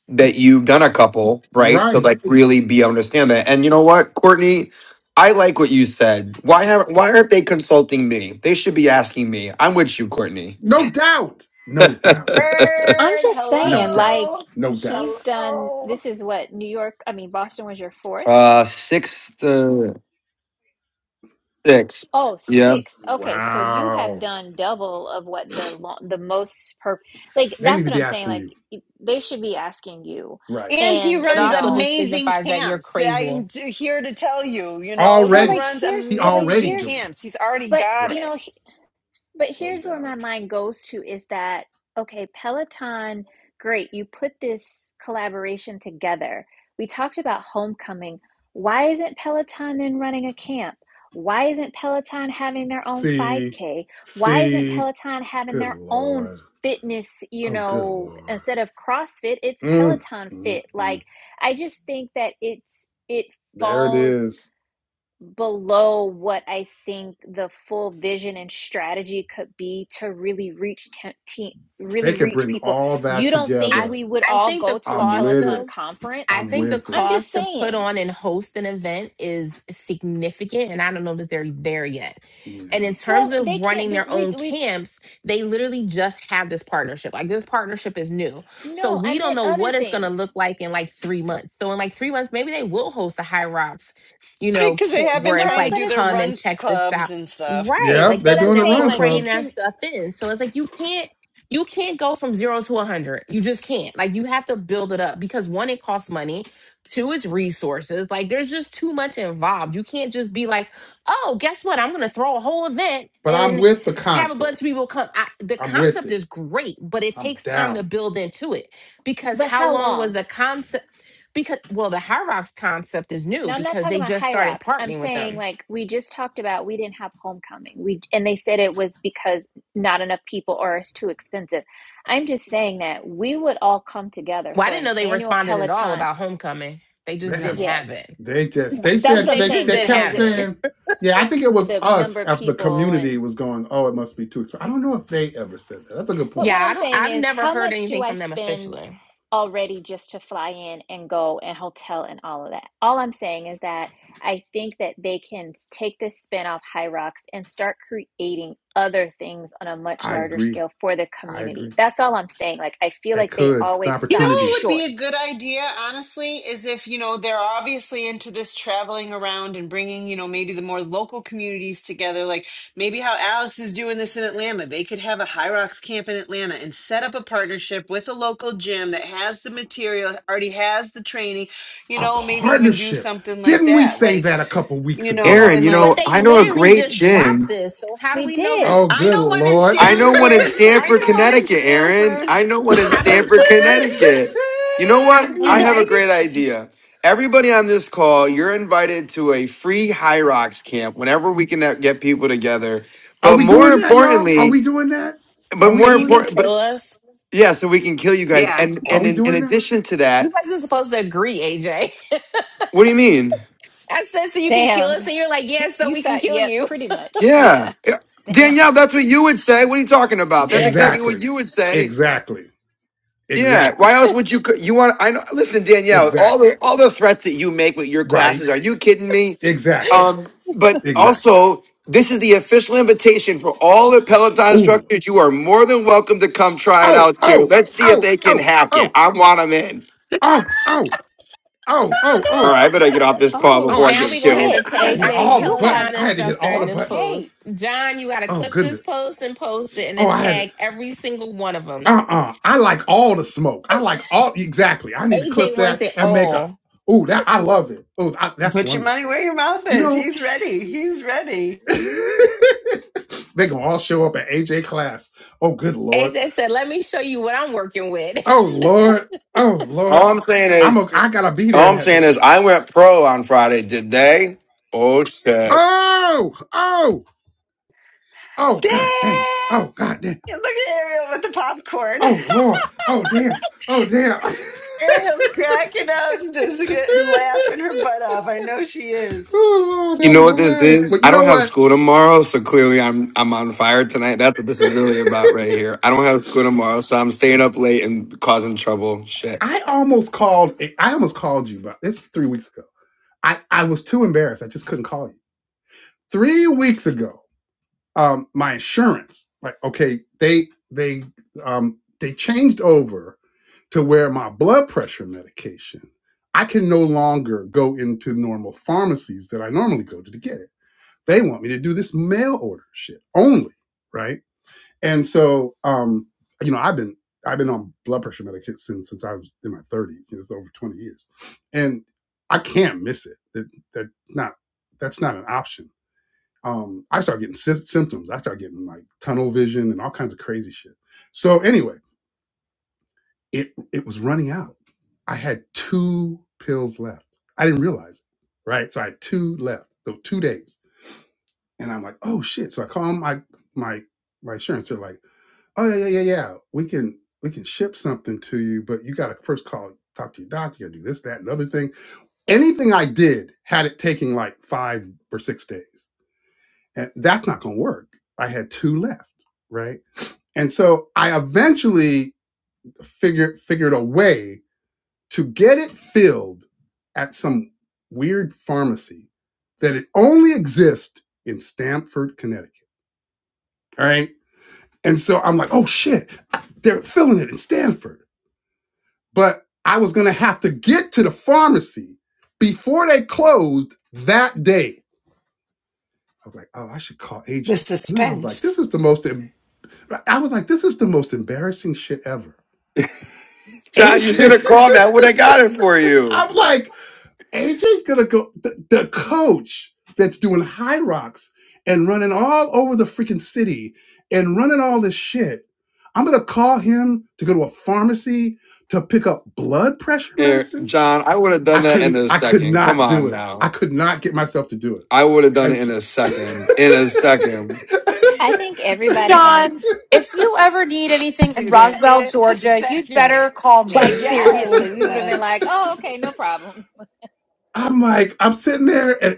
S7: that you've done a couple, right? To
S1: Right.
S7: like really be understand that. And you know what, Courtney, I like what you said. Why have why aren't they consulting me? They should be asking me. I'm with you, Courtney.
S1: No doubt. No
S7: (laughs)
S1: doubt.
S5: I'm
S10: Bird.
S5: just
S1: No
S5: saying,
S1: doubt.
S5: like,
S10: Hello.
S1: No doubt.
S5: he's done
S10: Hello.
S5: this is what New York, I mean, Boston was your fourth.
S7: uh six to six.
S5: Oh,
S7: Yeah.
S5: sixth. Okay, so you have
S1: Wow.
S5: done double of what the lo- the most per like
S1: They need
S5: that's
S1: to
S5: what
S1: be
S5: I'm saying.
S1: asking
S5: Like
S1: you.
S5: y- they should be asking you,
S1: Right.
S10: And he
S5: and
S3: It
S5: you
S10: runs
S3: also
S5: know,
S3: just
S10: amazing
S3: signifies that you're
S10: camps.
S3: crazy.
S10: I'm t- here to tell you, you know,
S5: so
S10: he
S5: like
S1: Already.
S10: runs
S5: here's
S1: He
S5: but like
S1: already
S10: amazing
S5: here's
S1: doing it.
S10: camps. He's already
S5: but
S10: got
S5: you
S1: Right.
S5: know
S10: it.
S5: But
S1: No
S5: here's where my
S1: doubt.
S5: mind goes to is that, okay, Peloton, great, you put this collaboration together. We talked about homecoming. Why isn't Peloton then running a camp? Why isn't Peloton having their own
S1: See.
S5: 5K? Why isn't
S1: See.
S5: Peloton having
S1: Good
S5: their own
S1: Lord.
S5: fitness, you
S1: Oh, good
S5: know,
S1: Lord.
S5: instead of CrossFit, it's
S1: Mm,
S5: Peloton
S1: mm,
S5: Fit. Like
S1: mm.
S5: I just think that it's it
S1: There it
S5: falls
S1: is.
S5: below what I think the full vision and strategy could be to really reach te- te-
S1: They
S5: really
S1: can
S5: reach
S1: bring
S5: people.
S1: all that
S5: You don't think
S3: I
S1: together.
S5: we would
S3: I
S5: all
S3: think the
S5: go to a
S1: I'm with
S5: Peloton
S1: it.
S3: costume
S5: conference?
S3: I
S1: I'm
S3: think the
S1: with it.
S5: I'm just
S3: cost to put
S5: saying.
S3: on and host an event is significant, and I don't know that they're there yet. And
S1: Yeah.
S3: in terms
S5: Well, they
S3: of
S5: can't
S3: running
S5: do
S3: their
S5: we
S3: own
S5: we've
S3: camps, they literally just have this partnership. Like this partnership is new. So
S5: no, I
S3: we don't
S5: meant
S3: know
S5: other
S3: what it's going to
S5: things.
S3: look like in like three months. So in like three months, maybe they will host a High Rocks, you
S10: Right?
S3: know,
S10: Because they
S3: camp
S10: have been
S3: where it's
S5: Well,
S10: trying to
S5: but
S3: like,
S10: do
S5: it's
S10: their
S3: come
S5: not
S3: and
S10: run
S3: check this
S10: clubs
S3: out.
S10: and stuff.
S3: Right.
S1: Yeah,
S3: Like
S1: they're
S5: but
S3: they've
S5: I'm
S1: doing the
S3: been
S5: saying
S1: run
S5: like
S3: incorporating
S5: it
S1: clubs,
S3: that
S5: can
S3: stuff in. So it's like, you can't you can't go from zero to 100 you just can't like you have to build it up because one it costs money two it's resources like there's just too much involved you can't just be like oh guess what i'm gonna throw a whole event
S1: but I'm
S3: and
S1: with the
S3: have a bunch
S1: concept.
S3: of people come I, the
S1: I'm with
S3: concept
S1: it.
S3: is great but it
S1: I'm
S3: takes time to
S1: down.
S3: build into it because
S5: but
S3: how
S5: how
S3: long
S5: long?
S3: was the concept because well the high rocks concept is new
S5: Now, I'm not
S3: because
S5: talking
S3: they
S5: about
S3: just
S5: high
S3: started
S5: rocks. I'm
S3: partnering with
S5: saying
S3: them
S5: like we just talked about we didn't have homecoming. We and they said it was because not enough people or it's too expensive. I'm just saying that we would all come together
S3: well i
S5: for
S3: didn't
S5: an
S3: know they
S5: annual
S3: responded at all
S5: Peloton.
S3: about homecoming they just
S1: They
S3: didn't
S1: haven't.
S5: Yeah,
S3: have it
S1: They just, they
S5: that's what
S1: said,
S5: I'm
S3: they
S1: they,
S3: just
S5: saying
S1: they
S3: didn't
S1: kept
S5: because
S3: have
S5: it
S3: it
S5: was
S1: saying, yeah, I think it was
S5: the number
S1: us
S5: of
S1: after the
S5: people
S1: community
S5: and
S1: was going, oh, it must be too expensive. I don't know if they ever said that. That's a good
S5: But
S1: point.
S5: what
S3: Yeah,
S5: I'm
S3: I don't
S5: saying
S3: I've
S5: is,
S3: never
S5: how
S3: heard
S5: much do
S3: anything
S5: I
S3: from them
S5: spend
S3: officially.
S5: already just to fly in and go and hotel and all of that? All I'm saying is that I think that they can take this spin off High Rocks and start creating other things on a much
S1: I
S5: larger
S1: agree.
S5: scale for the
S1: I
S5: community.
S1: agree.
S5: That's all I'm saying. Like, I feel
S1: They
S5: like they
S1: could. It's an
S5: always
S10: You know
S5: stop
S1: opportunity.
S10: what would be
S5: short.
S10: a good idea, honestly, is if, you know, they're obviously into this traveling around and bringing, you know, maybe the more local communities together, like maybe how Alex is doing this in Atlanta. They could have a High Rocks camp in Atlanta and set up a partnership with a local gym that has the material, already has the training, you
S1: A
S10: know, maybe even do
S1: partnership.
S10: something like
S1: Didn't we
S10: that.
S1: say
S10: Like,
S1: that a couple weeks
S10: you know,
S1: ago?
S7: Aaron,
S10: and
S7: you
S3: But
S10: like,
S7: know,
S3: they
S7: I know a
S3: literally
S7: great
S3: just dropped
S7: gym
S3: this. So how do
S5: We
S3: we know this?
S5: did.
S1: Oh,
S10: I
S1: good
S10: know one in
S1: Lord. (laughs)
S7: I know
S3: Well,
S7: one in
S3: wait,
S10: Sanford. I
S3: wait.
S7: Stamford,
S10: know one in
S7: Connecticut, Aaron.
S10: Sanford.
S7: I know one in
S3: How do we
S7: Stamford,
S10: (laughs)
S7: Connecticut. You know
S3: how
S7: what?
S3: do
S7: I
S3: we
S7: have a
S10: Right?
S7: great idea. Everybody on this call, you're invited to a free High Rocks camp whenever we can get people together.
S1: Are
S7: But
S1: we
S7: more
S1: doing that, y'all? Are we
S7: importantly,
S1: doing that?
S7: but
S1: Are we
S3: so
S7: more
S3: you
S1: doing
S3: can
S1: that?
S7: important, but
S3: kill us?
S7: yeah, so we can kill you guys.
S10: Yeah.
S7: And
S1: Are
S7: and
S1: we
S7: in, in
S1: doing that?
S7: addition to
S3: You
S7: that,
S3: wasn't supposed to agree, AJ. (laughs)
S7: what do you mean?
S3: I said so you can kill us,
S5: Damn.
S3: and
S5: (laughs)
S3: you're like, yeah, so
S5: You
S3: we can
S5: said, yep,
S3: kill
S5: yeah,
S3: you.
S5: pretty much.
S7: Yeah,
S5: Yeah.
S7: Yeah,
S5: (laughs) Damn.
S7: Danielle, that's what you would say. What are you talking about? That's exactly what
S1: Exactly.
S7: you would say.
S1: Exactly.
S7: Yeah. Why
S1: Exactly.
S7: else would you? co- You want? I know. Listen, Danielle. All
S1: Exactly.
S7: the all the threats that you make with your
S1: Right.
S7: classes. Are you kidding me?
S1: Exactly.
S7: Um, but
S1: Exactly.
S7: also, this is the official invitation for all the Peloton
S1: Ooh.
S7: instructors. You are more than welcome to come try it
S1: Oh,
S7: out too.
S1: oh,
S7: Let's see if
S1: oh,
S7: they can
S1: oh,
S7: hack it.
S1: oh,
S7: I want them in.
S1: oh, oh, oh, oh,
S7: All
S1: oh,
S7: right, I better get off this call
S5: Oh,
S1: oh.
S7: before I
S1: I,
S3: Now
S7: get
S3: we're gonna have
S7: killed.
S3: to
S5: shit.
S1: I gotta
S3: tag
S1: hit
S3: every
S5: AJ,
S1: all the
S5: you
S1: buttons.
S5: have,
S3: Peloton
S1: I had to hit
S3: instructor
S1: all the
S3: in this
S1: buttons.
S5: okay.
S3: post. John, you gotta
S1: Oh,
S3: clip
S1: goodness.
S3: this post and post it and
S1: Oh,
S3: then
S1: I had
S3: tag every single one of them.
S1: uh-uh. I like all the smoke. I like all exactly. I need to clip
S3: AJ wants
S1: that
S3: it
S1: and make a.
S3: all.
S1: Ooh, that I love it. Oh, that's
S10: Put your money
S1: wonderful.
S10: where your mouth
S1: You
S10: is.
S1: know,
S10: He's ready. He's ready.
S1: (laughs) they gonna all show up at AJ class. Oh, good lord.
S3: AJ said, let me show you what I'm working with.
S1: Oh lord. Oh
S7: All
S1: lord.
S7: I'm saying
S1: I'm
S7: is,
S1: a. I gotta be there
S7: all I'm
S1: that
S7: saying
S1: day.
S7: is, I went pro on Friday. Did they? Oh shit!
S1: Oh, oh, oh,
S10: Damn!
S1: god dang. Oh, god dang.
S10: Look at Ariel with the popcorn.
S1: Oh lord. Oh damn. Oh damn.
S10: (laughs) Ariel's cracking up, just
S1: (laughs)
S10: get- laughing her butt off. I know she is.
S1: oh lord,
S7: You
S1: that
S7: know
S1: is
S7: what this
S1: hilarious.
S7: is?
S1: But you
S7: I don't
S1: know
S7: have
S1: what?
S7: school tomorrow, so clearly I'm I'm on fire tonight. That's what this is really about
S1: (laughs)
S7: right here. I don't have school tomorrow, so I'm staying up late and causing trouble. Shit.
S1: I almost called. I almost called you, but it's three weeks ago. I I was too embarrassed. I just couldn't call you. Three weeks ago, um, my insurance, like, okay, they they um they changed over to where my blood pressure medication, I can no longer go into normal pharmacies that I normally go to to get it. They want me to do this mail order shit only, right? And so, um, you know, I've been I've been on blood pressure medication since I was in my 30s. You know, it's over 20 years, and I can't miss it. That that not that's not an option. Um, I start getting sy- symptoms. I start getting like tunnel vision and all kinds of crazy shit. So anyway, it it was running out. I had two pills left. I didn't realize it, right? So I had two left, so two days, and I'm like, oh shit. So I call my my my insurance. They're like Oh yeah, yeah, yeah, yeah. We can we can ship something to you, but you gotta first call, talk to your doctor, you gotta do this, that, and other thing. Anything I did had it taking like five or six days. And that's not gonna work. I had two left, right? And so I eventually figured figured a way to get it filled at some weird pharmacy that it only exists in Stamford, Connecticut. All right. And so I'm like, oh shit, they're filling it in Stamford. but I was going to have to get to the pharmacy before they closed that day. I was like, oh, I should call AJ.
S10: The
S1: And then I was like,
S10: suspense.
S1: this is the most, em- I was like, this is the most embarrassing shit ever.
S7: John, you should
S1: AJ,
S7: have called me. I would have got it for
S1: (laughs)
S7: you.
S1: I'm like, AJ's going to go, the, the coach that's doing high rocks and running all over the freaking city and running all this shit. I'm going to call him to go to a pharmacy to pick up blood pressure
S7: Er,
S1: medicine
S7: John, I would have
S1: I
S7: done that in
S1: couldn't.
S7: a
S1: I could
S7: second. Come
S1: not do
S7: on
S1: it. I
S7: now.
S1: could not get myself to do it.
S7: I would have done
S1: And
S7: it in a
S1: i
S7: second. In a second.
S5: I think everybody on this.
S6: John, if you ever need anything in
S10: Do that
S6: Roswell,
S10: in a
S6: Georgia, you'd
S10: second.
S6: better call
S5: Like
S6: me.
S5: seriously,
S10: Yes.
S5: we would have been
S10: Uh,
S5: like, "Oh, okay, no problem. (laughs)
S1: (laughs) I'm like, I'm sitting there, and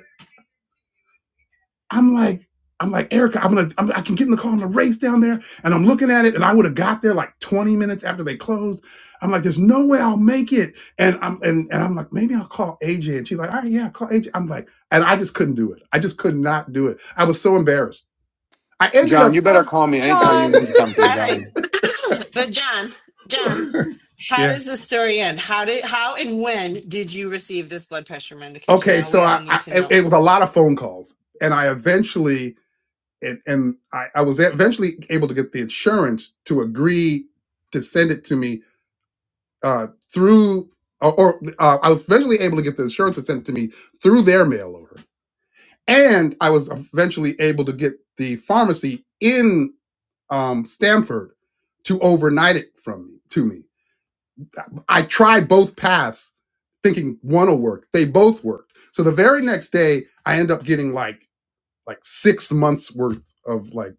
S1: I'm like, I'm like, Erica, I'm gonna, I'm, I can get in the car, I'm gonna race down there, and I'm looking at it, and I would have got there like 20 minutes after they closed. I'm like, there's no way I'll make it, and I'm, and, and I'm like, maybe I'll call AJ, and she's like, all right, yeah, call AJ. I'm like, and I just couldn't do it. I just could not do it. I was so embarrassed. I ended
S7: John,
S1: up.
S7: you better
S6: Oh,
S7: call me anytime you
S6: John.
S7: need something,
S10: all right.
S7: John.
S10: (clears throat) but John, John,
S1: (laughs)
S10: how
S1: yeah.
S10: does the story end? How did how and when did you receive this blood pressure medication?
S1: okay
S10: Now
S1: so
S10: we all
S1: i,
S10: need
S1: I
S10: to
S1: it,
S10: know.
S1: it was a lot of phone calls and i eventually and, and I, I was eventually able to get the insurance to agree to send it to me uh, through or, or, uh, i was eventually able to get the insurance to send it to me through their mail order and i was eventually able to get the pharmacy in um, stamford to overnight it from me to me i tried both paths thinking one will work they both worked so the very next day i end up getting like like six months worth of like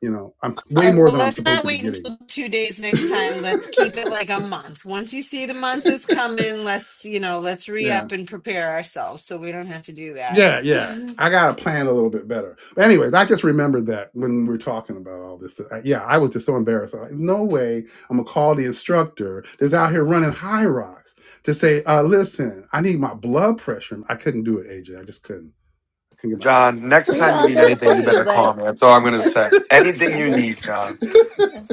S1: you know i'm
S10: All
S1: way
S10: right,
S1: more
S10: well,
S1: than i'm
S10: let's
S1: supposed
S10: not
S1: to be
S10: wait
S1: getting
S10: until two days next
S1: (laughs)
S10: time. Let's keep it like a month. Once you see the month is coming, let's, you know, let's re
S1: yeah
S10: up and prepare ourselves so we don't have to do that.
S1: yeah yeah i gotta plan a little bit better but anyways i just remembered that when we are talking about all this I, yeah i was just so embarrassed like, no way i'm gonna call the instructor that's out here running high rocks to say uh listen i need my blood pressure i couldn't do it aj i just couldn't i couldn't get myself
S7: John, next
S5: We would have
S7: time you
S5: all
S7: need
S5: done it for
S7: anything, you
S5: you."
S7: better call
S5: But
S7: me. That's all I'm gonna
S5: uh,
S7: say. Anything
S5: I
S7: you need,
S5: guess,
S7: John.
S5: yeah.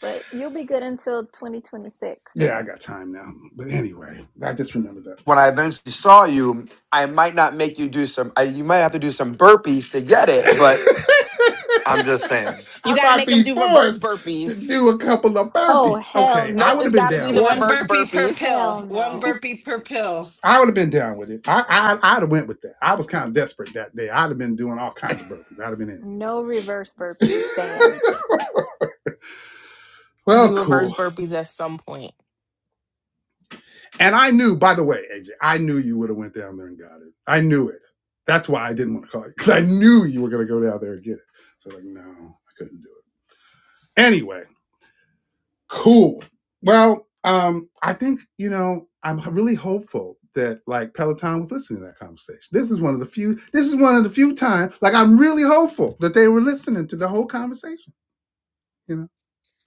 S5: but you'll be good until 2026.
S1: yeah i
S5: So,
S1: got time now but anyway i just remembered that
S7: when I eventually saw you, I might not make you do some. I, you might have to do some burpees to get
S1: (laughs)
S7: it, but I'm just saying.
S3: You
S1: I
S3: got to
S1: might
S3: make them
S1: be
S3: do reverse
S1: forced to
S3: burpees.
S1: do a couple of
S5: oh
S1: burpees.
S5: hell
S1: Okay, I
S3: Nope,
S1: would
S5: no,
S1: have
S3: it's
S1: been
S3: got to
S10: (laughs)
S3: be
S1: down
S3: the
S1: with
S10: One
S1: that.
S3: reverse
S10: burpee per
S3: burpees. (laughs)
S10: pill,
S5: hell
S10: one
S5: no,
S10: burpee per pill.
S1: I would have been down with it. I, I I'd have went with that. I was kind of desperate that day. I'd have been doing all kinds of burpees. I'd have been in
S5: no reverse burpees
S1: it.
S5: banned.
S1: (laughs)
S3: To
S1: well,
S3: do reverse
S1: cool.
S3: burpees at some point.
S1: And I knew, by the way, AJ, I knew you would have went down there and got it. I knew it. That's why I didn't want to call you because I knew you were going to go down there and get it. So like, no, I couldn't do it. Anyway, Cool. Well, um, I think, you know, I'm really hopeful that like Peloton was listening to that conversation. This is one of the few, this is one of the few times, like I'm really hopeful that they were listening to the whole conversation, you know?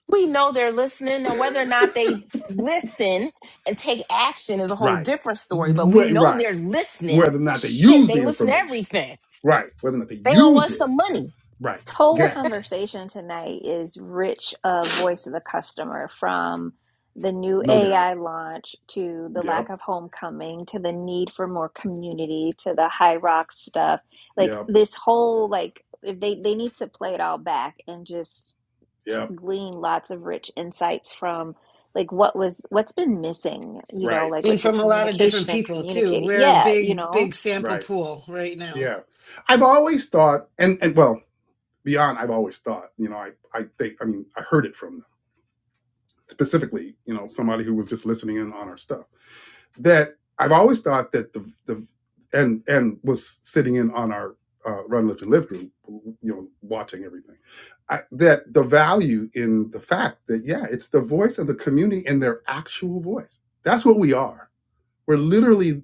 S3: We know they're listening, and whether or not they listen and take action is a whole
S1: Right.
S3: different story. But we
S1: Wait,
S3: know
S1: right.
S3: they're listening.
S1: Whether or not they
S3: Shit,
S1: use
S3: they
S1: the
S3: listen to
S1: information.
S3: everything.
S1: Right. Whether or not they
S3: They owe
S1: use
S3: us
S1: it.
S3: some money.
S1: Right.
S5: This whole
S1: Exactly.
S5: conversation tonight is rich of voice of the customer from the new
S1: No doubt.
S5: AI launch to the lack
S1: Yep.
S5: of homecoming to the need for more community to the high rock stuff. Like
S1: Yep.
S5: this whole like if they they need to play it all back and just t-
S1: Yep.
S5: glean lots of rich insights from like what was what's been missing, you know,
S1: Right.
S5: like
S10: And
S5: with the
S10: from a lot of different
S5: communication and
S10: people, too.
S5: communicating.
S10: We're a
S5: Yeah, you
S10: big,
S5: know.
S10: big sample
S1: Right.
S10: pool right now.
S1: Yeah. I've always thought, and and well, beyond I've always thought, you know, I, I think I mean I heard it from them specifically, you know, somebody who was just listening in on our stuff. That I've always thought that the the and and was sitting in on our uh, run lift and live group, you know, watching everything. I, that the value in the fact that yeah, it's the voice of the community in their actual voice. That's what we are. We're literally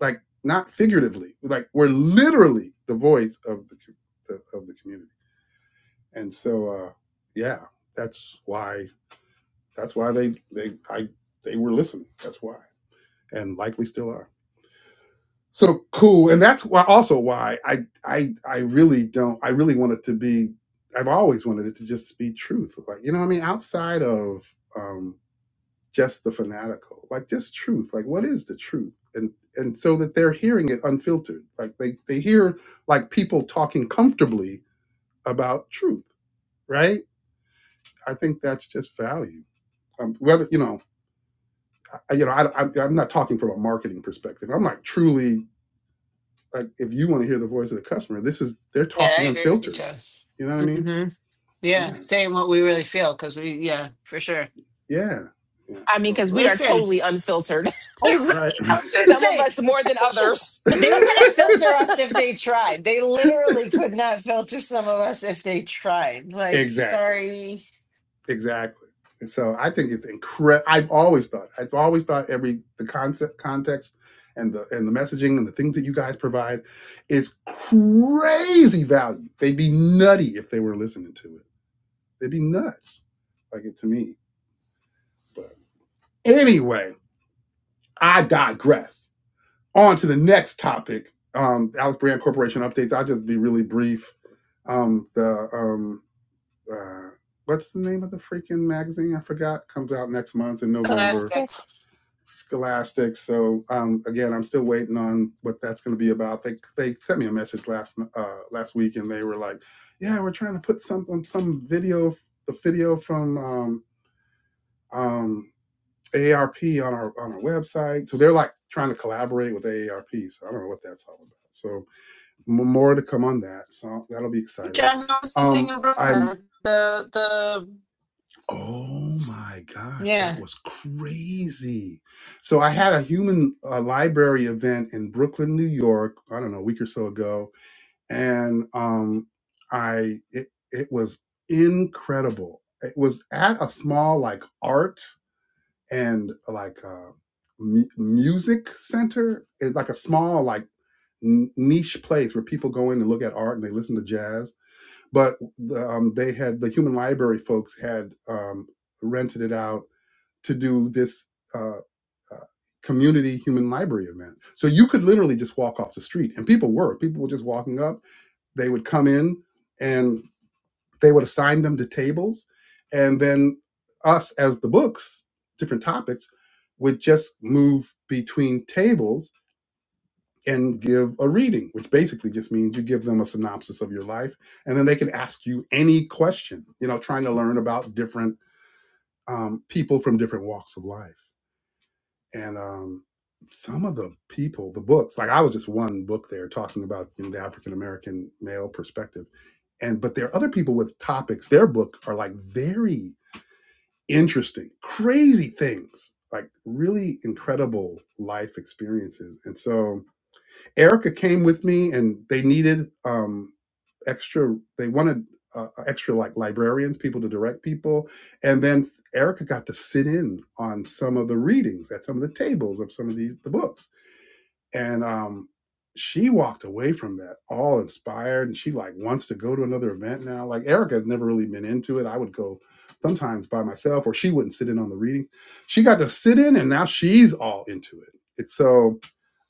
S1: like not figuratively, like we're literally the voice of the, the of the community. And so uh, yeah, that's why that's why they they I they were listening. That's why, and likely still are. So cool, and that's why also why I I I really don't I really want it to be. I've always wanted it to just be truth. Like you know what I mean. Outside of um, just the fanatical, like just truth. Like what is the truth? And and so that they're hearing it unfiltered. Like they they hear like people talking comfortably about truth, right? I think that's just value. Um, whether you know you know, I, I, I'm not talking from a marketing perspective. I'm like truly like if you want to hear the voice of the customer, this is they're
S10: Yeah,
S1: talking
S10: I agree with you,
S1: unfiltered.
S10: John.
S1: You know what I mean?
S10: hmm
S1: Yeah,
S10: Yeah, saying what we really feel because we, yeah, for sure.
S1: yeah, yeah.
S3: I mean,
S1: So
S3: because we are
S10: Listen.
S3: totally unfiltered.
S10: You're
S1: right,
S10: right. I
S3: (laughs)
S10: was going to
S3: some of
S10: say,
S3: us more than
S10: (laughs)
S3: others.
S10: they couldn't
S1: (laughs)
S10: filter
S3: (laughs)
S10: us if they tried. They literally could not filter some of us if they tried. Like,
S1: exactly,
S10: sorry,
S1: exactly. And so I think it's incredible. I've always thought. I've always thought every the concept, context, and the and the messaging and the things that you guys provide is crazy value. They'd be nutty if they were listening to it. They'd be nuts, like it to me. but. Anyway, I digress. On to the next topic. Um, Alex Brand Corporation updates. I'll just be really brief. Um, the um, uh, what's the name of the freaking magazine? I forgot. Comes out next month in November.
S10: plastic.
S5: Scholastic.
S1: Scholastic. So um, again, I'm still waiting on what that's going to be about. They they sent me a message last uh, last week, and they were like, "Yeah, we're trying to put some um, some video the video from um, um, AARP on our on our website. So they're like trying to collaborate with AARP. So I don't know what that's all about. So more to come on that. So that'll be exciting.
S10: John, what was the thing
S1: Um,
S10: in
S1: I'm.
S10: Brooklyn? The, the,
S1: Oh my gosh, that
S10: yeah.
S1: was crazy. So I had a human uh, library event in Brooklyn, New York. I don't know, a week or so ago, and um, I it it was incredible. It was at a small like art and like a mu- music center is like a small like n- niche place where people go in and look at art and they listen to jazz but the, um, they had the human library folks had um, rented it out to do this uh, uh, community human library event so you could literally just walk off the street and people were people were just walking up they would come in and they would assign them to tables and then us as the books different topics would just move between tables and give a reading which basically just means you give them a synopsis of your life and then they can ask you any question you know trying to learn about different um, people from different walks of life and um, some of the people the books like i was just one book there talking about you know, the african american male perspective and but there are other people with topics their book are like very interesting, crazy things, like really incredible life experiences. And so Erica came with me, and they needed um, extra. They wanted uh, extra like librarians, people to direct people, and then Erica got to sit in on some of the readings at some of the tables of some of the, the books and um she walked away from that all inspired and she like wants to go to another event now like erica had never really been into it i would go sometimes by myself or she wouldn't sit in on the readings she got to sit in and now she's all into it it's so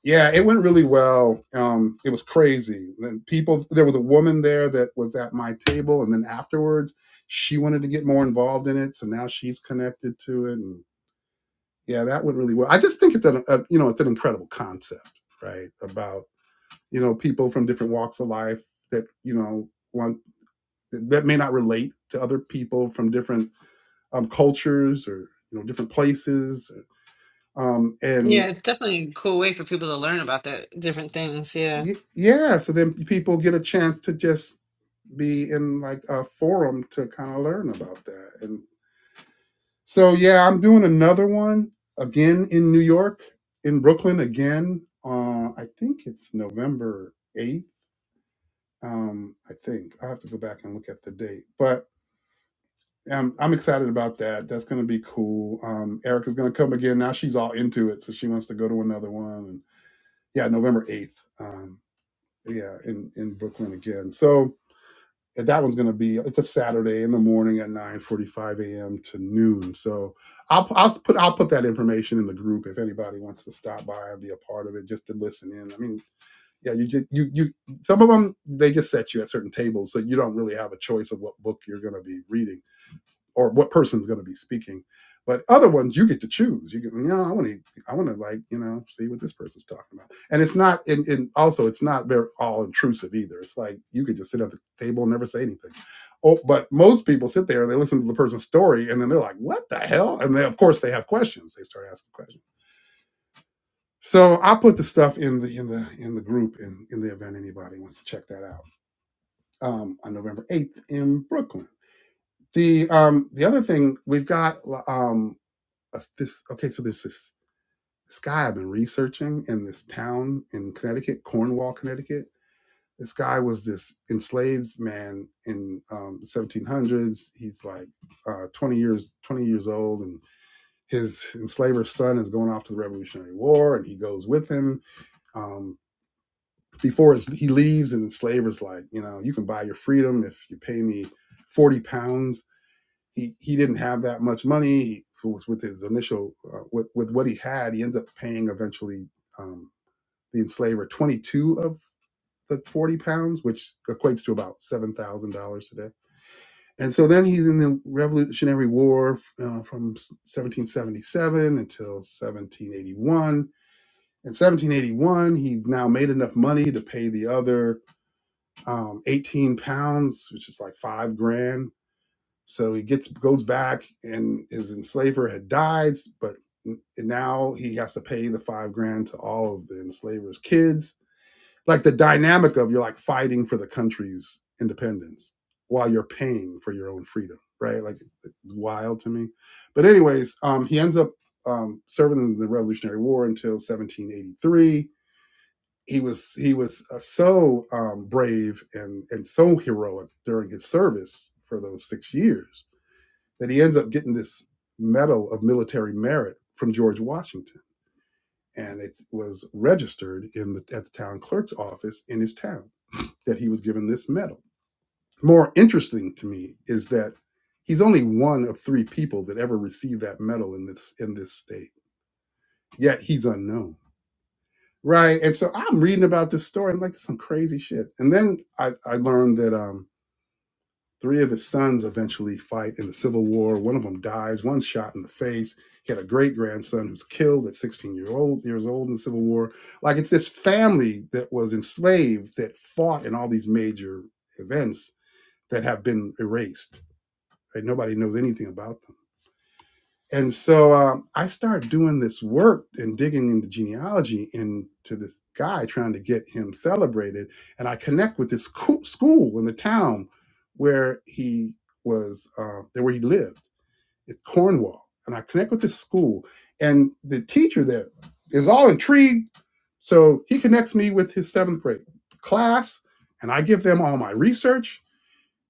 S1: yeah it went really well um it was crazy and people there was a woman there that was at my table and then afterwards she wanted to get more involved in it so now she's connected to it and yeah, that would really work. I just think it's an a, you know it's an incredible concept, right? About you know people from different walks of life that you know want that may not relate to other people from different um, cultures or you know different places, um,
S10: Yeah,
S1: and
S10: it's definitely a cool way for people to learn about the different things. Yeah.
S1: y- yeah, so then people get a chance to just be in like a forum to kind of learn about that and. So yeah, I'm doing another one again in New York, in Brooklyn again. Uh, I think it's November eighth. Um, I think I have to go back and look at the date, but um, I'm excited about that. That's gonna be cool. Um, Erica's gonna come again. Now she's all into it, so she wants to go to another one. And yeah, November eighth. Um, yeah, in in Brooklyn again. So and that one's going to be it's a Saturday in the morning at 9:45 a.m. to noon. So I'll I'll put I'll put that information in the group if anybody wants to stop by and be a part of it just to listen in. I mean, yeah, you just you you some of them they just set you at certain tables so you don't really have a choice of what book you're going to be reading or what person's going to be speaking. But other ones, you get to choose. You get, you know, I want to, I want to like, you know, see what this person's talking about. And it's not, and, and also it's not very all intrusive either. It's like you could just sit at the table and never say anything. Oh, but most people sit there and they listen to the person's story, and then they're like, "What the hell?" And they, of course, they have questions. They start asking questions. So I put the stuff in the in the in the group in in the event anybody wants to check that out um, on November eighth in Brooklyn. The um, the other thing we've got um, a, this okay so there's this this guy i've been researching in this town in connecticut cornwall connecticut this guy was this enslaved man in um, 1700s he's like uh, 20 years 20 years old and his enslaver's son is going off to the revolutionary war and he goes with him um, before his, he leaves and the enslaver's like you know you can buy your freedom if you pay me 40 pounds he he didn't have that much money He was with his initial uh, with with what he had he ends up paying eventually um, the enslaver 22 of the 40 pounds which equates to about $7000 today and so then he's in the revolutionary war uh, from 1777 until 1781 in 1781, he now made enough money to pay the other um, 18 pounds, which is like five grand, So he gets goes back, and his enslaver had died, but now he has to pay the five grand to all of the enslaver's kids. Like the dynamic of you're like fighting for the country's independence while you're paying for your own freedom, right? Like it's wild to me. But anyways, um, he ends up um, serving in the Revolutionary War until 1783. He was he was uh, so um, brave and and so heroic during his service for those six years that he ends up getting this medal of military merit from George Washington. And it was registered in the, at the town clerk's office in his town that he was given this medal. More interesting to me is that he's only one of three people that ever received that medal in this in this state. Yet he's unknown, right? And so I'm reading about this story. I'm like, this is some crazy shit. And then I, I learned that um. Three of his sons eventually fight in the Civil War. One of them dies, one's shot in the face. He had a great grandson who's killed at 16 years old in the Civil War. Like it's this family that was enslaved that fought in all these major events that have been erased. Right? Nobody knows anything about them. And so um, I started doing this work and digging into genealogy into this guy trying to get him celebrated. And I connect with this coo- school in the town where he was, uh, there where he lived. It's Cornwall. And I connect with this school. And the teacher there is all intrigued. So he connects me with his seventh grade class. And I give them all my research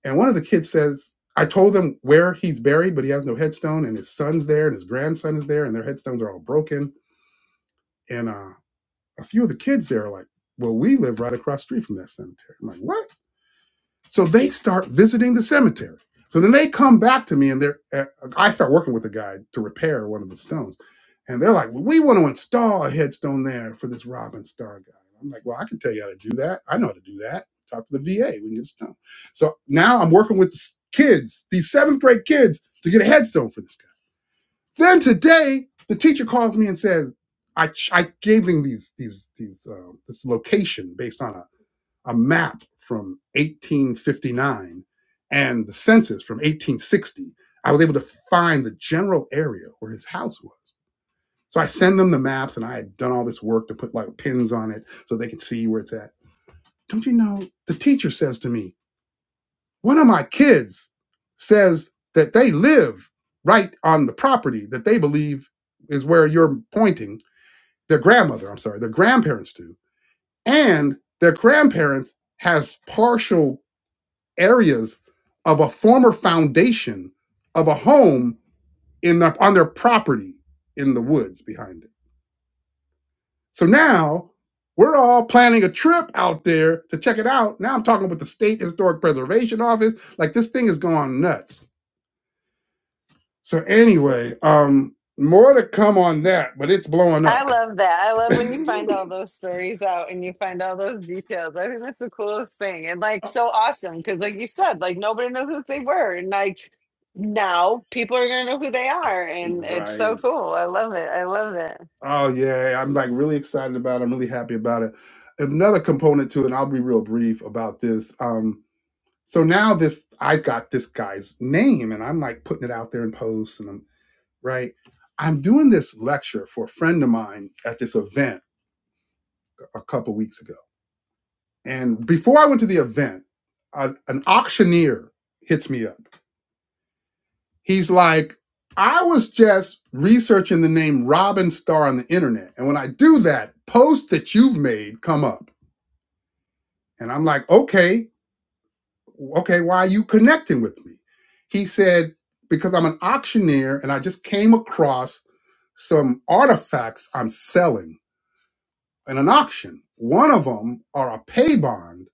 S1: and one of the kids says, I told them where he's buried, but he has no headstone, and his son's there, and his grandson is there, and their headstones are all broken. And uh, a few of the kids there are like, Well, we live right across the street from that cemetery. I'm like, What? So they start visiting the cemetery. So then they come back to me and they're, uh, I start working with a guy to repair one of the stones. And they're like, well, we want to install a headstone there for this Robin Star guy. I'm like, well, I can tell you how to do that. I know how to do that. Talk to the VA. We can get a stone. So now I'm working with the kids, these seventh grade kids, to get a headstone for this guy. Then today, the teacher calls me and says, I, I gave them these, these, these, um, this location based on a a map from 1859 and the census from 1860, I was able to find the general area where his house was. So I send them the maps and I had done all this work to put like pins on it so they could see where it's at. Don't you know? The teacher says to me, one of my kids says that they live right on the property that they believe is where you're pointing. Their grandmother, I'm sorry, their grandparents do. And their grandparents has partial areas of a former foundation of a home in the, on their property in the woods behind it. So now we're all planning a trip out there to check it out. Now I'm talking with the state historic preservation office. Like this thing is going nuts. So anyway, um, more to come on that, but it's blowing
S10: I
S1: up.
S10: love that. I love when you find
S1: (laughs)
S10: all those stories out and you find all those details. I think that's the coolest thing. And like so awesome because like you said, like nobody knows who they were. And like now people are gonna know who they are. And it's so
S1: right.
S10: cool. I love it. I love it.
S1: Oh yeah, I'm like really excited about it. I'm really happy about it. Another component to it, and I'll be real brief about this. Um, So now this, I've got this guy's name and I'm like putting it out there in posts and I'm right. I'm doing this lecture for a friend of mine at this event a couple weeks ago. And before I went to the event, a, an auctioneer hits me up. He's like, I was just researching the name Robin Starr on the internet. And when I do that, posts that you've made come up. And I'm like, okay, okay, why are you connecting with me? He said, because I'm an auctioneer and I just came across some artifacts I'm selling in an auction. One of them are a pay bond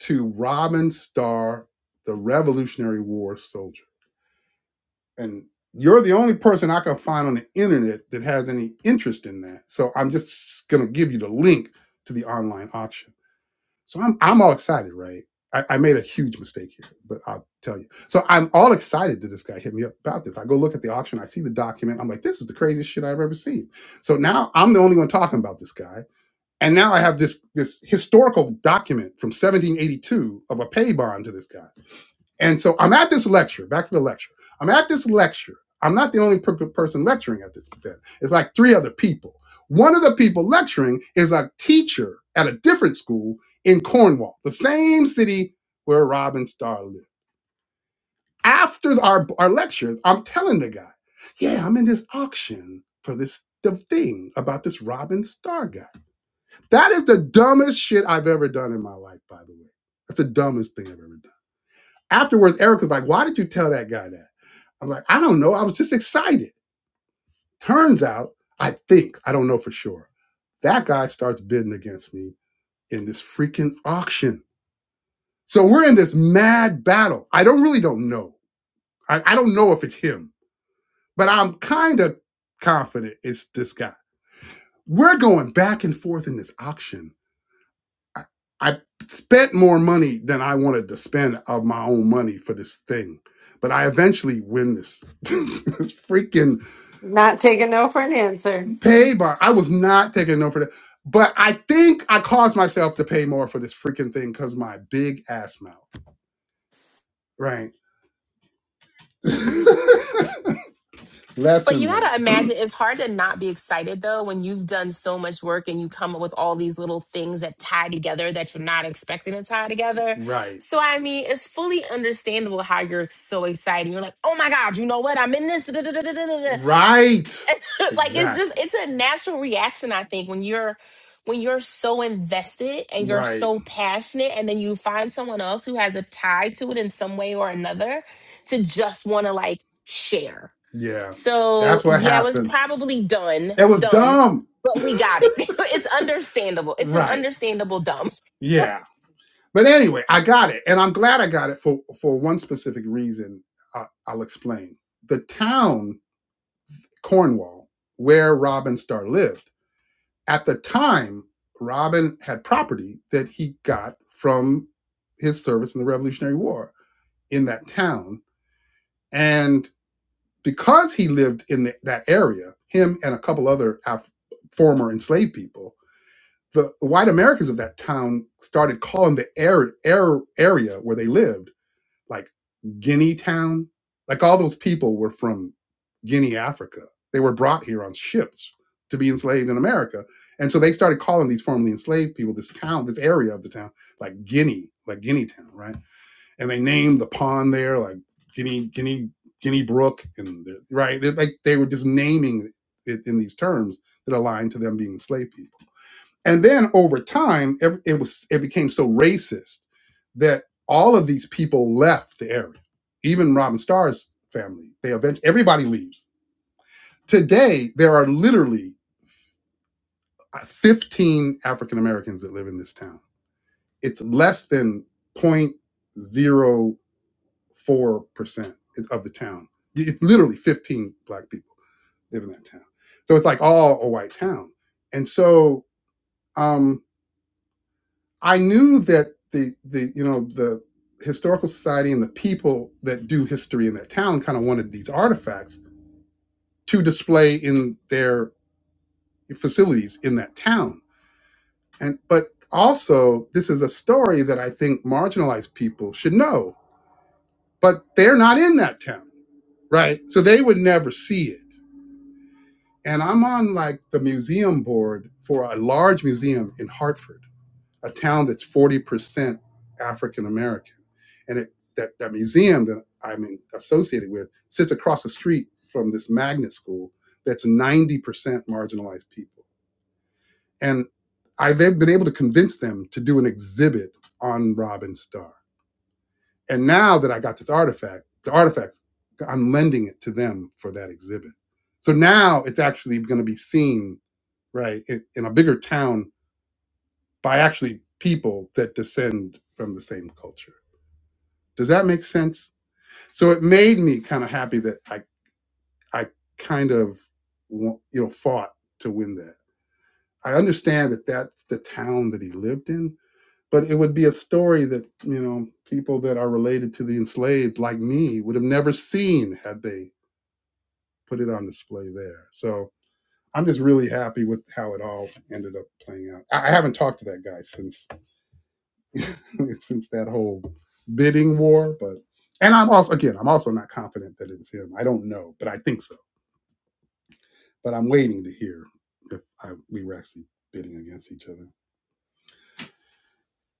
S1: to Robin Starr, the Revolutionary War soldier. And you're the only person I can find on the internet that has any interest in that. So I'm just going to give you the link to the online auction. So I'm I'm all excited, right? I, I made a huge mistake here, but I'll tell you. So I'm all excited that this guy hit me up about this. I go look at the auction, I see the document, I'm like, this is the craziest shit I've ever seen. So now I'm the only one talking about this guy. And now I have this this historical document from 1782 of a pay bond to this guy. And so I'm at this lecture, back to the lecture. I'm at this lecture. I'm not the only per- person lecturing at this event. It's like three other people. One of the people lecturing is a teacher at a different school in Cornwall, the same city where Robin Starr lived. After our, our lectures, I'm telling the guy, yeah, I'm in this auction for this the thing about this Robin Starr guy. That is the dumbest shit I've ever done in my life, by the way. That's the dumbest thing I've ever done. Afterwards, Eric was like, Why did you tell that guy that? I'm like, I don't know. I was just excited. Turns out, I think, I don't know for sure. That guy starts bidding against me in this freaking auction. So we're in this mad battle. I don't really don't know. I, I don't know if it's him, but I'm kind of confident it's this guy. We're going back and forth in this auction I I spent more money than I wanted to spend of my own money for this thing. But I eventually win this, (laughs) this freaking
S10: Not taking no for an answer.
S1: pay bar. I was not taking no for that. But I think I caused myself to pay more for this freaking thing because my big ass mouth. Right. (laughs)
S3: But you
S1: Lesson learned.
S3: gotta imagine it's hard to not be excited though when you've done so much work and you come up with all these little things that tie together that you're not expecting to tie together.
S1: Right.
S3: So I mean, it's fully understandable how you're so excited. You're like, oh my god, you know what? I'm in this. (laughs) da, da, da, da, da, da, da."
S1: Right.
S3: (laughs) like it's just
S1: Exactly.
S3: it's a natural reaction I think when you're when you're so invested and you're
S1: Right.
S3: so passionate and then you find someone else who has a tie to it in some way or another to just want to like share
S1: Yeah.
S3: so
S1: That's what
S3: yeah, it was
S1: happened.
S3: probably done
S1: It was
S3: dumb,
S1: dumb.
S3: but we got it. (laughs) it's understandable. It's an
S1: Right.
S3: understandable dumb.
S1: Yeah. But anyway, I got it, and I'm glad I got it for for one specific reason. I, I'll explain. The town Cornwall, where Robin Starr lived, at the time, Robin had property that he got from his service in the Revolutionary War in that town, and because he lived in the, that area, him and a couple other Af- former enslaved people. The white Americans of that town started calling the air, air, area where they lived like Guinea Town. Like all those people were from Guinea, Africa. They were brought here on ships to be enslaved in America. And so they started calling these formerly enslaved people, this town, this area of the town, like Guinea, like Guinea Town, right? And they named the pond there like Guinea, Guinea, Guinea Brook, and right, They're like they were just naming it in these terms that aligned to them being enslaved people. And then over time, ev- it was it became so racist that all of these people left the area. Even Robin Starr's family, they eventually everybody leaves. Today, there are literally uh, 15 African Americans that live in this town. It's less than 0.04% of the town. It's literally 15 black people live in that town. So it's like all a white town. And so, um, I knew that the the you know the historical society and the people that do history in that town kind of wanted these artifacts to display in their facilities in that town. And but also this is a story that I think marginalized people should know, but they're not in that town, right? So they would never see it. And I'm on like the museum board for a large museum in Hartford a town that's 40% African American. And it, that, that museum that I'm in, associated with sits across the street from this magnet school that's 90% marginalized people. And I've been able to convince them to do an exhibit on Robin Starr. And now that I got this artifact, the artifacts I'm lending it to them for that exhibit. So now it's actually going to be seen, right, in, in a bigger town by actually people that descend from the same culture. Does that make sense? So it made me kind of happy that I I kind of you know fought to win that. I understand that that's the town that he lived in, but it would be a story that you know people that are related to the enslaved like me would have never seen had they put it on display there. So I'm just really happy with how it all ended up playing out. I haven't talked to that guy since (laughs) since that whole bidding war. But and I'm also again, I'm also not confident that it's him. I don't know, but I think so. But I'm waiting to hear if I, we were actually bidding against each other.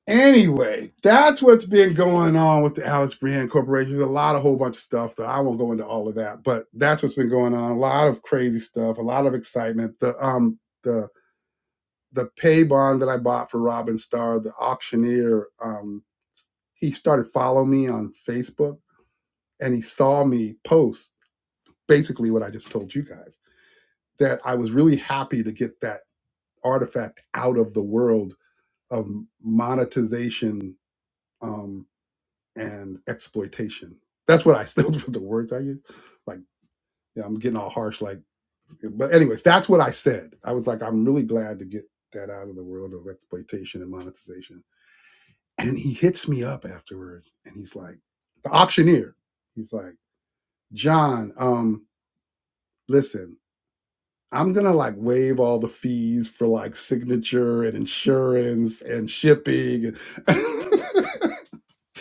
S1: Anyway, that's what's been going on with the Alex Brand Corporation. There's a lot, a whole bunch of stuff that I won't go into all of that, but that's what's been going on. A lot of crazy stuff, a lot of excitement. The um the the pay bond that I bought for Robin Starr, the auctioneer, um, he started following me on Facebook and he saw me post basically what I just told you guys that I was really happy to get that artifact out of the world of monetization um, and exploitation. That's what I (laughs) those were the words I used. Like yeah, I'm getting all harsh, like but anyways, that's what I said. I was like, I'm really glad to get that out of the world of exploitation and monetization. And he hits me up afterwards and he's like, the auctioneer. He's like, John, um, listen, I'm gonna like waive all the fees for like signature and insurance and shipping. (laughs)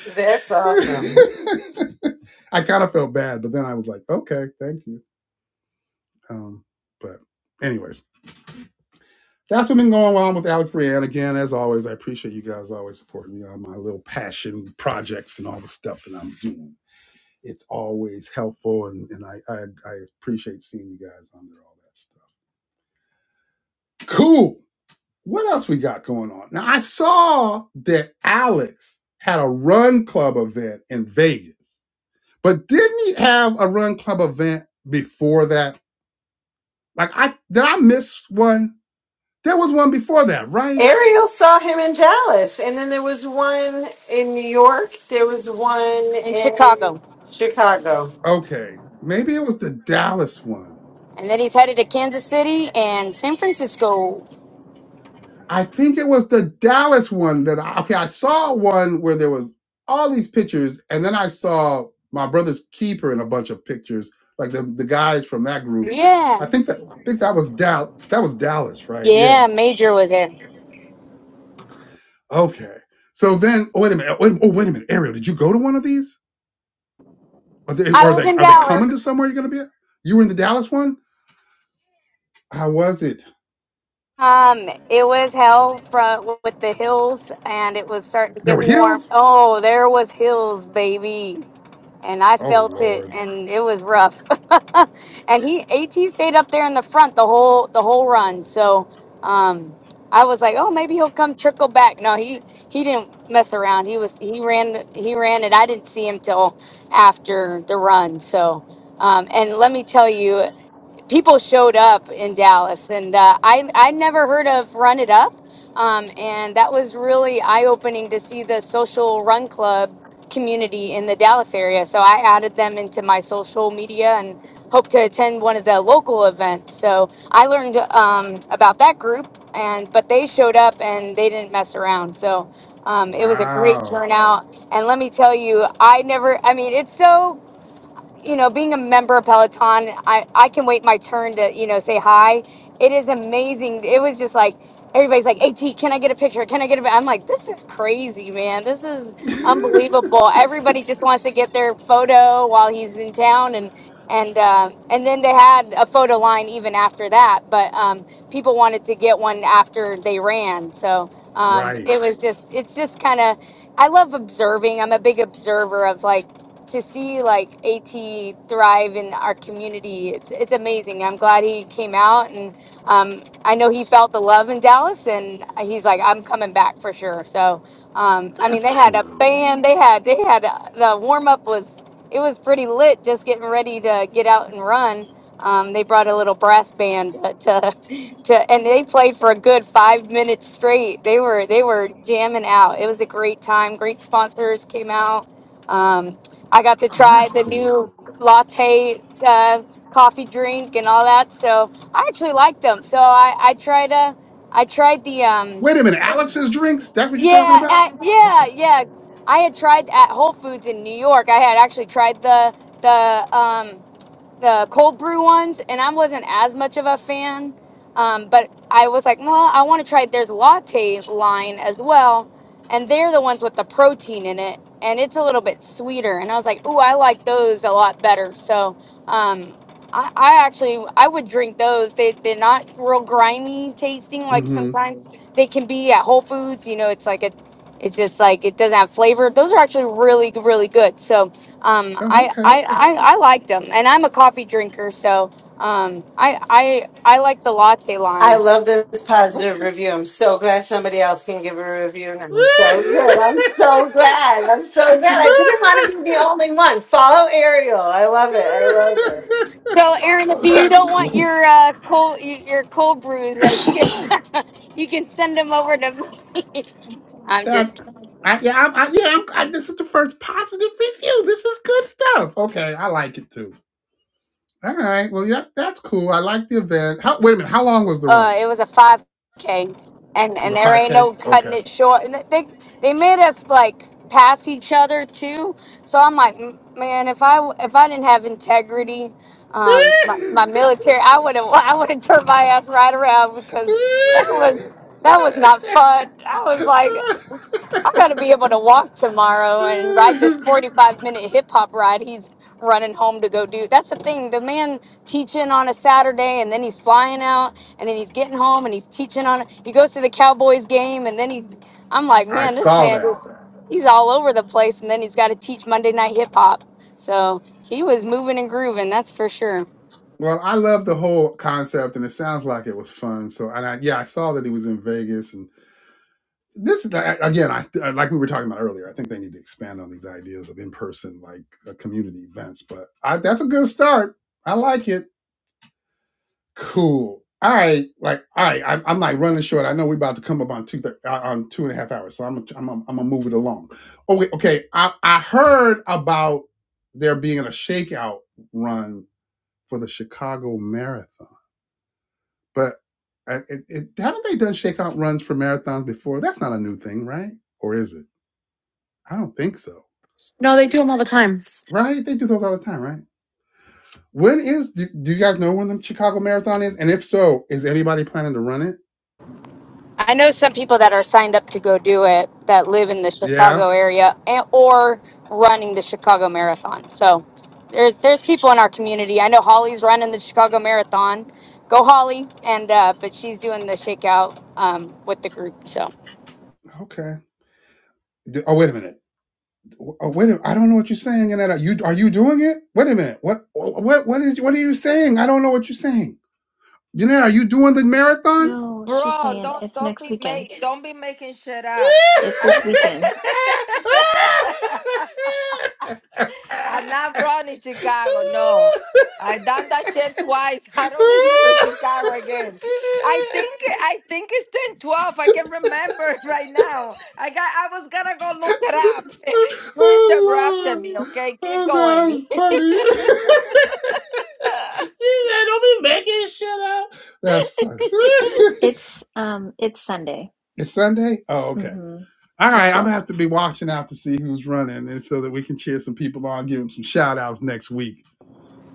S10: That's awesome.
S1: I kind of felt bad, but then I was like, okay, thank you. Um, but anyways, that's what's been going on with Alec Brienne. Again, as always, I appreciate you guys always supporting me on my little passion projects and all the stuff that I'm doing. It's always helpful, and, and I, I I appreciate seeing you guys on there, all that stuff. Cool. what else we got going on? Now I saw that Alex had a run club event in Vegas, but didn't he have a run club event before that? Like I did I miss one? There was one before that, right?
S10: Ariel saw him in Dallas, and then there was one in New York. There was one
S4: in
S10: in
S4: Chicago.
S10: Chicago.
S1: Okay. Maybe it was the Dallas one.
S4: And then he's headed to Kansas City and San Francisco.
S1: I think it was the Dallas one that I okay, I saw one where there was all these pictures, and then I saw my brother's keeper in a bunch of pictures, like the, the guys from that group.
S4: Yeah.
S1: I think that. I think that was Dal. That was Dallas, right? Yeah.
S4: Yeah, Major was there.
S1: Okay. So then, oh, wait a minute. Oh wait, oh, wait a minute, Ariel. Did you go to one of these? Are they
S4: I
S1: are
S4: was
S1: they
S4: in
S1: are they coming
S4: Dallas.
S1: to somewhere you're going to be? At? You were in the Dallas one. How was it?
S4: Um, it was hell from with the hills and it was starting to
S1: There
S4: get
S1: were
S4: warm.
S1: hills.
S4: Oh, there was hills, baby. and I
S1: Oh
S4: felt it,
S1: Lord!
S4: and it was rough. (laughs) and he At stayed up there in the front the whole the whole run, so um, I was like, oh, maybe he'll come trickle back. No, he he didn't mess around. He was he ran the- he ran it. I didn't see him till after the run. So, um, and let me tell you people showed up in Dallas, and uh, I I never heard of Run It Up, um, and that was really eye opening to see the social run club community in the Dallas area. So I added them into my social media and hope to attend one of the local events. So I learned um, about that group, and but they showed up and they didn't mess around. So. Um, it was a great
S1: Wow.
S4: turnout, and let me tell you, I never. I mean, it's so you know, being a member of Peloton, I, I can wait my turn to, you know, say hi. It is amazing. It was just like, everybody's like, AT, can I get a picture? Can I get a, I'm like, this is crazy, man. This is
S1: (laughs)
S4: unbelievable. Everybody just wants to get their photo while he's in town. And, and, uh, and then they had a photo line even after that, but, um, people wanted to get one after they ran. So, um,
S1: right.
S4: it was just, it's just kind of, I love observing. I'm a big observer of like, to see like AT thrive in our community, it's it's amazing. I'm glad he came out, and um, I know he felt the love in Dallas, and he's like, I'm coming back for sure. So, um, I mean,
S1: That's
S4: they had a
S1: cool.
S4: band, they had they had uh the warm up was it was pretty lit, just getting ready to get out and run. Um, they brought a little brass band uh, to, (laughs) to, and they played for a good five minutes straight. They were they were jamming out. It was a great time. Great sponsors came out. Um, I got to
S1: Oh,
S4: try
S1: that's
S4: the
S1: cool.
S4: new latte uh, coffee drink and all that. So I actually liked them. So I, I tried uh, I tried the um
S1: Wait a minute. Alex's drinks. That's what you're talking
S4: yeah
S1: about.
S4: uh, yeah
S1: Okay.
S4: yeah I had tried at Whole Foods in New York. I had actually tried the the um the cold brew ones, and I wasn't as much of a fan. Um, but I was like, well, I want to try. There's latte line as well, and they're the ones with the protein in it, and it's a little bit sweeter. And I was like, ooh, I like those a lot better. So um, I, I actually I would drink those. They they're not real grimy tasting. Like
S1: Mm-hmm.
S4: sometimes they can be at Whole Foods. You know, it's like a it's just like it doesn't have flavor. Those are actually really really good. So um,
S1: Oh,
S4: I,
S1: okay.
S4: I, I, I liked them, and I'm a coffee drinker, so um, I, I, I like the latte
S10: I
S4: line.
S10: love this positive
S1: Okay.
S10: review. I'm so glad somebody else can give a review now. So good. I'm so glad. I'm so glad. I didn't want to be the only one. Follow Ariel. I love it. I love it.
S1: (laughs)
S4: So, Aaron,
S1: Well,
S4: if you
S1: that's
S4: don't want
S1: cool.
S4: your uh, cold y- your cold brews, uh, you can, (laughs) you can send them over to. me. I'm
S1: That's
S4: just
S1: cool. I, yeah, I'm, I, yeah. I'm, I, this is the first positive review. This is good stuff. Okay, I like it too. All right. Well, yeah, that's cool. I like the event. How, wait a minute. How long was the
S4: Uh,
S1: run?
S4: it was a 5K, and and
S1: The
S4: there
S1: five
S4: ain't
S1: k.
S4: no cutting
S1: Okay.
S4: it short. And they they made us like pass each other too. So I'm like, "M- man, if I if I didn't have integrity, um, my, my military, I would have (laughs) I would have turned my ass right around because that was that was
S1: (laughs)
S4: not fun. I was like. I got to be able to walk tomorrow and ride this 45 minute hip hop ride he's running home to go do. That's the thing. The man teaching on a Saturday and then he's flying out and then he's getting home and he's teaching on he goes to the Cowboys game and then he I'm like,
S1: I
S4: man, this
S1: saw
S4: man
S1: that.
S4: is he's all over the place and then he's got to teach Monday night hip hop. So, he was moving and grooving, that's for sure.
S1: Well, I love the whole concept, and it sounds like it was fun. So, and I, yeah, I saw that he was in Vegas, and this is again i like we were talking about earlier i think they need to expand on these ideas of in-person like uh, community events but I, that's a good start i like it cool all right like all right I'm, I'm like running short i know we're about to come up on two thir- uh, on two and a half hours so i'm gonna I'm, gonna- I'm gonna move it along oh wait okay i i heard about there being a shakeout run for the chicago marathon but I- it, it, haven't they done shakeout runs for marathons before that's not a new thing right or is it I don't think so.
S6: No, they do them all the time.
S1: Right? They do those all the time, right? When is do, do you guys know when the Chicago Marathon is? And if so, is anybody planning to run it?
S4: I know some people that are signed up to go do it that live in the
S1: Yeah.
S4: Chicago area and, or running the Chicago Marathon. So there's there's people in our community. I know Holly's running the Chicago Marathon. Go Holly! And uh, but she's doing the shakeout um, with the group. So
S1: Okay. D- Oh wait a minute. Oh wait. A, I don't know what you're saying. And that you are you doing it? Wait a minute. What what what is what are you saying? I don't know what you're saying. Jeanette, are you doing the marathon?
S5: No, she's
S8: Bro,
S5: saying
S8: don't
S5: it's
S8: don't
S5: next
S8: be
S5: weekend.
S8: make don't be making shit up.
S5: It's
S8: I'm
S5: this
S8: (laughs)
S5: weekend.
S8: I'm not running in Chicago. No, I done that shit twice. (laughs) I don't need to do Chicago again. I
S1: (laughs)
S8: think I think it's ten twelve. I can remember (laughs) right now. I got I was gonna go look it up. (laughs) you interrupted
S1: oh
S8: me.
S1: Lord.
S8: Okay, keep
S1: Oh
S8: going.
S1: that's funny. (laughs) he said, Don't be making shit up. That's funny. (laughs)
S5: It's um it's Sunday.
S1: it's Sunday? Oh, okay.
S5: Mm-hmm.
S1: All
S5: The
S1: right, I'm
S5: 12th.
S1: gonna have to be watching out to see who's running and so that we can cheer some people on, give them some shout outs next week.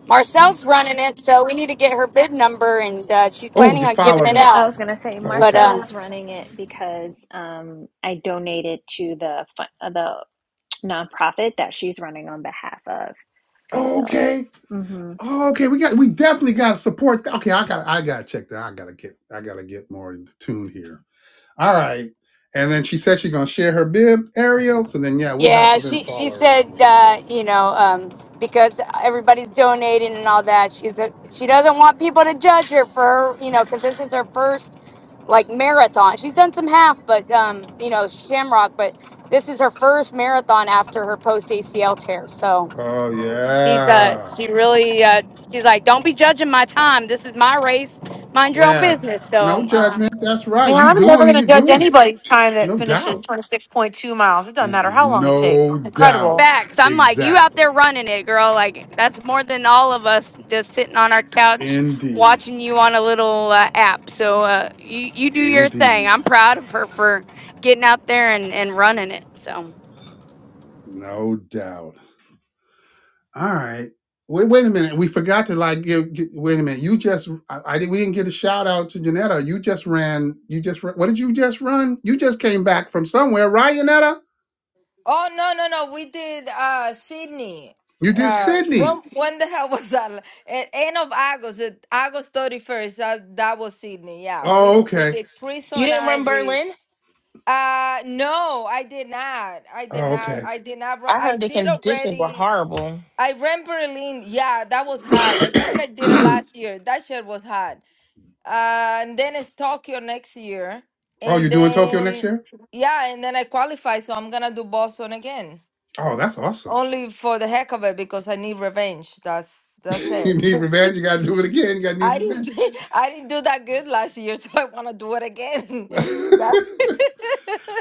S4: Marcel's running it. So we need to get her bid number, and uh, she's
S1: Oh, we
S4: planning
S1: can
S4: on giving
S1: follow
S4: it
S5: Yep,
S1: her.
S5: I
S4: out.
S5: was gonna say
S1: Oh,
S4: But
S1: okay.
S5: Marcel
S4: uh,
S5: is running it because um I donated to the fu- uh, the nonprofit that she's running on behalf of.
S1: Oh,
S5: So,
S1: okay.
S5: mm-hmm.
S1: Oh, okay. We got we definitely gotta support. Th- Okay, I got I gotta check that. I gotta get I gotta get more in tune here. All right. And then she said she's gonna share her bib, Ariel. So then, yeah, we'll have
S4: Yeah,
S1: to then
S4: she
S1: follow
S4: she
S1: her
S4: said
S1: around the road.
S4: uh, you know um, because everybody's donating and all that. She's a, she doesn't want people to judge her for you know because this is her first like marathon. She's done some half, but um, you know Shamrock, but this is her first marathon after her post ACL tear. So
S1: Oh
S4: she's uh
S1: yeah,
S4: she really uh, she's like don't be judging my time. This is my race. Mind your own
S1: yeah.
S4: business.
S1: No
S4: So. uh,
S1: judgment. That's right.
S6: Man,
S1: You
S6: I'm never
S1: doing it.
S6: gonna
S1: You
S6: judge
S1: doing it.
S6: anybody's time that
S1: No
S6: finishes
S1: doubt.
S6: 26.2 miles. It doesn't
S1: N-
S6: matter how long it takes.
S1: No
S6: It's incredible.
S1: doubt.
S4: Facts. I'm like, you out
S1: Exactly.
S4: there running it, girl. Like, that's more than all of us just sitting on our couch
S1: Indeed.
S4: watching you on a little uh, app. So uh, you, you do your thing.
S1: Indeed.
S4: I'm proud of her for getting out there and, and running it. So
S1: No doubt. All right. Wait, wait a minute. We forgot to like give. gi- wait a minute. You just. I, I did. We didn't get a shout out to Janetta. You just ran. You just. ra- What did you just run? You just came back from somewhere, right, Janetta?
S8: Oh no no no! We did uh Sydney.
S1: You did
S8: Uh,
S1: Sydney.
S8: when (laughs) when the hell was that? At end of August, at August thirty first. That that was Sydney. Yeah,
S1: Oh,
S8: we we
S1: okay.
S8: did. Chris
S3: You
S8: and
S3: didn't
S8: I
S3: run
S8: we.
S3: Berlin?
S8: Uh no, I did not. I did
S1: Oh,
S8: not.
S1: okay.
S8: I did not. Run.
S3: I
S8: I
S3: heard the
S8: did
S3: conditions were
S8: already.
S3: horrible.
S8: I ran Berlin. Yeah, that was hot. I think I
S1: (clears throat)
S8: did it
S1: oh,
S8: last year. That shit was hot. Uh, and then it's Tokyo next year,
S1: you're
S8: and
S1: doing Tokyo next
S8: then
S1: year?
S8: yeah, and then I qualify, so I'm gonna do Boston again.
S1: Oh, that's awesome.
S8: Only for the heck of it because I need revenge. That's
S1: (laughs)
S8: that's
S1: you
S8: it.
S1: need revenge. You
S8: (laughs)
S1: got to do it again. You got to need
S8: I didn't
S1: revenge.
S8: do- (laughs) I didn't do that good last year, (laughs) so I want to do it again. (laughs) That's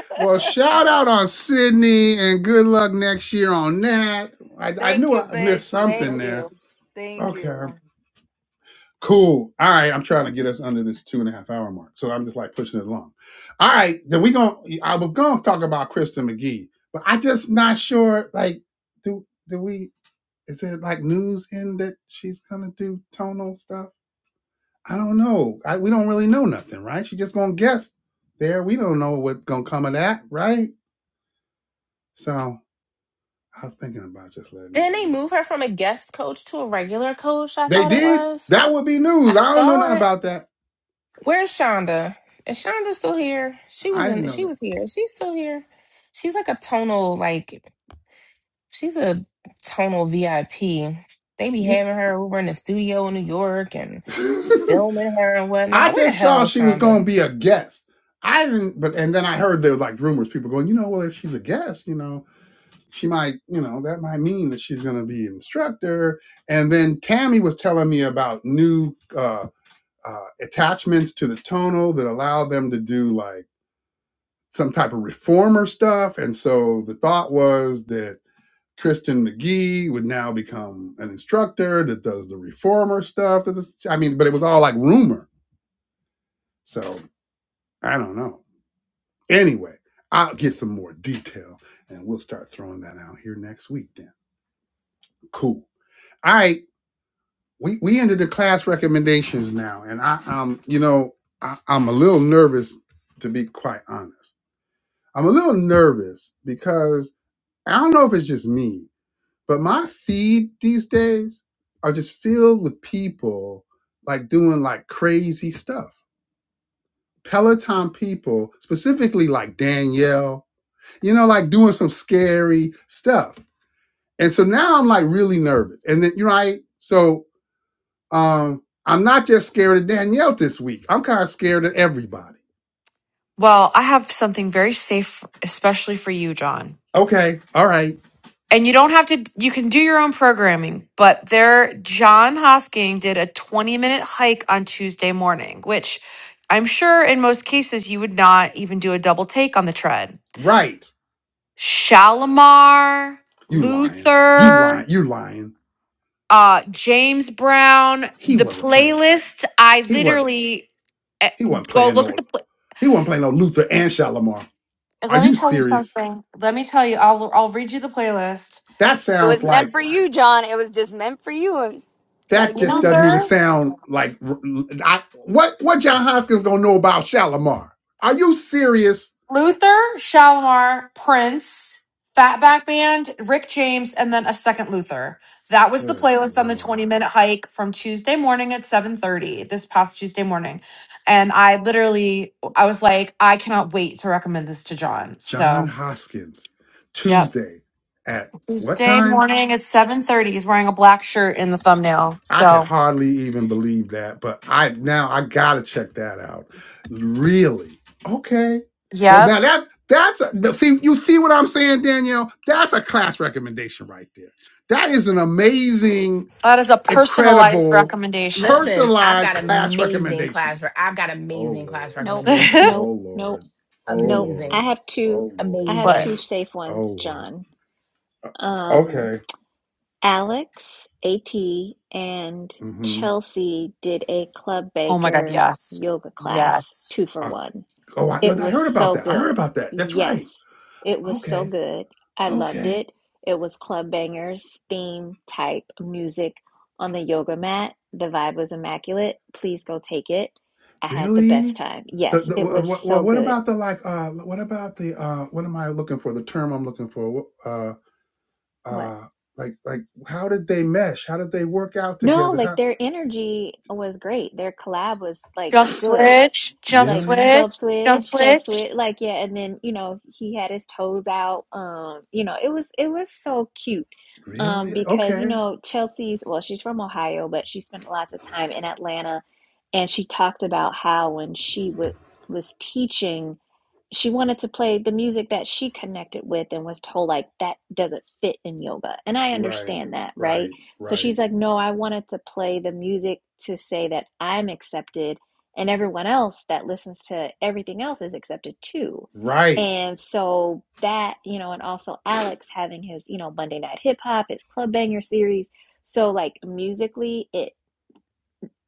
S1: (laughs) well, shout out on Sydney and good luck next year on that. I, I
S8: Thank
S1: knew
S8: you,
S1: I missed
S8: bitch.
S1: something
S8: Thank you.
S1: there.
S8: Thank
S1: Okay.
S8: you.
S1: Cool. All right. I'm trying to get us under this two and a half hour mark. So I'm just like pushing it along. All right. Then we going to I was gonna talk about Kristen McGee, but I just not sure like do do we is it like news in that she's gonna do tonal stuff? I don't know. I, we don't really know nothing, right? She just gonna guess there. We don't know what's gonna come of that, right? So I was thinking about just letting
S3: Didn't
S1: that
S3: they
S1: be.
S3: move her from a guest coach to a regular coach? I
S1: They
S3: thought it
S1: did?
S3: was.
S1: That would be
S3: I
S1: news. I don't know nothing
S3: thought.
S1: about that.
S3: Where's Shonda? Is Shonda still here? She
S1: I
S3: was
S1: didn't
S3: in.
S1: know
S3: She
S1: that.
S3: was here. She's still here. She's like a tonal. Like she's a tonal VIP. They be
S1: Yeah.
S3: having her over in the studio in New York and
S1: (laughs)
S3: filming her and
S1: I
S3: whatnot. Where the
S1: just saw
S3: hell is
S1: she was going
S3: Shonda?
S1: to be a guest. I didn't, but and then I heard there were like rumors, people going, you know, well, if she's a guest, you know, she might, you know, that might mean that she's going to be an instructor. And then Tammy was telling me about new uh, uh, attachments to the tonal that allow them to do like some type of reformer stuff. And so the thought was that Kristen McGee would now become an instructor that does the reformer stuff. This I mean, but it was all like rumor. So I don't know. Anyway, I'll get some more detail and we'll start throwing that out here next week then. Cool. All right. We we ended the class recommendations now. And I um, you know, I, I'm a little nervous to be quite honest. I'm a little nervous because I don't know if it's just me, but my feed these days are just filled with people like doing like crazy stuff. Peloton people, specifically like Danielle, you know, like doing some scary stuff And so now I'm like really nervous. And then you're right. So um I'm not just scared of Danielle this week. I'm kind of scared of everybody.
S6: Well, I have something very safe, especially for you, John.
S1: Okay. All right.
S6: and you don't have to you can do your own programming but there john hosking did a 20 minute hike on tuesday morning which i'm sure in most cases you would not even do a double take on the tread
S1: Right.
S6: shalimar
S1: You lying. You lying.
S6: luther
S1: You lying.
S6: uh james brown
S1: He
S6: the
S1: wasn't playing.
S6: playlist i
S1: He wasn't.
S6: literally eh,
S1: He wasn't
S6: go
S1: playing
S6: look at
S1: no.
S6: the pla-
S1: He wasn't playing no Luther and Shalimar. Are
S6: let me
S1: you
S6: tell you
S1: serious?
S6: something let me tell you i'll i'll read you the playlist
S1: That
S4: it was
S1: sounds
S4: meant
S1: like
S4: for you, John. It was just meant for you. And got to
S1: that
S4: get
S1: just
S4: on there.
S1: doesn't even
S6: luther
S1: sound like I what what John Hoskins gonna know about Shalimar? Are you serious?
S6: Luther, Shalimar, Prince, Fatback Band, Rick James, and then a second Luther. That was the
S1: Good
S6: playlist on the 20
S1: lord.
S6: minute hike from Tuesday morning at 7:30 this past Tuesday morning. And I literally I was like, I cannot wait to recommend this to John.
S1: John
S6: So
S1: Hoskins,
S6: yep.
S1: Tuesday at what
S6: Tuesday
S1: time?
S6: morning at 7:30. He's wearing a black shirt in the thumbnail.
S1: I can
S6: So
S1: hardly even believe that, but I now I gotta check that out. Really? Okay. Well, now
S6: yep.
S1: that that's a, see you see what I'm saying, Danielle. That's a class recommendation right there. That is an amazing,
S6: That is a personalized
S1: incredible,
S6: recommendation.
S3: Listen, I've
S1: personalized
S3: got
S1: class
S3: amazing
S1: recommendation.
S3: class. re- I've got
S1: Oh
S3: amazing class
S1: Lord,
S6: (laughs)
S5: Nope,
S6: but
S3: recommendations.
S1: oh
S5: nope, nope,
S1: Lord, oh
S5: nope. I
S3: Amazing,
S1: Lord,
S5: have two
S1: oh
S5: I
S1: Lord,
S5: have two
S3: amazing.
S5: safe
S1: oh
S5: ones,
S1: Lord.
S5: John. Um
S1: Okay.
S5: Alex, AT, and
S1: Mm-hmm.
S5: Chelsea did a Club
S6: oh my god,
S5: Bangers
S6: yes.
S5: yoga class,
S6: Yes.
S5: two for one.
S1: Oh, I,
S5: It
S1: I
S5: was
S1: heard about
S5: so
S1: that. I heard
S5: good.
S1: about that. That's right.
S5: Yes, it was so
S1: Okay.
S5: good. I loved
S1: Okay.
S5: it. It was club bangers, theme type music on the yoga mat. The vibe was immaculate. Please go take it. I had the best
S1: Really?
S5: time.
S1: The,
S5: Yes,
S1: the
S5: it was
S1: well, well,
S5: so
S1: what
S5: good.
S1: about the like? Uh, what about the uh? What am I looking for? The term I'm looking for. Wh- Uh,
S5: What?
S1: uh, like like how did they mesh? How did they work out
S5: No,
S1: together?
S5: like
S1: How
S5: their energy was great. Their collab was like
S6: Jump
S5: good.
S6: switch, jump
S5: like
S1: really?
S5: jump
S6: switch, jump
S5: switch, jump
S6: switch.
S5: switch, like yeah, and then you know he had his toes out. Um, you know it was it was so cute, um,
S1: Really?
S5: because you
S1: Okay.
S5: know Chelsea's well she's from Ohio, but she spent lots of time in Atlanta, and she talked about how when she w was teaching she wanted to play the music that she connected with and was told like that doesn't fit in yoga and i
S1: Right.
S5: understand that right
S1: Right.
S5: so
S1: Right.
S5: she's like no i wanted to play the music to say that i'm accepted and everyone else that listens to everything else is accepted too
S1: Right.
S5: and so that you know and also alex having his you know monday night hip hop his club banger series so like musically it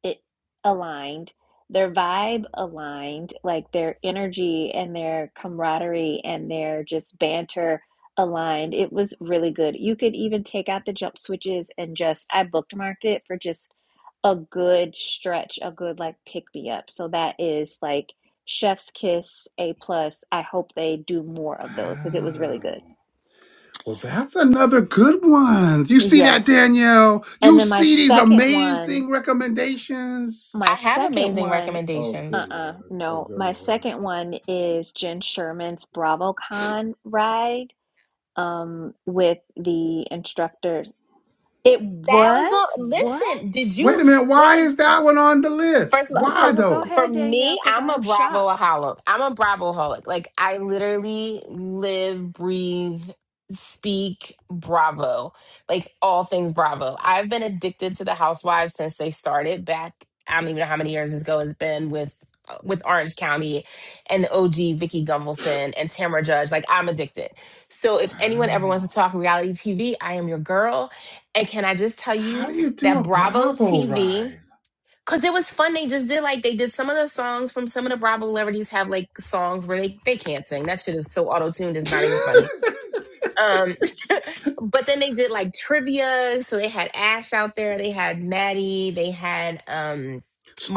S5: it aligned, their vibe aligned, like their energy and their camaraderie and their just banter aligned. It was really good. You could even take out the jump switches and just, I bookmarked it for just a good stretch, a good like pick me up. So that is like Chef's Kiss A plus. I hope they do more of those because it was really
S1: Wow.
S5: good.
S1: Well, that's another good one. You see that,
S5: Yes.
S1: Danielle?
S5: And
S1: You
S5: then my
S1: see these
S5: second one
S1: amazing recommendations?
S5: My
S3: I have
S5: second
S3: amazing
S5: one,
S1: Oh, good
S3: recommendations.
S5: uh-uh,
S1: Lord. Oh,
S5: no.
S1: good
S5: My
S1: Lord.
S5: second one is Jen Sherman's BravoCon ride um with the instructors. It
S3: That was
S5: was?
S3: all. Listen,
S5: What?
S3: did
S1: Wait
S3: you
S1: a minute. Why
S3: wait?
S1: is that one on the list?
S3: First of all,
S5: Okay,
S1: Why
S3: because
S5: well go
S1: though?
S3: for
S5: ahead, Danielle,
S3: me,
S5: because
S3: I'm a
S5: I'm
S3: Bravo
S5: shocked.
S3: holic. I'm a Bravo holic. Like I literally live, breathe, speak Bravo. Like all things Bravo. I've been addicted to the Housewives since they started back. I don't even know how many years ago it's been with uh, with Orange County and the OG Vicky Gunvalson and Tamra Judge. Like I'm addicted. So if anyone ever wants
S1: Wow.
S3: to talk reality TV, I am your girl. And can I just tell
S1: How do
S3: you
S1: you do a
S3: that Bravo
S1: Bravo
S3: TV?
S1: ride?
S3: Cause it was fun. They just did like they did some of the songs from some of the Bravo celebrities have like songs where they they can't sing. That shit is so auto tuned.
S1: (laughs)
S3: It's not even funny. Um, (laughs) but then they did like trivia. So they had Ash out there. They had Maddie. They had um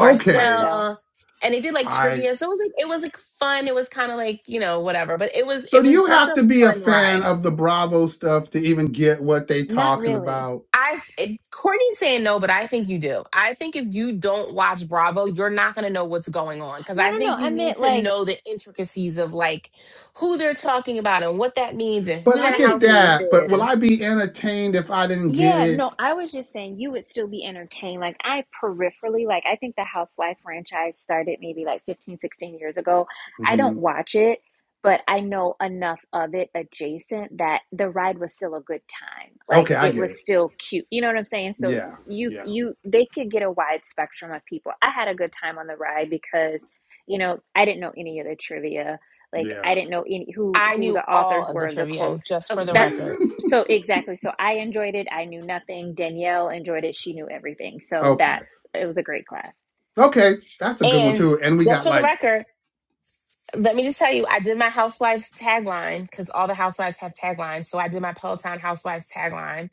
S1: okay.
S5: Marcel.
S3: and they did like
S1: I.
S3: trivia. So it was like it was like fun. It was kind of like you know whatever. But it was
S1: So
S3: it
S1: do
S3: was
S1: you
S3: such
S1: have
S3: a
S1: to be a
S3: fun
S1: fan
S3: ride.
S1: of the Bravo stuff to even get what they
S5: Not
S1: talking
S5: really.
S1: about?
S3: I it- Courtney's saying no, but I think you do. I think if you don't watch Bravo, you're not going to know what's going on because
S5: No,
S3: I
S5: no, no.
S3: think
S5: I
S3: you need
S5: meant
S3: to
S5: like
S3: know the intricacies of like who they're talking about and what that means and
S1: But
S3: who
S1: I
S3: that
S1: get
S3: housewife
S5: maybe.
S1: that. But will I
S3: is.
S1: be entertained if I didn't get
S5: Yeah,
S1: it?
S5: no, I was just saying you would still be entertained. Like I peripherally, like I think the Housewife franchise started maybe like 15, 16 years ago. I don't
S1: hmm
S5: watch it, but I know enough of it adjacent that the ride was still a good time. Like
S1: Okay, I
S5: it
S1: get
S5: was
S1: it.
S5: still cute. You know what I'm saying? So
S1: Yeah.
S5: you
S1: Yeah.
S5: you they could get a wide spectrum of people. I had a good time on the ride because, you know, I didn't know any of the trivia. Like I
S1: Yeah.
S5: didn't know any who
S3: I
S5: who
S3: knew
S5: the
S3: all
S5: authors
S3: of
S5: were
S3: the
S5: of the
S3: trivia
S5: quotes.
S3: just for the
S1: (laughs)
S3: record.
S5: So exactly. So I enjoyed it. I knew nothing. Danielle enjoyed it. She knew everything. So
S1: okay.
S5: that's it was a great class.
S1: Okay, that's a good one
S3: And
S1: too. And we
S3: just
S1: got
S3: for the
S1: like
S3: record, let me just tell you, I did my housewife's tagline because all the housewives have taglines. So I did my Peloton housewives tagline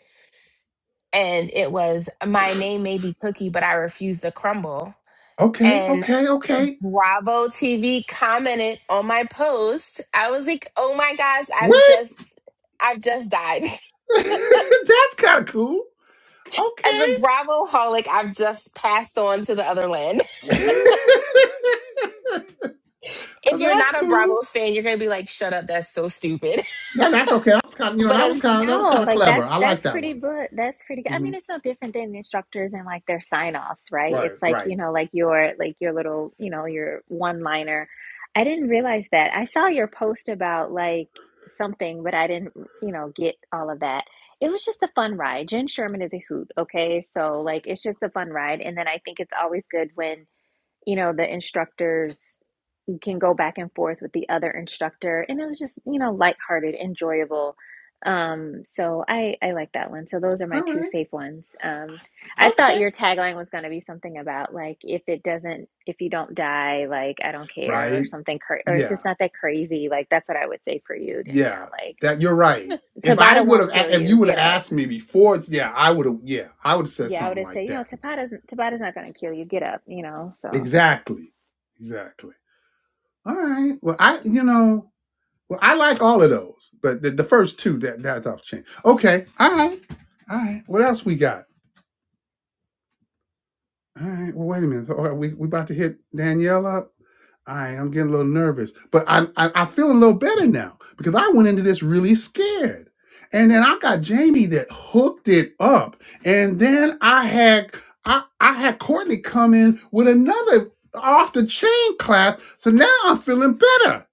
S3: and it was my name may be cookie, but I refuse to crumble.
S1: Okay,
S3: and.
S1: okay, okay.
S3: Bravo TV commented on my post. I was like, "Oh my gosh, I've
S1: What?
S3: just I've just died."
S1: (laughs) That's kind of cool.
S3: (laughs) As
S1: Okay.
S3: a Bravo holic, I've just passed on to the other land. (laughs)
S1: (laughs) Well,
S3: If you're
S1: That's
S3: not a
S1: cool.
S3: Bravo fan, you're going to be like, "Shut up, that's so stupid." (laughs)
S1: No, that's okay. I was kind of, you know,
S3: But
S1: that was
S3: as
S1: kind of, that was kind
S5: No,
S1: of
S5: like
S1: clever.
S5: that's
S1: I like
S5: that's
S1: that
S5: pretty
S1: one.
S5: but that's pretty good. I
S1: hmm
S5: mean, it's no different than instructors and like their sign-offs, right?
S1: Right,
S5: It's like,
S1: right.
S5: you know, like your like your little, you know, your one-liner. I didn't realize that. I saw your post about like something, but I didn't, you know, get all of that. It was just a fun ride. Jen Sherman is a hoot, okay? So like it's just a fun ride. And then I think it's always good when you know, the instructors can go back and forth with the other instructor. And it was just, you know, lighthearted, enjoyable. Um, so I, I like that one. So those are my
S1: All
S5: two
S1: right.
S5: safe ones. Um, I thought
S1: Okay.
S5: your tagline was going to be something about like, if it doesn't, if you don't die, like, I don't care or
S1: Right.
S5: something, cra- or if
S1: Yeah.
S5: it's not that crazy, like, that's what I would say for you,
S1: Yeah.
S5: Danielle. Like,
S1: That you're right. If I
S5: Tabata won't
S1: would have,
S5: kill
S1: if
S5: you.
S1: you would
S5: Get
S1: have
S5: up.
S1: asked me before, yeah, I would have, yeah, I would have said
S5: Yeah, I would
S1: something
S5: have said,
S1: like
S5: you know,
S1: that.
S5: Tabata's, Tabata's not going to kill you. Get up, you know, so.
S1: Exactly. Exactly. All right. Well, I, you know, Well, I like all of those, but the, the first two that that's off the chain. Okay, all right, all right. What else we got? All right. Well, wait a minute. All right, we we about to hit Danielle up. All right, I'm getting a little nervous, but I, I I feel a little better now because I went into this really scared, and then I got Jamie that hooked it up, and then I had I I had Courtney come in with another off the chain class, so now I'm feeling better.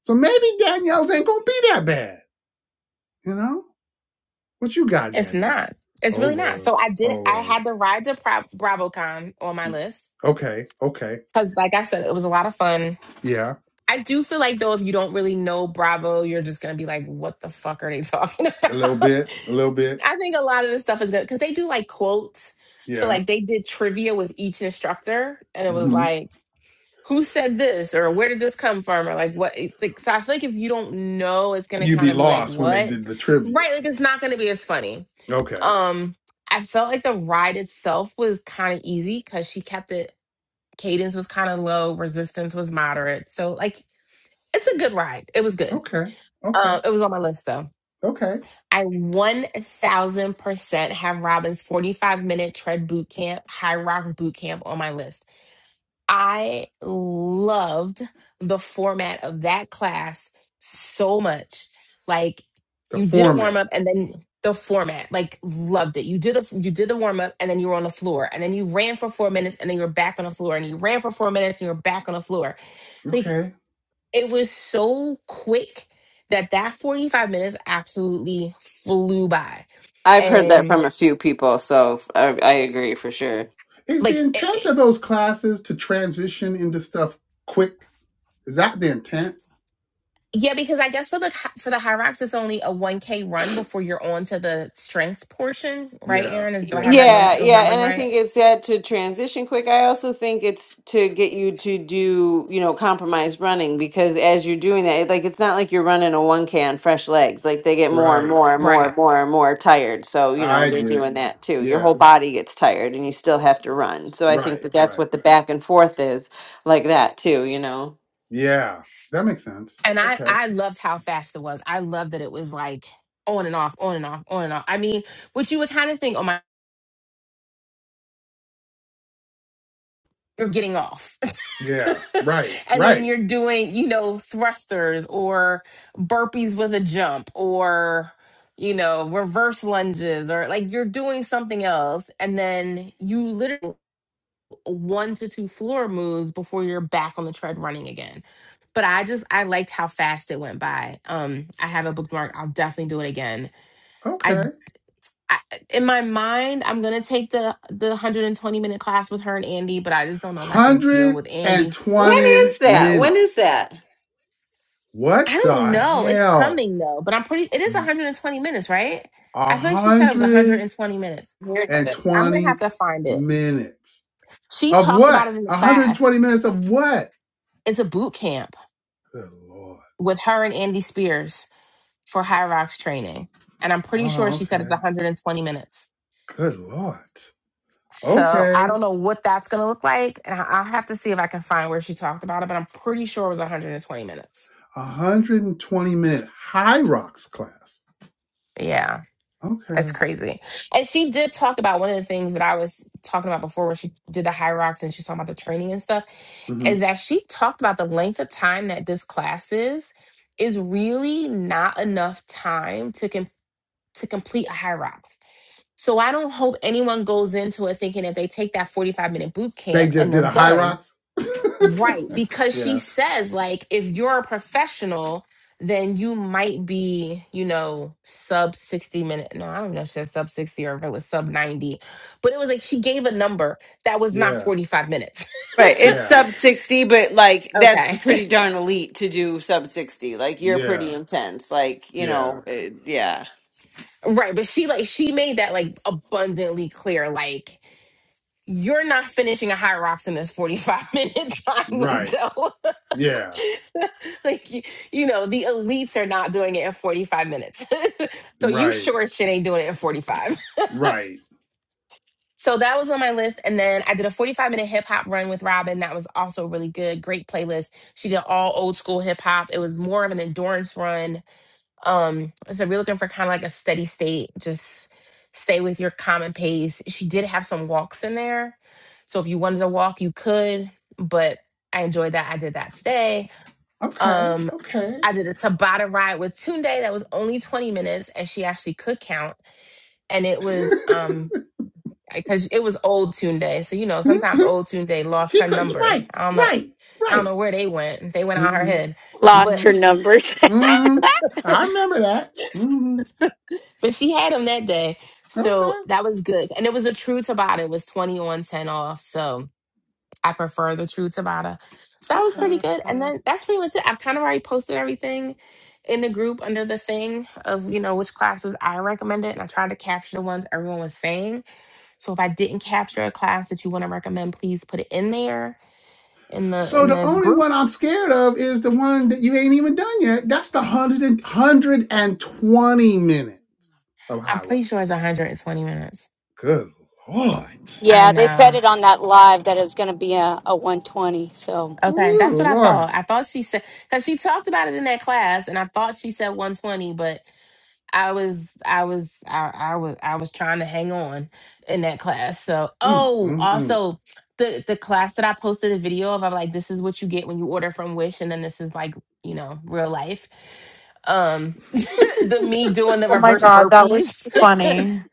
S1: So maybe Danielle's ain't gonna be that bad, you know. What you got,
S3: it's
S1: Danielle?
S3: not. It's
S1: Oh
S3: really not.
S1: Lord,
S3: So I
S1: oh
S3: did I
S1: Lord.
S3: had the ride to Pro- BravoCon on my list
S1: Okay, okay,
S3: cuz like I said, it was a lot of fun.
S1: yeah,
S3: I do feel like though if you don't really know Bravo, you're just gonna be like, what the fuck are they talking
S1: a little
S3: about?
S1: bit, a little
S3: (laughs)
S1: bit,
S3: I think a lot of this stuff is good because they do like quotes. So
S1: yeah.
S3: like they did trivia with each instructor, and it was
S1: hmm
S3: like, who said this or where did this come from or like what? It's like, so I feel like if you don't know, it's gonna
S1: You'd be
S3: kind of be like
S1: lost when they
S3: what,
S1: did the trivia.
S3: right? Like it's not gonna be as funny.
S1: Okay,
S3: Um, I felt like the ride itself was kind of easy because she kept it. Cadence was kind of low, resistance was moderate. So like it's a good ride. It was good.
S1: okay, okay,
S3: Uh, it was on my list though.
S1: okay.
S3: I 1000% have Robin's 45 minute tread boot camp, High Rocks boot camp on my list. I loved the format of that class so much. Like
S1: The
S3: you did a warm
S1: format.
S3: up and then the format, like loved it. You did a you did the warm up and then you were on the floor and then you ran for 4 minutes and then you were back on the floor and you ran for 4 minutes and you were back on the floor. like
S1: Okay.
S3: it was so quick that that 45 minutes absolutely flew by
S10: I've heard that
S3: and
S10: from a few people, so I, I agree for sure.
S1: Is the
S3: like it,
S1: intent
S3: it-
S1: of those classes to transition into stuff quick? Is that the intent?
S3: yeah because i guess for the for the high rocks it's only a 1k run before you're on to the strengths portion right
S1: Yeah,
S3: aaron is do i have
S1: yeah,
S3: that num-
S10: Yeah,
S3: those
S10: yeah, and
S3: numbers
S10: I think
S3: right
S10: it's that to transition quick. I also think it's to get you to do, you know, compromise running because as you're doing that, it, like it's not like you're running a 1K on fresh legs. Like they get more and
S1: right.
S10: more and more
S3: right
S10: and more and more tired. So, you know,
S1: I
S10: they're
S1: get it.
S10: doing that too. Your
S1: Yeah,
S10: whole body gets tired and you still have to run. So I think
S1: right,
S10: that that's
S1: right.
S10: what the back and forth is like that too, you know.
S1: Yeah, that makes sense.
S3: and i
S1: Okay.
S3: i loved how fast it was i loved that it was like on and off on and off on and off i mean which you would kind of think oh my you're getting off
S1: Yeah,
S3: (laughs)
S1: right,
S3: and then
S1: right.
S3: you're doing, you know, thrusters or burpees with a jump or, you know, reverse lunges or like you're doing something else. And then you literally one to two floor moves before you're back on the tread running again. But I just, I liked how fast it went by. Um, I have a bookmark. I'll definitely do it again.
S1: Okay.
S3: I, I in my mind, I'm gonna take the the 120 minute class with her and Andy, but I just don't know if I can deal with Andy
S10: When
S1: 120
S10: is that? When is
S1: minutes.
S10: that?
S3: I
S1: What the
S3: don't know. It's
S1: hell?
S3: coming though, but I'm pretty. It is 120 minutes, right? I feel like she said it was
S1: 120
S3: 120 minutes.
S10: Hearing of it.
S3: I'm gonna have to find it.
S1: minutes.
S3: She
S1: Of
S3: talked about
S1: what?
S3: it in the class.
S1: 120 minutes of what?
S3: It's a boot camp
S1: Good Lord.
S3: with her and Andy Spears for High Rocks training, and I'm pretty sure
S1: Oh,
S3: she said it's
S1: okay.
S3: 120 minutes.
S1: Good Lord.
S3: So I
S1: Okay.
S3: don't know what that's gonna look like, and I- I'll have to see if I can find where she talked about it. But I'm pretty sure it was 120 minutes.
S1: 120 minute high rocks class.
S3: Yeah. That's
S1: Okay.
S3: crazy. And she did talk about one of the things that I was talking about before when she did the high rocks and she was talking about the training and stuff,
S1: hmm
S3: is that she talked about the length of time that this class is, is really not enough time to com- to complete a high rocks. So I don't hope anyone goes into it thinking that they take that 45 minute boot
S1: They
S3: camp
S1: just
S3: and
S1: did
S3: they're
S1: a high
S3: done
S1: rocks?
S3: Right,
S1: (laughs)
S3: because she
S1: yeah.
S3: says like if you're a professional, then you might be, you know, sub 60 minute. No, I don't know if she said sub 60 or if it was sub 90. But it was like she gave a number that was not
S1: Yeah.
S3: 45 minutes.
S10: Right. It's
S1: Yeah.
S10: sub 60, but like
S3: (laughs)
S10: that's
S3: okay.
S10: pretty darn elite to do sub 60. Like you're
S1: Yeah.
S10: pretty intense. Like, you
S1: Yeah.
S10: know, it, yeah.
S3: (laughs) right, but she like she made that like abundantly clear like you're not finishing a high rocks in this 45 minute (laughs) time
S1: Right.
S3: window. (laughs)
S1: Yeah,
S3: like you, you know, the elites are not doing it in 45 minutes. (laughs) so you
S1: right,
S3: sure shit ain't doing it in 45.
S1: right.
S3: So that was on my list. And then I did a 45 minute hip hop run with Robin. That was also really good. Great playlist. She did all old school hip hop. It was more of an endurance run. Um, so we're looking for kind of like a steady state, just stay with your common pace. She did have some walks in there. So if you wanted to walk, you could, but I enjoyed that. I did that today.
S1: Okay,
S3: Um,
S1: okay.
S3: I did a Tabata ride with Tunde that was only 20 minutes and she actually could count. And
S1: (laughs)
S3: it was um because it was old Tune Day. So you know, sometimes old Tune Day lost
S1: she
S3: her
S1: could,
S3: numbers.
S1: right,
S3: I don't know.
S1: right,
S3: I don't
S1: right.
S3: know where they went. They went out her
S1: Mm-hmm,
S3: head,
S4: Lost
S1: mm-hmm,
S3: but
S4: her numbers.
S1: mm-hmm. I remember that. Mm-hmm.
S3: (laughs) but she had them that day. So
S1: Okay,
S3: that was good, and it was a true Tabata. It was twenty on ten off. So I prefer the true Tabata. So that was pretty
S1: okay.
S3: good. And then that's pretty much it. I've kind of already posted everything in the group under the thing of you know which classes I recommended, and I tried to capture the ones everyone was saying. So if I didn't capture a class that you want to recommend, please put it in there in the
S1: So
S3: in
S1: the
S3: the
S1: only
S3: group.
S1: one I'm scared of is the one that you ain't even done yet. That's the hundred and hundred and twenty minute of
S3: I'm
S1: High
S3: pretty
S1: Rock.
S3: sure it's 120 minutes.
S1: Good Lord.
S4: (laughs)
S3: I
S4: yeah, they said
S3: know.
S4: it on that live that it's going to be a, a 120. So
S3: Okay,
S1: Good
S3: that's what I
S1: Lord.
S3: thought. I thought she said because she talked about it in that class, and I thought she said 120, but I was I was I, I was I was trying to hang on in that class. So
S1: Mm,
S3: oh,
S1: mm, mm.
S3: also the the class that I posted a video of, I'm like, this is what you get when you order from Wish, and then this is like you know real life. Um, (laughs) the me doing the
S6: Oh my
S3: reverse
S6: god, that was
S3: burpees.
S6: too funny.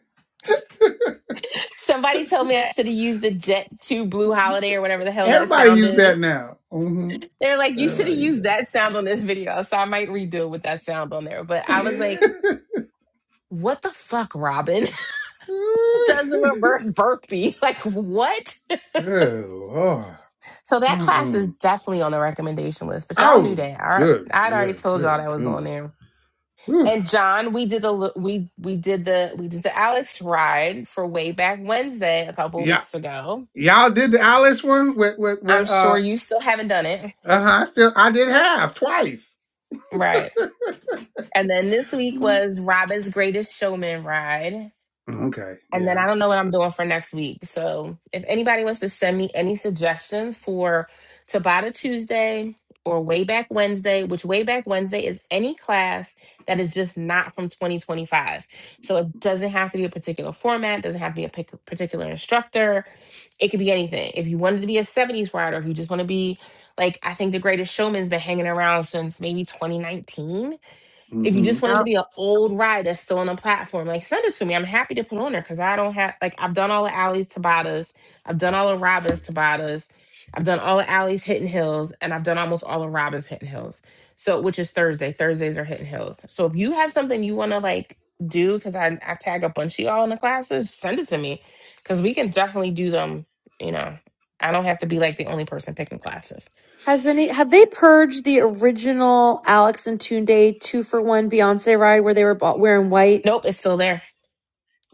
S3: Somebody told me I should have used the Jet 2 Blue Holiday or whatever the hell that
S1: Everybody
S3: sound
S1: use that
S3: is.
S1: now. Mm-hmm.
S3: They're like, you should have
S1: Everybody use
S3: used that sound on this video. So I might redo it with that sound on there. But I was
S1: that.
S3: like,
S1: (laughs)
S3: what the fuck, Robin? (laughs)
S1: (laughs)
S3: Who does a reverse burpee? (laughs) Like, what?
S1: good lord.
S3: So that class is
S1: Mm-mm.
S3: definitely on the recommendation list. But y'all knew
S1: Oh,
S3: that. I,
S1: good.
S3: I'd
S1: Yeah,
S3: already told y'all
S1: good
S3: that was on
S1: goodness.
S3: there.
S1: Whew.
S3: And John, we did the l- we we did the we did the Alex ride for way back Wednesday a couple
S1: Yeah,
S3: weeks ago.
S1: y'all did the Alice one with with
S3: I'm
S1: with
S3: sure
S1: uh.
S3: you still haven't done it,
S1: Uh huh. I still, I did half twice.
S3: right? And then this week
S1: Mm.
S3: was Robin's Greatest Showman ride.
S1: Okay.
S3: And then
S1: Yeah.
S3: I don't know what I'm doing for next week. So if anybody wants to send me any suggestions for Tabata Tuesday or Way Back Wednesday, which Way Back Wednesday is any class that is just not from 2025. So it doesn't have to be a particular format, doesn't have to be a pic- particular instructor. It could be anything. If you wanted to be a 70s rider, if you just want to be like, I think the Greatest Showman's been hanging around since maybe 2019 if you
S1: Mm-hmm.
S3: just wanted to
S6: Yep.
S3: be an old ride that's still on the platform, like send it to me. I'm happy to put on there because I don't have like I've done all the alleys Tabatas, I've done all the Robbins Tabatas, I've done all the alleys Hidden Hills, and I've done almost all the Robbins Hidden Hills. So which is Thursday. Thursdays are Hidden Hills. So if you have something you want to like do, because I I tag a bunch of y'all in the classes, send it to me because we can definitely do them. You know, I don't have to be like the only person picking classes.
S6: Has any have they purged the original Alex and Tunde two for one Beyonce ride where they were bo- wearing white?
S3: Nope, it's still there.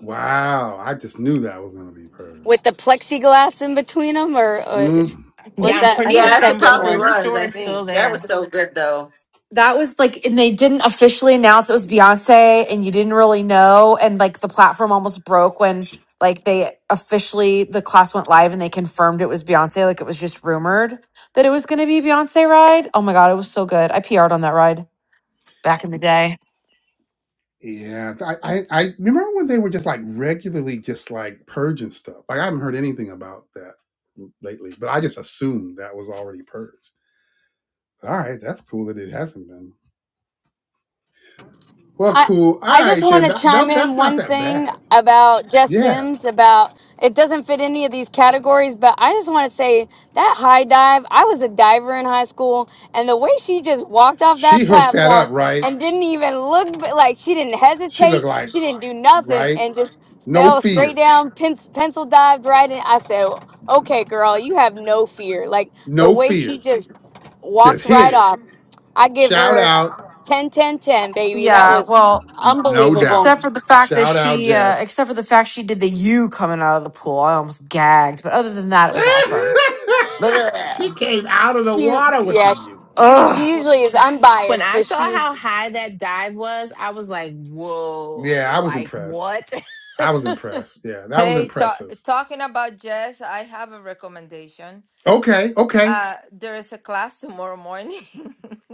S1: Wow. I just knew that was gonna be purged.
S4: with the plexiglass in between them, or, or
S1: Mm.
S6: I
S3: Yeah,
S4: was
S3: I'm
S6: think
S4: that
S6: I
S3: pretty.
S4: the
S3: s-
S6: think
S10: Yes, it
S3: I'm
S4: second
S10: probably
S6: so.
S4: one?
S3: pretty
S10: was,
S3: sure
S10: I
S3: it's still
S10: think. That
S3: there.
S10: was so good though.
S6: that was like and they didn't officially announce it was Beyonce and you didn't really know and like the platform almost broke when like they officially the class went live and they confirmed it was Beyonce like it was just rumored that it was going to be Beyonce ride. Oh my god, it was so good. I PR'd on that ride back in the day.
S1: Yeah. I, I I remember when they were just like regularly just like purging stuff. Like I haven't heard anything about that lately, but I just assumed that was already purged. All right, that's cool that it hasn't been. Well,
S4: I
S1: cool. All
S4: I just
S1: right,
S4: want
S1: then
S4: to
S1: that,
S4: chime
S1: that
S4: in
S1: that's not
S4: one
S1: that
S4: thing
S1: bad.
S4: about Jess
S1: Yeah,
S4: Sims about it doesn't fit any of these categories, but I just want to say that high dive. I was a diver in high school, and the way she just walked off that
S1: she hooked that
S4: platform
S1: up, right?
S4: and didn't even look like she didn't
S1: She looked
S4: hesitate,
S1: like
S4: she didn't do nothing,
S1: right,
S4: and just
S1: no
S4: fell straight
S1: fear,
S4: down, pen, pencil dived right in. I said, "Okay, girl, you have no fear." Like the
S1: no
S4: way she
S1: fear,
S4: just
S1: just
S4: walked
S1: hit
S4: right
S1: it.
S4: off. I give
S1: Shout
S4: her
S1: out,
S4: 10, 10, 10, baby. That
S6: Yeah,
S4: was
S6: well,
S1: no doubt.
S6: Except
S4: unbelievable.
S6: for the fact that
S1: Shout out,
S6: she, uh,
S1: Jess.
S6: except for the fact she did the U coming out of the pool, I almost gagged. But other than that, it
S1: (laughs)
S6: was awesome. Blah.
S1: she came out of the
S4: She,
S1: water with the
S4: yeah, she,
S1: U.
S4: she
S6: Ugh.
S4: usually is
S3: When
S4: unbiased,
S3: I
S4: but
S3: saw
S4: she,
S3: how high that dive was, I was like,
S1: Yeah,
S3: whoa,
S1: I was
S3: like
S1: impressed.
S3: what?
S1: I was
S3: (laughs)
S1: impressed. Yeah, that was
S8: Hey, ta-
S1: impressive.
S8: talking about Jess, I have a recommendation.
S1: Okay, okay.
S8: Uh, there is a class tomorrow morning. (laughs)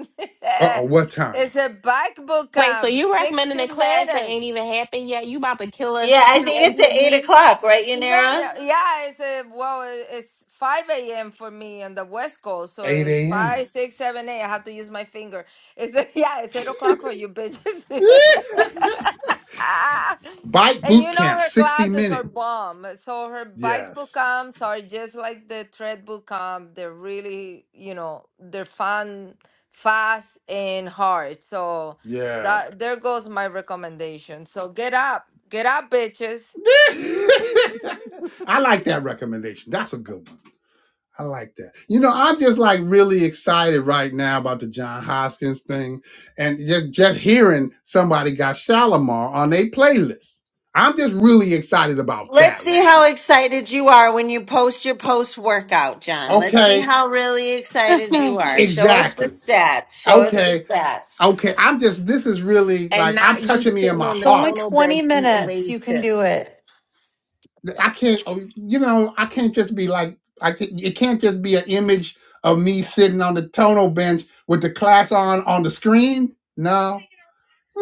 S1: Uh oh, what time?
S8: it's a bike boot
S3: Wait, so
S8: camp,
S3: you recommending
S8: 60
S3: a class that ain't
S8: minutes.
S3: even happened yet? You about to kill us
S10: Yeah, I think
S8: (laughs)
S10: it's at eight
S3: preemptively
S10: o'clock, right,
S8: No,
S10: Yanira?
S8: no, yeah, it's uh, well, it- it's five a.m. for me on the West Coast, so
S1: 8
S8: it's
S1: a.m.
S8: five, six, seven, eight. I have to use my finger. It's (laughs) yeah, it's eight o'clock for you bitches. (laughs)
S1: (laughs) Bike
S8: and
S1: boot
S8: you know
S1: camp,
S8: her
S1: 60
S8: classes are
S1: minute.
S8: bomb. So her bike book
S1: Yes.
S8: comps are just like the tread book comp. They're really, you know, they're fun, fast, and hard. So
S1: Yeah.
S8: that there goes my recommendation. So get up, get up, bitches.
S1: (laughs) I like that recommendation. That's a good one. I like that. You know, I'm just like really excited right now about the John Hoskins thing, and just just hearing somebody got Shalimar on their playlist. I'm just really excited about
S10: Let's
S1: that
S10: see
S1: right
S10: how
S1: now.
S10: excited you are when you post your post workout, John. Let's see
S1: Okay,
S10: how really excited you
S6: It's
S10: are. Show us the
S1: exactly.
S10: stats. Show us the
S1: Okay,
S10: stats.
S1: okay. I'm just this is really
S3: and
S1: like I'm
S3: not you
S1: touching me in
S3: sitting
S1: my
S3: on the
S1: heart
S6: only
S3: tonal
S6: twenty
S3: bench eating
S6: minutes. You
S3: Lay's
S6: can do
S3: chips.
S6: it.
S1: th- I can't, oh, you know, I can't just be like, I can't, it can't just be an image of me sitting on the tonal bench with the class on on the screen. No, (laughs)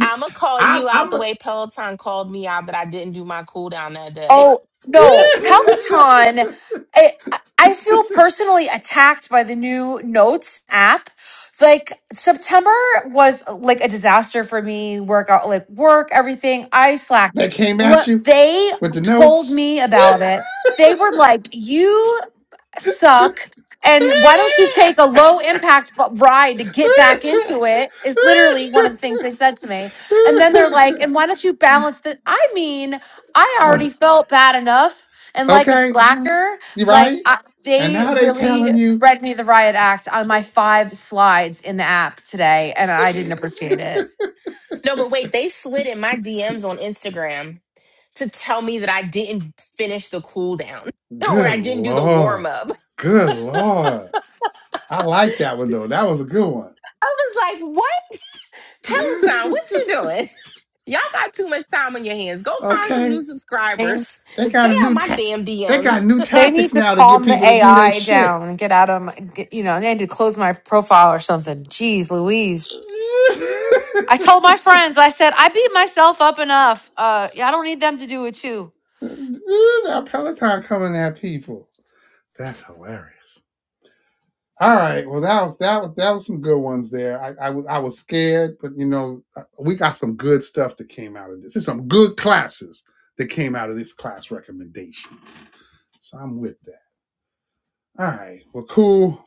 S3: I'ma call
S1: I,
S3: you out
S1: I'm
S3: the
S1: a-
S3: way Peloton called me out that I didn't do my cooldown that day. (laughs)
S6: Oh no,
S1: (laughs)
S6: Peloton! I I feel personally attacked by the new Notes app. Like September was like a disaster for me. Workout, like work, everything. I
S1: that
S6: slacked.
S1: came at
S6: What
S1: you
S6: they
S1: with the
S6: told
S1: notes.
S6: me about
S1: (laughs)
S6: it, they were like, "You." suck and why don't you take a low impact bu- ride to get back into it is literally one of the things they said to me and then they're like and why don't you balance that i mean i
S1: Oh,
S6: already felt bad enough and like a Mhm.
S1: okay,
S6: slacker
S1: you
S6: like
S1: right?
S6: I,
S1: And
S6: they
S1: now they
S6: really
S1: telling you,
S6: read me the riot act on my five slides in the app today and i didn't appreciate it
S3: No, but wait, they slid in my DMs on Instagram to tell me that I didn't finish the cooldown
S1: (laughs)
S3: (laughs) or
S1: good
S3: I didn't do the warm
S1: lord,
S3: up.
S1: good lord. I like that one though. That was a good one.
S3: I was like, what? Peloton, what you doing? Y'all got too much time on your hands. Go
S1: (laughs)
S3: find some
S1: okay.
S3: new
S6: They
S3: subscribers.
S1: They got
S3: Stay
S1: a
S3: out
S1: new
S3: my
S1: ta-
S3: damn
S1: they got
S3: DMs.
S1: new
S6: they need
S1: tactics
S6: to
S1: now to get
S6: calm the
S1: people to do their
S6: AI
S1: shit.
S6: down and get out of my, get, you know, they need to close my profile or something. Jeez Louise. I
S1: (laughs)
S6: told my friends, I said, I beat myself up enough. Uh, yeah, I don't need them to do it too.
S1: now Peloton coming at people. That's hilarious. All right. Well, that was that was that was some good ones there. I I was I was scared, but you know uh, we got some good stuff that came out of this. There's some good classes that came out of this class recommendation. So I'm with that. All right. Well, cool.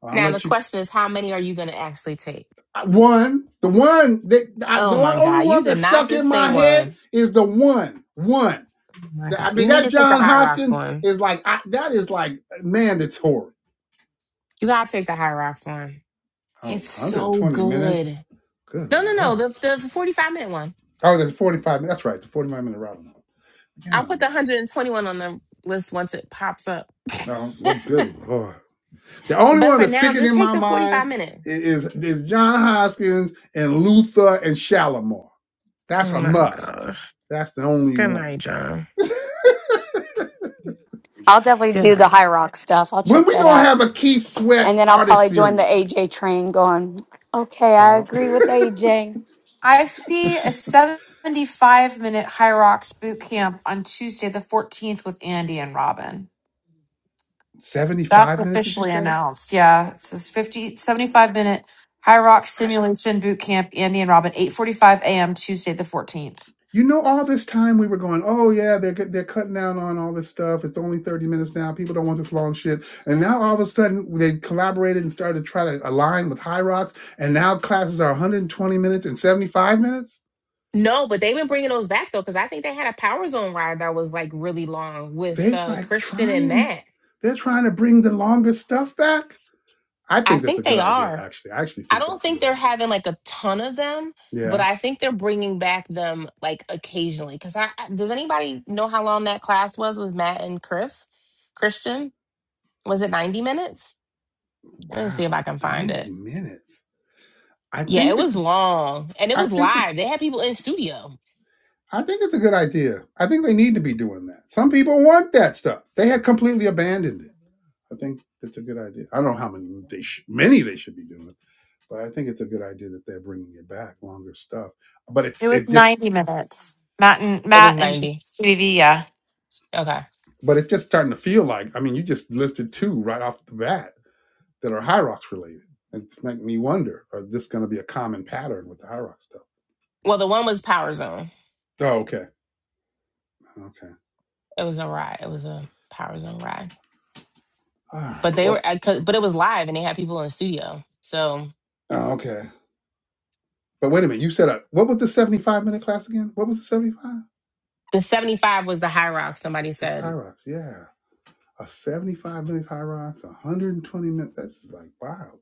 S1: Well, I'm
S3: Now
S1: gonna
S3: the
S1: let you.
S3: question is, how many are you going to actually take?
S1: I- One, the one that I,
S3: Oh
S1: the one,
S3: my
S1: only
S3: God, you
S1: one that
S3: did not
S1: stuck in
S3: just say
S1: my
S3: one.
S1: head is the one, one.
S3: Oh my
S1: The- I
S3: God,
S1: mean,
S3: you need
S1: that
S3: to take the
S1: John
S3: High Rocks
S1: Hoskins
S3: one.
S1: is like I, that is like mandatory.
S3: You gotta take the High Rocks one.
S1: Oh,
S3: It's so
S1: 120 minutes.
S3: good.
S1: Good
S3: No, no, no, the
S1: lord.
S3: the forty five minute one.
S1: Oh, that's 45 minutes. That's right. The 45 minute route. Yeah, I
S3: I'll put
S1: don't
S3: the
S1: know.
S3: 121 on the list once it pops up.
S1: No, well, good lord. The only
S3: But
S1: one
S3: for
S1: that's
S3: now,
S1: sticking
S3: just
S1: in
S3: take
S1: my
S3: the
S1: mind
S3: 45 minute.
S1: i- is is John Hoskins and Luther and Shalimar.
S3: Oh
S1: That's a
S3: my
S1: must.
S3: gosh.
S1: That's the only
S3: Good
S1: one.
S3: night, John.
S4: I'll definitely
S3: Good
S4: do the
S3: night.
S4: high rock stuff. I'll
S1: When
S4: check
S1: we
S4: that
S1: gonna
S4: out.
S1: have a Keith Sweat
S4: And then I'll
S1: artist
S4: probably join the
S1: series?
S4: AJ train going, okay, I
S1: Uh,
S4: agree with AJ.
S6: I see a 75 minute High Rocks boot camp on Tuesday, the 14th, with Andy and Robin.
S1: (laughs)
S6: That's
S1: Seventy-five minutes, did you
S6: officially
S1: say?
S6: announced. Yeah, it's this fifty seventy-five minute High Rocks
S1: I,
S6: simulation boot camp, Andy and Robin, 8.45 a.m. Tuesday, the 14th.
S1: you know, all this time we were going, oh yeah, they're they're cutting down on all this stuff. It's only thirty minutes now. People don't want this long shit. And now all of a sudden they collaborated and started to try to align with High Rocks, and now classes are 120 minutes and 75 minutes.
S3: No, but they've been bringing those back though, because I think they had a Power Zone ride that was like really long with
S1: They've
S3: uh,
S1: like
S3: Christian and
S1: trying,
S3: Matt.
S1: they're trying to bring the longest stuff back. I
S3: I
S1: think that's a
S3: think
S1: good
S3: they
S1: idea.
S3: are.
S1: Actually, I actually
S3: I
S1: think
S3: don't
S1: that's a
S3: think
S1: good
S3: they're
S1: idea.
S3: having like a ton of them,
S1: Yeah.
S3: but I think they're bringing back them like occasionally. Because I I- does anybody know how long that class was with Matt and Chris? Christian was it ninety minutes? Let me see if
S1: Wow,
S3: I can find it.
S1: 90 minutes. I
S3: Yeah, it
S1: think it's
S3: was long and it
S1: I
S3: was
S1: think
S3: live.
S1: it's
S3: They had people in studio.
S1: I think it's a good idea. I think they need to be doing that. Some people want that stuff. They had completely abandoned it. I think it's a good idea. I don't know how many they sh- many they should be doing, but I think it's a good idea that they're bringing it back, longer stuff. But
S6: It
S1: it's
S6: was
S1: it just
S6: 90 minutes. Matt and
S3: It was
S6: Matt and
S3: 90.
S6: CBV, yeah.
S3: Okay.
S1: but it's just starting to feel like I mean, you just listed two right off the bat that are high rocks related. It's making me wonder: Are this going to be a common pattern with the high rock stuff?
S3: Well, the one was Power Zone.
S1: Oh, okay, okay,
S3: It was a ride. It was a Power Zone ride.
S1: all right.
S3: But they
S1: Well,
S3: were, I could, but it was live and they had people in studio. So
S1: oh, okay. But wait a minute, you said a what was the seventy-five minute class again? What was the seventy-five?
S3: the 75 was the high rock, somebody
S1: It's high
S3: said.
S1: rocks, yeah. A seventy-five minutes high rocks, one hundred and twenty minutes. That's just like wow.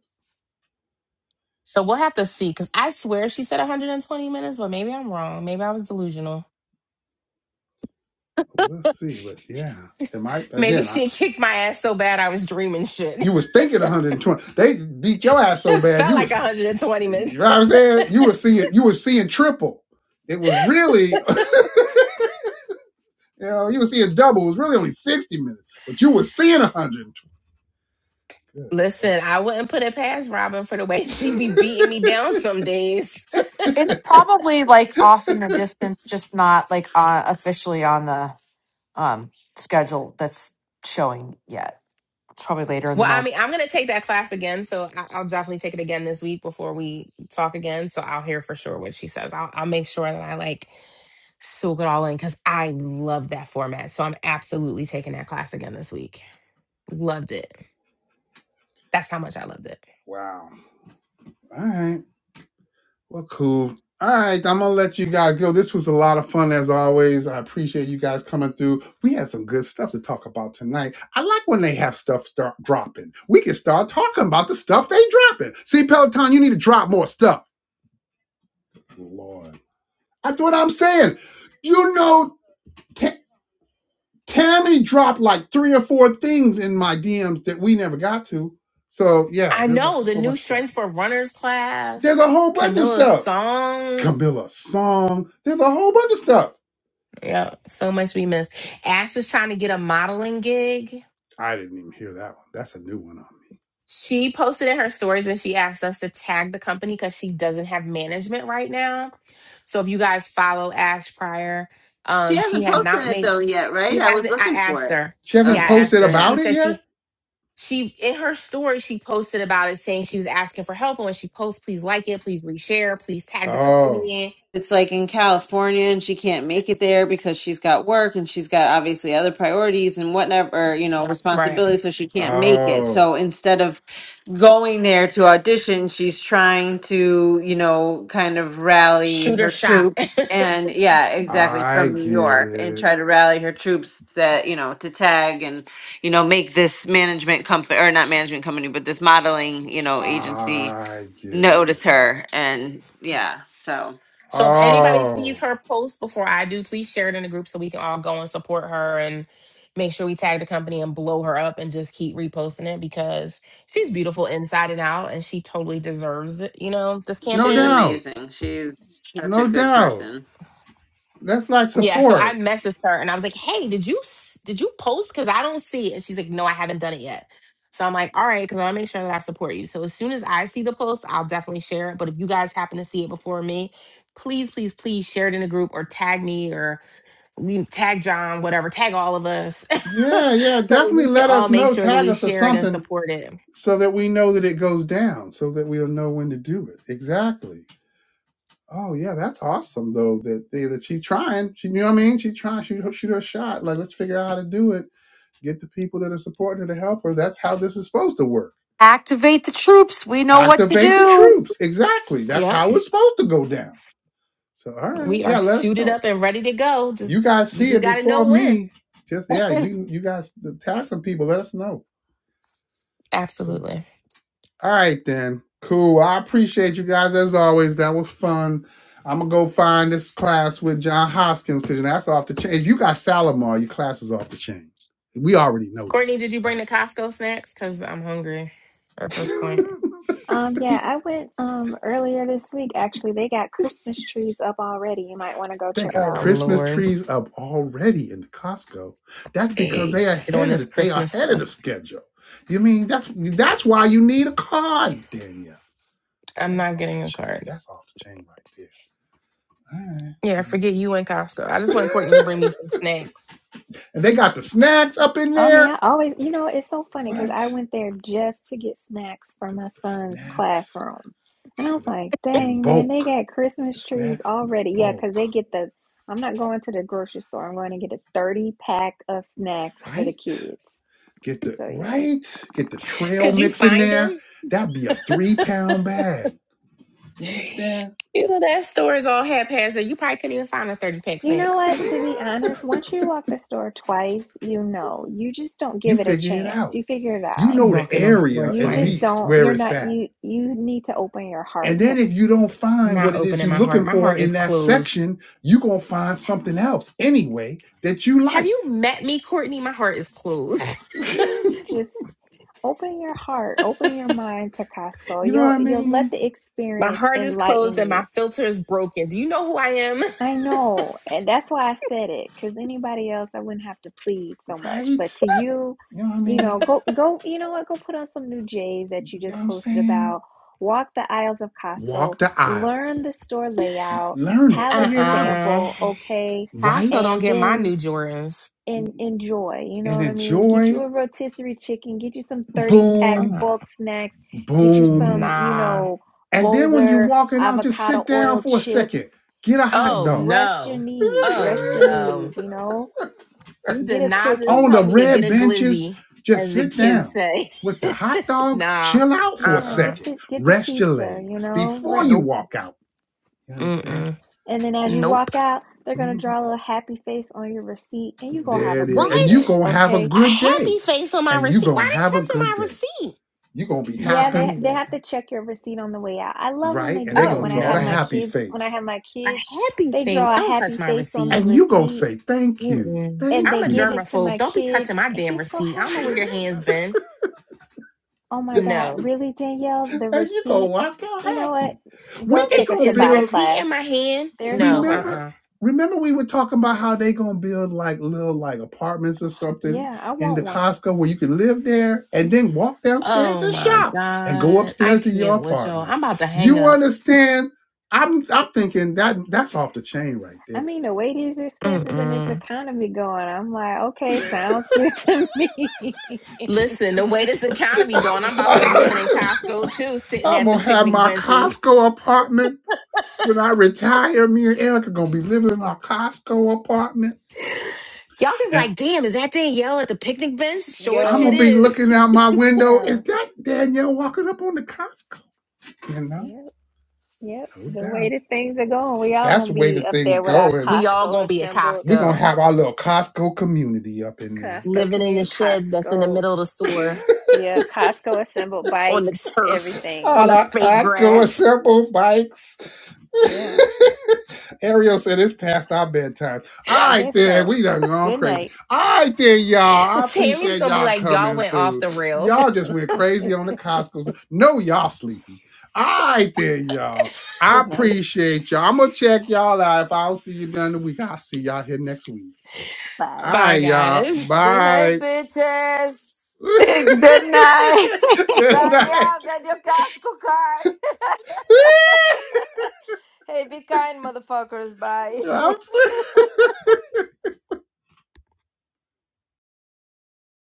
S3: So we'll have to see because I swear she said 120 minutes, but maybe I'm wrong. Maybe I was delusional.
S1: We'll see, but yeah, it might
S3: Maybe
S1: again. I,
S3: she (laughs) had kicked my ass so bad I was dreaming shit.
S1: you was thinking one hundred and twenty. They beat your ass
S3: (laughs)
S1: so
S3: it
S1: bad,
S3: felt
S1: you
S3: like
S1: was
S3: 120
S1: you
S3: minutes.
S1: know what I'm saying. You was seeing you was seeing triple. It was really (laughs) you know you was seeing double. It was really only sixty minutes, but you was seeing one hundred and twenty.
S3: (laughs)
S1: Good
S3: Listen, I wouldn't put it past Robin for the way (laughs) she be
S1: lord.
S3: beating me down some days.
S6: It's probably like off in the distance, just not like uh, officially on the um schedule that's showing yet. It's probably later in the
S3: Well, I mean,
S6: month.
S3: I'm going to take that class again, so I- I'll definitely take it again this week before we talk again. So I'll hear for sure what she says. I'll, I'll make sure that I like soak it all in because I love that format. So I'm absolutely taking that class again this week. Loved it. That's how much I loved it.
S1: (laughs) wow. All right. Well, cool. All right, I'm gonna let you guys go. This was a lot of fun as always. I appreciate you guys coming through. We had some good stuff to talk about tonight. I like when they have stuff start dropping. We can start talking about the stuff they dropping. See, Peloton, you need to drop more stuff. Lord, that's what I'm saying. You know, Ta Tammy dropped like three or four things in my DMs that we never got to. So yeah,
S3: I
S1: there's like
S3: know
S1: a
S3: the
S1: whole
S3: new
S1: bunch of stuff.
S3: strength for runners
S1: There's
S3: class,
S1: a whole bunch of
S3: Camilla's
S1: stuff.
S3: song.
S1: Camilla song. There's a whole bunch of stuff.
S3: Yeah, so much we missed. Ash was trying to get a modeling gig.
S1: I didn't even hear that one. That's a new one on me.
S3: She posted in her stories and she asked us to tag the company because she doesn't have management right now. So if you guys follow Ash Pryor,
S10: She
S3: um, she
S10: hasn't
S3: had
S10: posted
S3: not
S10: it
S3: made
S10: though yet, right?
S3: she
S10: I was
S3: hasn't I
S10: looking for
S3: asked
S10: it.
S3: her.
S1: She
S3: Yeah,
S1: hasn't
S3: I
S10: Okay.
S3: asked
S1: posted
S3: her.
S10: yeah.
S3: She
S1: about it
S3: said
S1: yet?
S3: she she in her story she posted about it saying she was asking for help and when she posts, please like it, please reshare, please tag the company
S1: Oh,
S3: in.
S10: it's like in California and she can't make it there because she's got work and she's got obviously other priorities and whatever, you know,
S3: Right.
S10: responsibilities. So she can't make it.
S1: oh,
S10: So instead of going there to audition, she's trying to, you know, kind of rally
S3: shooter
S10: her
S3: shot. (laughs)
S10: troops and yeah, exactly
S1: I
S10: from
S1: get
S10: New York and
S1: it.
S10: try to rally her troops that, you know, to tag and, you know, make this management company or not management company, but this modeling, you know, agency
S1: I get it.
S10: notice her. And yeah, so.
S3: so if anybody sees
S1: Oh,
S3: her post before I do, please share it in the group so we can all go and support her and make sure we tag the company and blow her up and just keep reposting it because she's beautiful inside and out and she totally deserves it, you know, this
S1: no
S10: She's
S3: campaign.
S1: doubt.
S10: amazing. She's such a
S1: No
S10: good
S1: doubt.
S10: person.
S1: That's like
S3: Yeah, so I
S1: support.
S3: messaged her and I was like, "Hey, did you s- did you post? Because I don't see it." And she's like, "No, I haven't done it yet." So I'm like, "All right," because I want to make sure that I support you. So as soon as I see the post, I'll definitely share it. But if you guys happen to see it before me, please, please, please share it in a group or tag me or we tag John, whatever, tag all of us,
S1: Yeah,
S3: (laughs)
S1: yeah.
S3: so that
S1: Definitely
S3: we can
S1: let
S3: all
S1: us
S3: make
S1: know,
S3: sure that
S1: tag
S3: we
S1: us or
S3: share it and
S1: something
S3: support it.
S1: so that we know that it goes down, so that we'll know when to do it. Exactly. Oh yeah, that's awesome though. That they, that she's trying. She, you know what I mean? She trying. She shoot her shot. Like let's figure out how to do it Get the people that are supporting her to help her. That's how this is supposed to work.
S6: Activate the troops. We know what to
S1: Activate the
S6: do.
S1: troops. Exactly. That's
S3: Yep,
S1: how it's supposed to go down. So, all right.
S3: we are
S1: Yeah, let us
S3: suited
S1: know.
S3: up and ready to go.
S1: You
S3: Just
S1: guys
S3: we
S1: see
S3: just
S1: it
S3: got to
S1: before
S3: know when.
S1: me. Just, yeah, we, you guys tag some people. Let us know. Cool.
S3: Absolutely.
S1: All right, then. Cool. I appreciate you guys as always. That was fun. I'm going to go find this class with John Hoskins because that's off the chain. If you got Salomar, your class is off the chain. We already know
S3: Courtney, did you bring
S1: that,
S3: the Costco snacks? Because I'm hungry at this
S1: right?
S3: point.
S1: (laughs)
S5: Um, yeah, I went um earlier this week actually. They got Christmas trees up already. You might want to go
S1: They
S5: check it
S3: Oh,
S1: got
S5: out.
S1: Christmas
S3: Lord.
S1: trees up already in the Costco. That's because
S3: Hey,
S1: they are
S3: on
S1: ahead of
S3: this
S1: it. they are
S3: Christmas
S1: ahead of the
S3: stuff.
S1: schedule. You mean that's that's why you need a card, Danielle. See,
S3: I'm
S1: that's
S3: not
S1: off the
S3: getting a
S1: chain.
S3: card.
S1: That's off the chain right there.
S3: Yeah,
S1: All
S3: forget you and Costco. I just want Courtney to
S1: right.
S3: bring me some snacks.
S1: (laughs) and they got the snacks up in
S5: I mean,
S1: there.
S5: I always, you know, it's so funny because
S1: What?
S5: I went there just to get snacks for
S1: There
S5: my
S1: was the
S5: son's
S1: snacks
S5: classroom. And I
S1: for
S5: was
S1: the
S5: like,
S1: and
S5: dang, man, they
S1: bulk.
S5: got
S1: The
S5: Christmas trees
S1: snacks in the
S5: already. Yeah, because they
S1: bulk.
S5: get the, I'm not going to the grocery store. I'm going to get a 30 pack of snacks for the
S1: Right?
S5: kids.
S1: Get the
S5: So, yeah.
S1: right. Get the trail
S3: Could
S5: So,
S3: you
S1: mix in
S3: find
S1: there.
S3: them?
S1: That'd be a three pound bag. You understand?
S3: You know, that store is all haphazard. You probably couldn't even find a 30 pack
S5: you know
S1: (laughs)
S3: snacks.
S5: what? To be honest, once you walk the store twice, you know, you just don't
S1: you
S5: give it a
S1: figure it
S5: chance.
S1: out.
S5: You figure it
S1: You
S5: out.
S3: I'm
S1: know the
S3: walking those store
S1: area
S5: You
S1: at
S5: just
S3: twice.
S1: least
S5: don't,
S1: where
S5: you're
S1: it's
S5: not,
S1: at.
S5: you, you need to open your
S1: And
S5: heart
S1: then
S5: to
S1: if you don't find what
S3: Not
S1: it is
S3: opening
S1: you're
S3: my
S1: looking
S3: heart. My
S1: for
S3: heart
S1: in
S3: is
S1: that
S3: closed.
S1: section, you're going to find something else anyway that you
S3: Have
S1: like.
S3: you met me, Courtney? My heart is closed. (laughs)
S1: (laughs) you
S5: just open your heart, open your mind to Costco.
S1: know what
S5: You'll,
S1: I
S5: you'll let
S1: mean?
S5: the
S3: My
S5: experience
S3: heart is closed
S5: enlighten
S3: and
S5: you.
S3: my filter is broken. Do you know who I am?
S5: I know. And that's why I said it, because anybody else, I wouldn't have to plead so much. But
S1: Right?
S5: to you,
S1: You know what I
S5: you know,
S1: mean?
S5: go, go, you know what, go put on some new J's that you
S1: You know
S5: just
S1: what I'm
S5: posted
S1: saying?
S5: about. Walk the aisles of Costco,
S1: Walk the
S5: learn
S1: aisles.
S5: the store layout,
S1: Learn it.
S5: have a
S1: Figure it out.
S3: Uh-uh.
S5: sample, okay?
S3: Costco don't
S1: Right?
S5: And
S3: get my
S5: then
S3: new Jordans.
S5: and enjoy. You know
S1: And
S5: what I mean? Get you a
S1: enjoy.
S5: rotisserie chicken, get you some 30 pack
S1: Boom.
S3: Uh,
S5: bulk snacks, get you
S1: Boom.
S5: some, you
S3: nah.
S5: know,
S1: And then when you're
S5: Boulder
S1: walking out, just
S5: avocado
S1: sit down
S5: oil
S1: for a
S5: chips.
S1: second. Get a hot
S5: Just
S3: Oh
S1: dog
S5: rest your
S3: no.
S5: knees,
S3: Oh
S5: rest
S1: (laughs)
S5: your knees,
S3: no.
S5: you know?
S3: You
S5: Get
S3: did
S5: a
S3: not just
S1: on
S5: cookie.
S3: tell
S1: the
S3: me to get
S1: red
S3: a
S1: benches,
S3: glizzy,
S1: just
S3: as the
S1: sit
S3: kids
S1: down
S3: say.
S1: with the
S3: (laughs)
S1: hot dog,
S3: nah.
S1: chill out for a
S5: Yeah,
S3: Uh-uh.
S5: get
S1: second,
S5: the get the
S1: rest your
S5: pizza, you
S1: legs
S5: know?
S1: before you
S3: Nope.
S1: walk out. You understand?
S3: Mm-mm.
S5: And then as you
S3: Nope.
S5: walk out, they're gonna
S1: Mhm.
S5: draw a little happy face on your receipt and you go have
S1: There
S5: a
S1: it is.
S5: great
S1: And you
S5: day,
S3: What?
S1: going to have a
S5: okay?
S3: A
S1: good
S3: happy
S1: day.
S3: face on my
S1: And you
S3: receipt.
S1: going to
S3: Why they
S1: have a
S3: touching
S1: good
S3: my
S1: day.
S3: receipt?
S1: you going to be
S5: Yeah,
S3: Nah,
S5: they
S1: happy,
S3: I'm
S5: they
S3: good.
S5: have to check your receipt on the way out. I love when
S1: right?
S5: they
S1: And
S5: do
S1: they
S5: that
S3: Oh
S1: going
S5: when
S1: to
S5: I
S1: draw
S5: have
S1: the
S5: my
S3: no.
S1: happy
S5: kids, when I
S1: face.
S5: have my
S3: A
S5: kids,
S3: happy
S5: they
S3: face.
S5: draw a
S3: Don't touch
S5: happy
S3: my
S5: face on the
S3: receipt.
S1: And you going to
S5: receipt
S1: say, thank you,
S3: Mm-mm.
S5: and
S3: I'm
S5: they
S1: thank
S3: a
S5: give
S1: you.
S5: it to
S3: germaphobe.
S5: my
S3: Don't be
S5: kid.
S3: touching my damn
S5: He's so
S3: receipt. I
S1: (laughs)
S3: don't know where
S5: happy.
S3: your hand's been.
S5: Oh my God,
S3: No.
S5: really, Danielle? The
S1: and you going to
S5: receipt?
S1: walk out
S5: You know what?
S1: happy. When
S5: Go
S1: they
S5: take
S3: It's,
S5: a
S1: going to
S3: is the
S5: Tabata
S1: build
S3: receipt
S5: class.
S3: in my hand?
S5: There's no
S3: No.
S5: hope.
S1: remember
S3: Uh-uh.
S1: remember we were talking about how they gonna build like little like apartments or something
S5: Yeah, I
S1: in the
S5: want one.
S1: Costco where you can live there and then walk downstairs
S3: Oh
S1: and
S3: my
S1: shop and go
S3: God. I
S1: upstairs to your
S3: can't with y'all.
S1: apartment.
S3: I'm about to hang
S1: You
S3: up.
S1: understand? I'm I'm thinking that that's off the chain right
S5: I
S1: there.
S5: mean, the way these expenses and this
S3: Mm-mm.
S5: economy going, I'm like, okay, sounds good (laughs) to me.
S3: Listen, the way this economy going, I'm about to be living in
S1: (laughs)
S3: Costco too, sitting
S1: I'm
S3: at
S1: gonna
S3: the
S1: have
S3: picnic
S1: my
S3: benches.
S1: Costco apartment when I retire. Me and Erica gonna be living in our Costco apartment,
S3: Y'all can be
S1: and
S3: like, damn, is that Danielle at the picnic bench? Sure as
S1: I'm
S3: shit
S1: gonna
S5: Yo,
S1: be
S3: is.
S1: looking
S3: (laughs)
S1: out my window.
S5: yeah,
S1: Is that Danielle walking up on the Costco? You know,
S5: yeah. Yep,
S1: no
S5: the way
S1: doubt.
S5: that things are going, we all
S1: That's
S5: gonna
S1: the way the
S5: be up
S1: things
S5: there with
S1: go.
S5: our
S1: And
S3: We all
S5: Costco
S3: gonna be at
S5: assembled,
S1: we're going to
S3: Costco,
S1: have our little Costco community up in there.
S5: Costco
S3: living in the
S5: community,
S3: sheds that's in the
S5: Costco,
S3: middle of the
S1: (laughs)
S3: store.
S5: yeah, Costco assembled
S3: on the
S5: bikes,
S3: turf,
S5: everything.
S3: on
S1: All
S3: the
S1: our
S3: fake
S1: Costco
S3: grass.
S1: assemble bikes.
S5: Yeah,
S1: (laughs) Ariel said it's past our bedtime. All
S5: I
S1: right,
S5: guess
S1: then.
S5: so.
S1: We done gone
S5: Good
S1: crazy.
S5: night.
S1: All right, then, y'all. I
S3: Tammy's
S1: appreciate
S3: gonna be
S1: y'all
S3: like, y'all
S1: coming
S3: went off
S1: through.
S3: the rails.
S1: Y'all just went crazy on the Costco's. No, y'all sleepy. All right, then, y'all. I
S5: Good night.
S1: appreciate y'all. I'm going to check y'all out. If I don't see you during the week, I'll see y'all here next week. All
S5: Bye.
S3: Bye,
S1: right, y'all.
S3: guys.
S8: Behave,
S1: Bye.
S8: bitches.
S10: (laughs) Good night.
S8: (laughs)
S1: (laughs) Good
S10: (laughs)
S1: night.
S8: Danielle, get your Costco card.
S1: (laughs)
S8: (laughs) hey, be kind, motherfuckers. Bye. (laughs)
S1: I'm- (laughs)